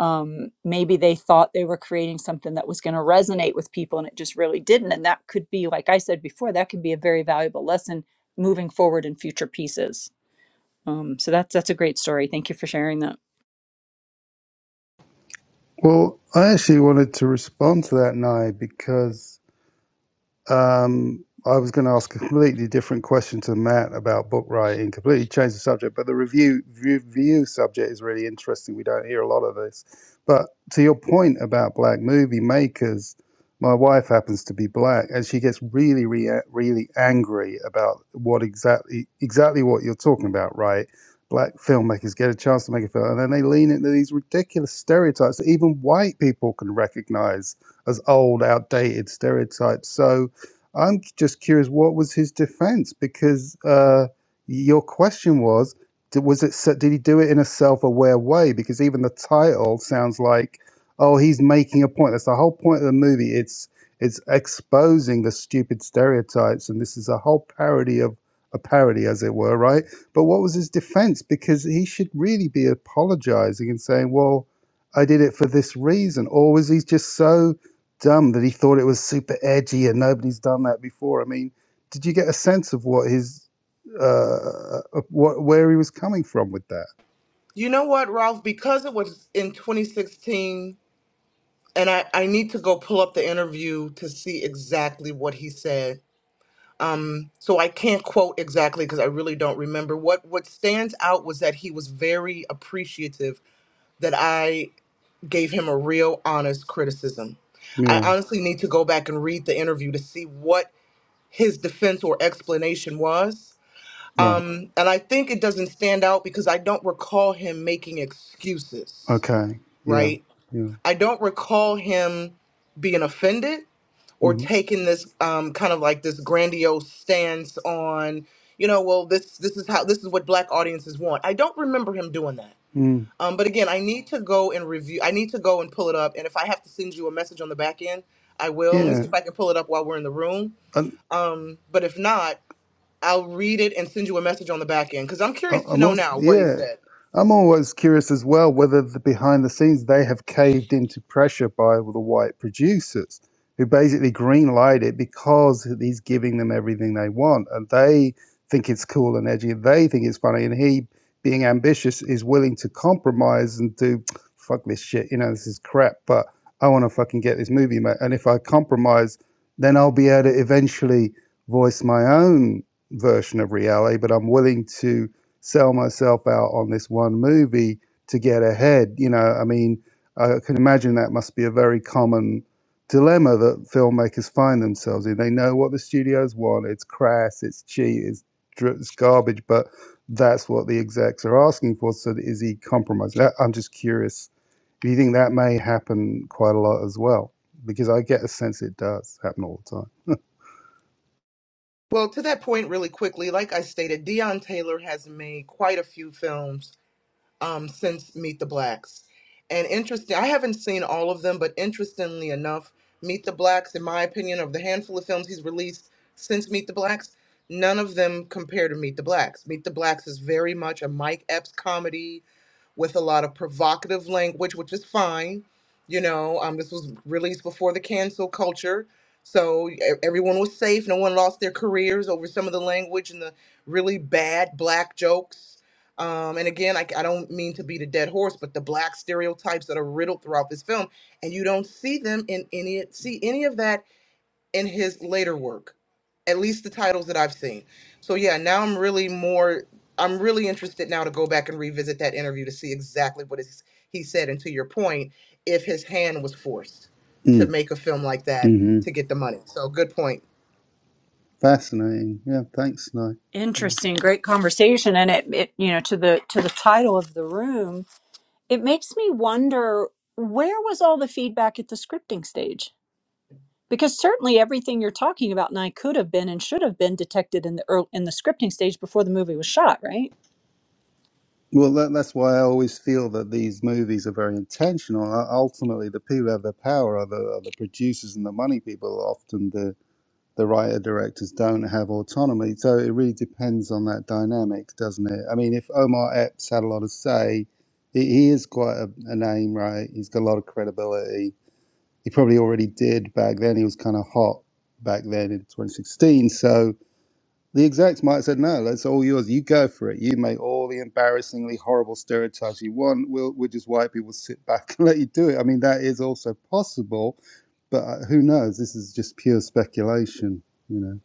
Speaker 1: Um, maybe they thought they were creating something that was going to resonate with people, and it just really didn't. And that could be, like I said before, that could be a very valuable lesson moving forward in future pieces. Um, so that's that's a great story. Thank you for sharing that.
Speaker 10: Well, I actually wanted to respond to that, Nye, because Um, I was going to ask a completely different question to Matt about book writing, completely change the subject, but the review, review subject is really interesting. We don't hear a lot of this. But to your point about black movie makers, my wife happens to be black and she gets really, rea- really angry about what exactly, exactly what you're talking about, right? Black filmmakers get a chance to make a film and then they lean into these ridiculous stereotypes that even white people can recognize as old, outdated stereotypes. So, I'm just curious, what was his defense? Because uh, your question was, was it did he do it in a self-aware way? Because even the title sounds like, oh, he's making a point. That's the whole point of the movie. It's it's exposing the stupid stereotypes, and this is a whole parody of a parody, as it were, right? But what was his defense? Because he should really be apologizing and saying, well, I did it for this reason, or was he just so? dumb that he thought it was super edgy and nobody's done that before. I mean, did you get a sense of what his uh, what where he was coming from with that?
Speaker 3: you know what ralph because it was in 2016 and I, I need to go pull up the interview to see exactly what he said um so i can't quote exactly because i really don't remember what what stands out was that he was very appreciative that i gave him a real honest criticism i
Speaker 10: Yeah.
Speaker 3: honestly need to go back and read the interview to see what his defense or explanation was
Speaker 10: Right.
Speaker 3: um and i think it doesn't stand out because i don't recall him making excuses
Speaker 10: Okay. Yeah.
Speaker 3: right
Speaker 10: Yeah.
Speaker 3: i don't recall him being offended or
Speaker 10: Mm-hmm.
Speaker 3: taking this um, kind of like this grandiose stance on, you know, well, this this is how this is what black audiences want. I don't remember him doing that.
Speaker 10: Mm.
Speaker 3: Um, but again, I need to go and review. I need to go and pull it up. And if I have to send you a message on the back end, I will. Let me
Speaker 10: Yeah.
Speaker 3: see if I can pull it up while we're in the room.
Speaker 10: And
Speaker 3: But if not, I'll read it and send you a message on the back end because I'm
Speaker 10: I-
Speaker 3: curious to
Speaker 10: I'm
Speaker 3: know
Speaker 10: also,
Speaker 3: now what he
Speaker 10: yeah,
Speaker 3: said.
Speaker 10: I'm always curious as well whether the behind the scenes they have caved into pressure by the white producers who basically green light it because he's giving them everything they want and they think it's cool and edgy and they think it's funny and he being ambitious is willing to compromise and do fuck this shit you know this is crap but I want to fucking get this movie made and if I compromise then I'll be able to eventually voice my own version of reality but I'm willing to sell myself out on this one movie to get ahead. You know, I mean, I can imagine that must be a very common dilemma that filmmakers find themselves in. They know what the studios want. It's crass, it's cheap, it's, dr- it's garbage, but that's what the execs are asking for. So is he compromised? That, I'm just curious. Do you think that may happen quite a lot as well? Because I get a sense it does happen all the time.
Speaker 3: Well, to that point, really quickly, like I stated, Dion Taylor has made quite a few films um, since Meet the Blacks. And interesting, I haven't seen all of them, but interestingly enough, Meet the Blacks, in my opinion, of the handful of films he's released since Meet the Blacks, none of them compare to Meet the Blacks. Meet the Blacks is very much a Mike Epps comedy with a lot of provocative language, which is fine. You know, um, this was released before the cancel culture. So e- everyone was safe. No one lost their careers over some of the language and the really bad black jokes. Um, and again, I, I don't mean to beat a dead horse, but the black stereotypes that are riddled throughout this film, and you don't see them in any see any of that in his later work at least the titles that i've seen so yeah now i'm really more i'm really interested now to go back and revisit that interview to see exactly what is, he said and to your point if his hand was forced to
Speaker 10: Mm,
Speaker 3: make a film like that
Speaker 10: hmm
Speaker 3: to get the money so good point
Speaker 10: Fascinating. Yeah, thanks, Nye.
Speaker 1: Interesting, great conversation. And it, it you know to the to the title of the room, it makes me wonder where was all the feedback at the scripting stage? Because certainly everything you're talking about and I could have been and should have been detected in the early, in the scripting stage before the movie was shot, right?
Speaker 10: Well, that, that's why I always feel that these movies are very intentional. U- Ultimately, the people who have the power are the, are the producers and the money people. Often, the the writer directors don't have autonomy, so it really depends on that dynamic, doesn't it? I mean, if Omar Epps had a lot of say, he, he is quite a, a name, right? He's got a lot of credibility. He probably already did back then. He was kind of hot back then in 2016, so the execs might have said, no, that's all yours. You go for it. You make all the embarrassingly horrible stereotypes you want. We'll, we'll just white people sit back and let you do it. I mean, that is also possible, but uh, who knows? This is just pure speculation, you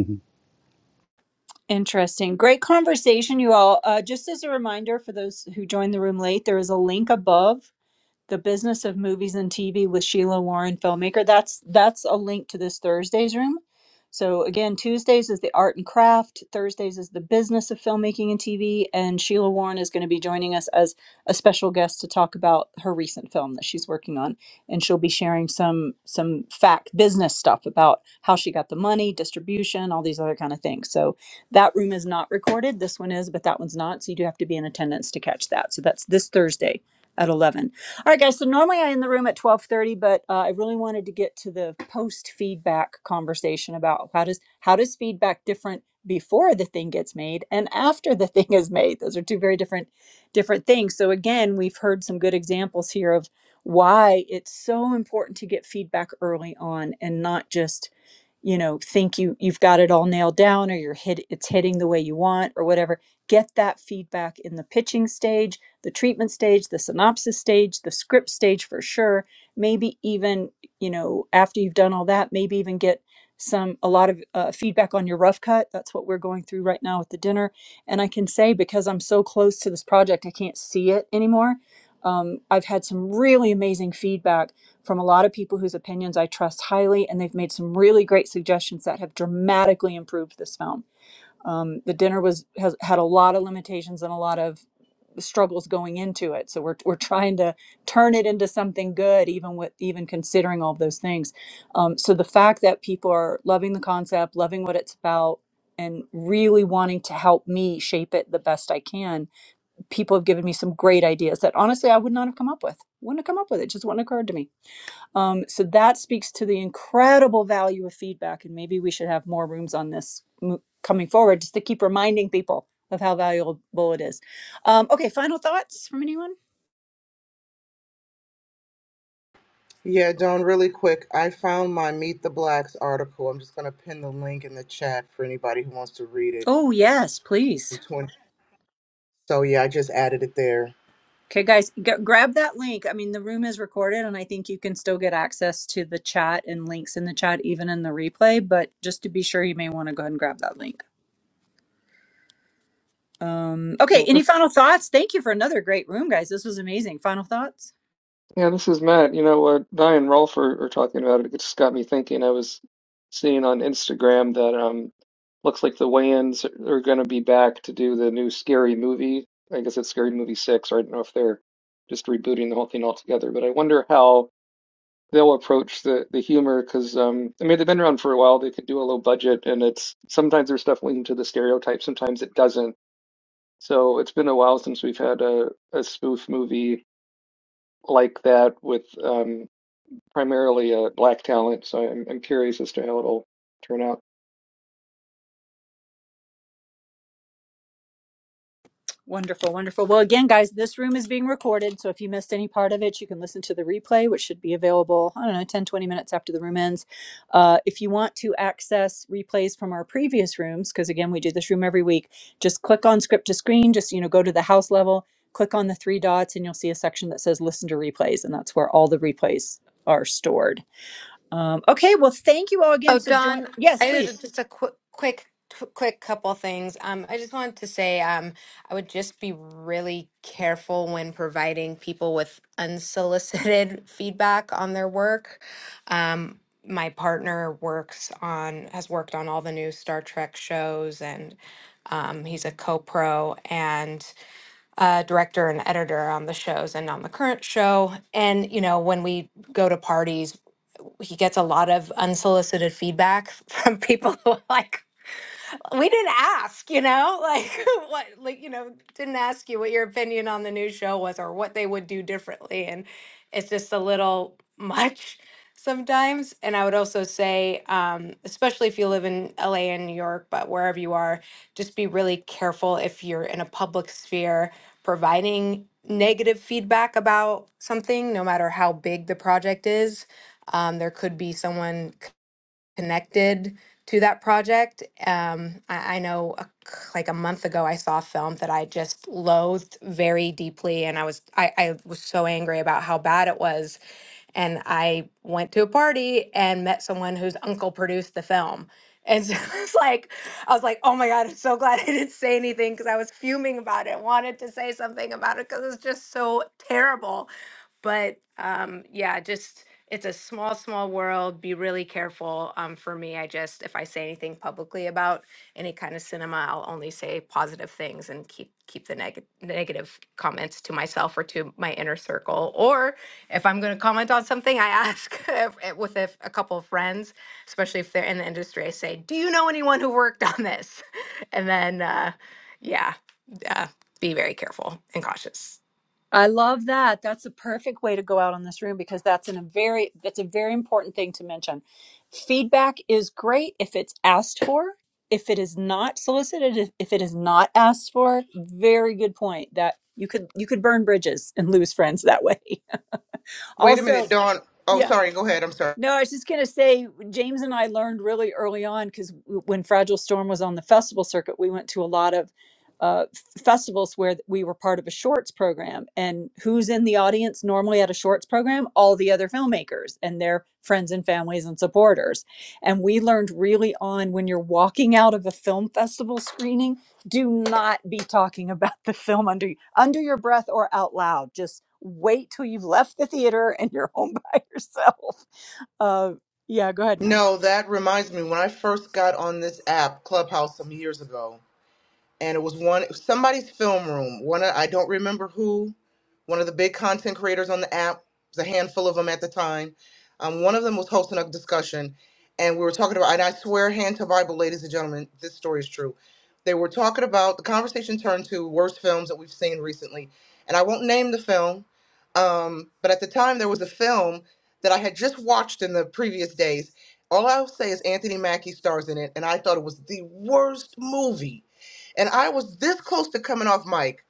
Speaker 10: know.
Speaker 1: Interesting. Great conversation, you all. Uh, just as a reminder for those who joined the room late, there is a link above The Business of Movies and TV with Sheila Warren, filmmaker. That's that's a link to this Thursday's room. So again, Tuesdays is the art and craft, Thursdays is the business of filmmaking and TV, and Sheila Warren is going to be joining us as a special guest to talk about her recent film that she's working on, and she'll be sharing some some fact business stuff about how she got the money, distribution, all these other kind of things. So that room is not recorded. This one is, but that one's not. So you do have to be in attendance to catch that. So that's this Thursday at 11. All right, guys. So normally I end the room at twelve thirty, but uh, I really wanted to get to the post feedback conversation about how does how does feedback different before the thing gets made and after the thing is made. Those are two very different different things. So again, we've heard some good examples here of why it's so important to get feedback early on and not just you know think you you've got it all nailed down or you're hit it's hitting the way you want or whatever get that feedback in the pitching stage the treatment stage, the synopsis stage, the script stage for sure. Maybe even, you know, after you've done all that, maybe even get some a lot of uh, feedback on your rough cut. That's what we're going through right now with the dinner. And I can say because I'm so close to this project, I can't see it anymore. Um, I've had some really amazing feedback from a lot of people whose opinions I trust highly, and they've made some really great suggestions that have dramatically improved this film. Um, the dinner was has had a lot of limitations and a lot of struggles going into it. So we're we're trying to turn it into something good, even with even considering all of those things. Um, so the fact that people are loving the concept, loving what it's about, and really wanting to help me shape it the best I can, people have given me some great ideas that honestly I would not have come up with. Wouldn't have come up with it. Just wouldn't have occurred to me. Um, so that speaks to the incredible value of feedback, and maybe we should have more rooms on this mo- coming forward, just to keep reminding people of how valuable it is. Um, okay, final thoughts from anyone?
Speaker 3: yeah don really quick i found my meet the blacks article i'm just going to pin the link in the chat for anybody who wants to read it
Speaker 1: Oh yes,
Speaker 3: From
Speaker 1: please.
Speaker 3: 20 so yeah i just added it there
Speaker 1: Okay, guys, g- grab that link. I mean, the room is recorded, and I think you can still get access to the chat and links in the chat, even in the replay. But just to be sure, you may want to go ahead and grab that link. Um, okay,
Speaker 12: Well,
Speaker 1: any
Speaker 12: this
Speaker 1: final thoughts? Thank you for another great room, guys. This was amazing. Final thoughts?
Speaker 12: Yeah, this is Matt. You know what Vi and Rolf are, are talking about it. It just got me thinking. I was seeing on Instagram that um looks like the Wayans are going to be back to do the new Scary Movie. I guess it's Scary Movie Six, or I don't know if they're just rebooting the whole thing altogether. But I wonder how they'll approach the the humor because um I mean they've been around for a while. They could do a low budget, and it's sometimes their stuff leans to the stereotype, sometimes it doesn't. So it's been a while since we've had a a spoof movie like that with um primarily uh, black talent, so I'm, I'm curious as to how it'll turn out.
Speaker 1: Wonderful, wonderful. Well, again, guys, this room is being recorded. So if you missed any part of it, you can listen to the replay, which should be available, I don't know, 10, 20 minutes after the room ends. Uh, if you want to access replays from our previous rooms, because again, we do this room every week, just click on script to screen, just, you know, go to the house level, click on the three dots, and you'll see a section that says listen to replays. And that's where all the replays are stored. Um, okay, well, thank you all again.
Speaker 13: Oh,
Speaker 1: So join.
Speaker 13: Don,
Speaker 1: Yes,
Speaker 13: I did
Speaker 1: please.
Speaker 13: a- just a quick, quick, qu- quick couple things. Um, I just wanted to say, um, I would just be really careful when providing people with unsolicited feedback on their work. Um, my partner works on, has worked on all the new Star Trek shows, and um, he's a co-pro and uh, director and editor on the shows and on the current show. And you know, when we go to parties, he gets a lot of unsolicited feedback from people who are like we didn't ask, you know, like what, like, you know, didn't ask you what your opinion on the new show was or what they would do differently. And it's just a little much sometimes. And I would also say, um, especially if you live in LA and New York, but wherever you are, just be really careful if you're in a public sphere providing negative feedback about something, no matter how big the project is. Um, there could be someone connected to that project. Um, I, I know a, c- like a month ago, I saw a film that I just loathed very deeply, and I was I, I was so angry about how bad it was. And I went to a party and met someone whose uncle produced the film. And so it's like, I was like, oh my God, I'm so glad I didn't say anything because I was fuming about it, wanted to say something about it because it's just so terrible. But um, yeah, just it's a small, small world. Be really careful. Um, for me, I just if I say anything publicly about any kind of cinema, I'll only say positive things and keep keep the neg- negative comments to myself or to my inner circle. Or if I'm going to comment on something, I ask if, if- with a, a couple of friends, especially if they're in the industry. I say, "Do you know anyone who worked on this?" And then, uh, yeah, uh, be very careful and cautious.
Speaker 1: I love that. That's a perfect way to go out on this room because that's an, a very that's a very important thing to mention. Feedback is great if it's asked for. If it is not solicited, if if it is not asked for, very good point. That you could you could burn bridges and lose friends that way.
Speaker 3: wait a
Speaker 1: Also,
Speaker 3: minute dawn oh
Speaker 1: yeah.
Speaker 3: sorry go ahead i'm sorry
Speaker 1: No, I was just going to say, James and I learned really early on because when Fragile Storm was on the festival circuit, we went to a lot of uh, f- festivals where we were part of a shorts program. And who's in the audience normally at a shorts program? All the other filmmakers and their friends and families and supporters. And we learned really on when you're walking out of a film festival screening, do not be talking about the film under under your breath or out loud. Just wait till you've left the theater and you're home by yourself. Uh, yeah, go ahead, Nye.
Speaker 3: No, that reminds me. When I first got on this app, Clubhouse, some years ago, and it was one somebody's film room. One of, I don't remember who, one of the big content creators on the app. There's a handful of them at the time. Um, one of them was hosting a discussion, and we were talking about. And I swear, hand to Bible, ladies and gentlemen, this story is true. They were talking about the conversation turned to worst films that we've seen recently, and I won't name the film, um, but at the time there was a film that I had just watched in the previous days. All I'll say is Anthony Mackie stars in it, and I thought it was the worst movie and I was this close to coming off mic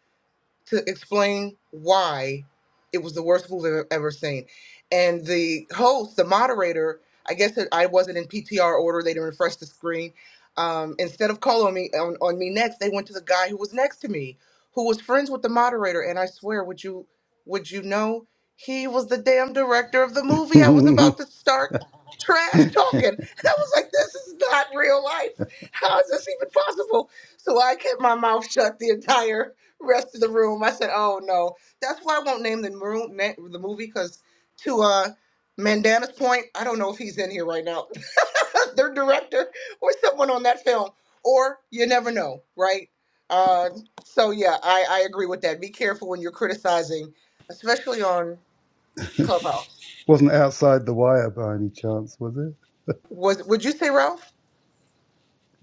Speaker 3: to explain why it was the worst movie I've ever seen. And the host, the moderator, I guess that I wasn't in PTR order. They didn't refresh the screen. Um, instead of calling me on, on me next, they went to the guy who was next to me, who was friends with the moderator. And I swear, would you would you know he was the damn director of the movie? I was about to start trash talking, and I was like, "This is not real life. How is this even possible?" So I kept my mouth shut the entire rest of the room. I said, "Oh no." That's why I won't name the room, na- the movie, because to uh, Mandana's point, I don't know if he's in here right now, their director or someone on that film, or you never know, right? Uh, so yeah, I I agree with that. Be careful when you're criticizing, especially on Clubhouse.
Speaker 10: wasn't outside the wire by any chance, was it?
Speaker 3: Was would you say Ralph?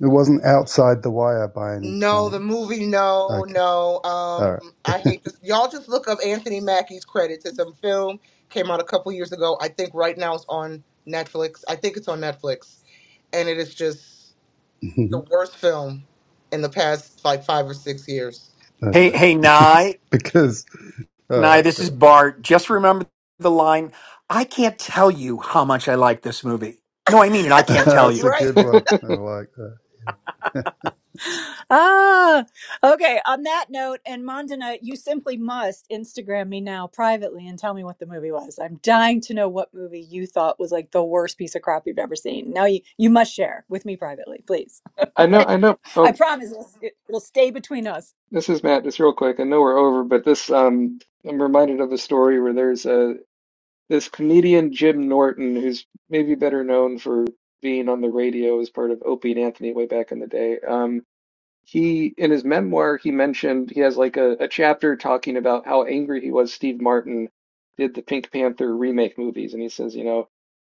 Speaker 10: It wasn't outside the wire by any
Speaker 3: No, the
Speaker 10: chance.
Speaker 3: movie, no,
Speaker 10: Okay.
Speaker 3: no. Um,
Speaker 10: All
Speaker 3: I hate this. Y'all just look up Anthony Mackie's credits. It's a film came out a couple years ago. I think right now it's on Netflix. I think it's on Netflix, and it is just
Speaker 10: right.
Speaker 3: the worst film in the past like five or six years.
Speaker 4: Hey, hey,
Speaker 10: okay.
Speaker 4: Nye,
Speaker 10: Because, all
Speaker 4: Nye,
Speaker 10: right,
Speaker 4: this is
Speaker 10: cool.
Speaker 4: Bart. Just remember the line. I can't tell you how much I like this movie. No, I mean it. I can't tell
Speaker 10: that's
Speaker 4: you.
Speaker 10: a
Speaker 3: right?
Speaker 10: good one. I like
Speaker 1: Ah, okay. On that note, and Mandana, you simply must Instagram me now privately and tell me what the movie was. I'm dying to know what movie you thought was like the worst piece of crap you've ever seen. Now you you must share with me privately, please.
Speaker 12: I know, I know.
Speaker 1: I
Speaker 12: Oh,
Speaker 1: promise it'll, it- will it will stay between us.
Speaker 12: this is Matt. Just real quick. I know we're over, but this um, I'm reminded of a story where there's a this comedian Jim Norton, who's maybe better known for being on the radio as part of Opie and Anthony way back in the day. Um, he in his memoir he mentioned he has like a, a chapter talking about how angry he was Steve Martin did the Pink Panther remake movies, and he says, you know.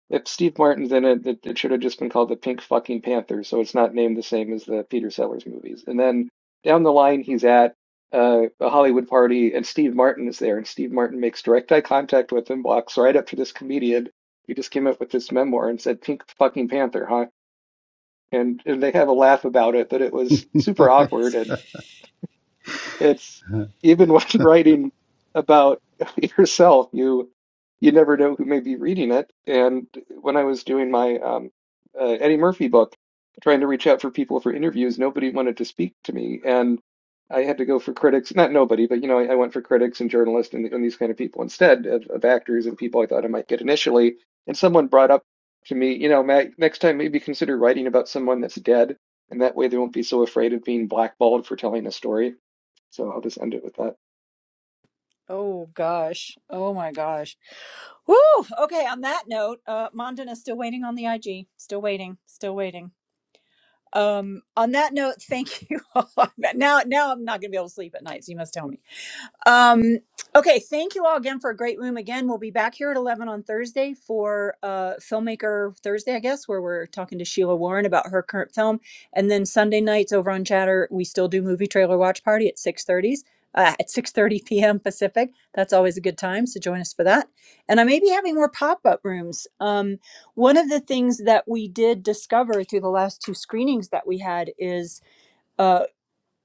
Speaker 12: If Steve Martin's in it, it, it should have just been called the Pink Fucking Panther, so it's not named the same as the Peter Sellers movies. And then down the line, he's at uh, a Hollywood party, and Steve Martin is there, and Steve Martin makes direct eye contact with him, walks right up to this comedian who just came up with this memoir and said, "Pink Fucking Panther, huh?" And and they have a laugh about it that it was super
Speaker 10: that.
Speaker 12: awkward, and it's even when writing about yourself, you you never know who may be reading it. And when I was doing my um, uh, Eddie Murphy book, trying to reach out for people for interviews, nobody wanted to speak to me, and I had to go for critics. Not nobody, but you know, I, I went for critics and journalists and, and these kind of people instead of, of actors and people I thought I might get initially. And someone brought up to me, you know, Matt, next time maybe consider writing about someone that's dead, and that way they won't be so afraid of being blackballed for telling a story. So I'll just end it with that.
Speaker 1: Oh gosh. Oh my gosh. Woo. Okay. On that note, uh, Mandana still waiting on the IG. Still waiting. Still waiting. Um, on that note, thank you all. now, now I'm not going to be able to sleep at night, so you must tell me. Um, okay, thank you all again for a great room. Again, we'll be back here at 11 on Thursday for uh, Filmmaker Thursday, I guess, where we're talking to Sheila Warren about her current film. And then Sunday nights over on Chatter, we still do movie trailer watch party at six thirty Uh, at 6.30 p.m. Pacific. That's always a good time, so join us for that. And I may be having more pop-up rooms. Um, one of the things that we did discover through the last two screenings that we had is uh,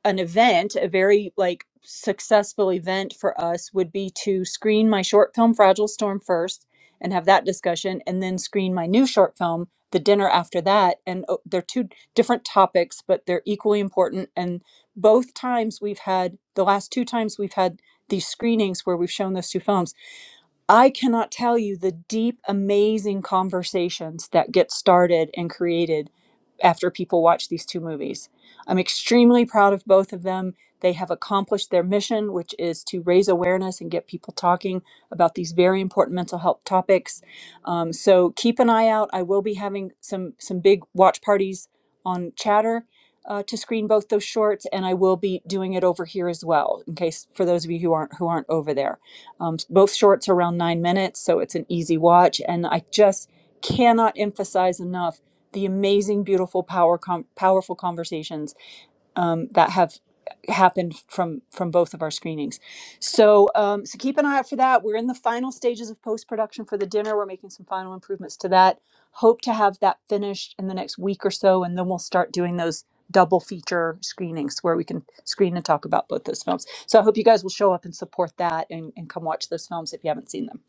Speaker 1: an event, a very like successful event for us would be to screen my short film Fragile Storm first and have that discussion and then screen my new short film the dinner after that and uh, they're two different topics but they're equally important and both times we've had the last two times we've had these screenings where we've shown those two films I cannot tell you the deep, amazing conversations that get started and created after people watch these two movies. I'm extremely proud of both of them. They have accomplished their mission, which is to raise awareness and get people talking about these very important mental health topics. Um, so keep an eye out. I will be having some some big watch parties on Chatter uh, to screen both those shorts, and I will be doing it over here as well. In case for those of you who aren't who aren't over there. Um, both shorts are around nine minutes, so it's an easy watch. And I just cannot emphasize enough the amazing, beautiful, power com- powerful conversations um, that have happened from from both of our screenings. So um, so keep an eye out for that. We're in the final stages of post production for the dinner. We're making some final improvements to that. Hope to have that finished in the next week or so, and then we'll start doing those double feature screenings where we can screen and talk about both those films. So I hope you guys will show up and support that and, and come watch those films if you haven't seen them.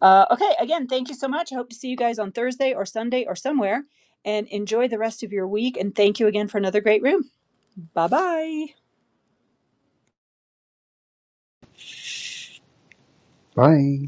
Speaker 1: Uh, okay, again, thank you so much. I hope to see you guys on Thursday or Sunday or somewhere and enjoy the rest of your week. And thank you again for another great room. Bye bye.
Speaker 10: Bye.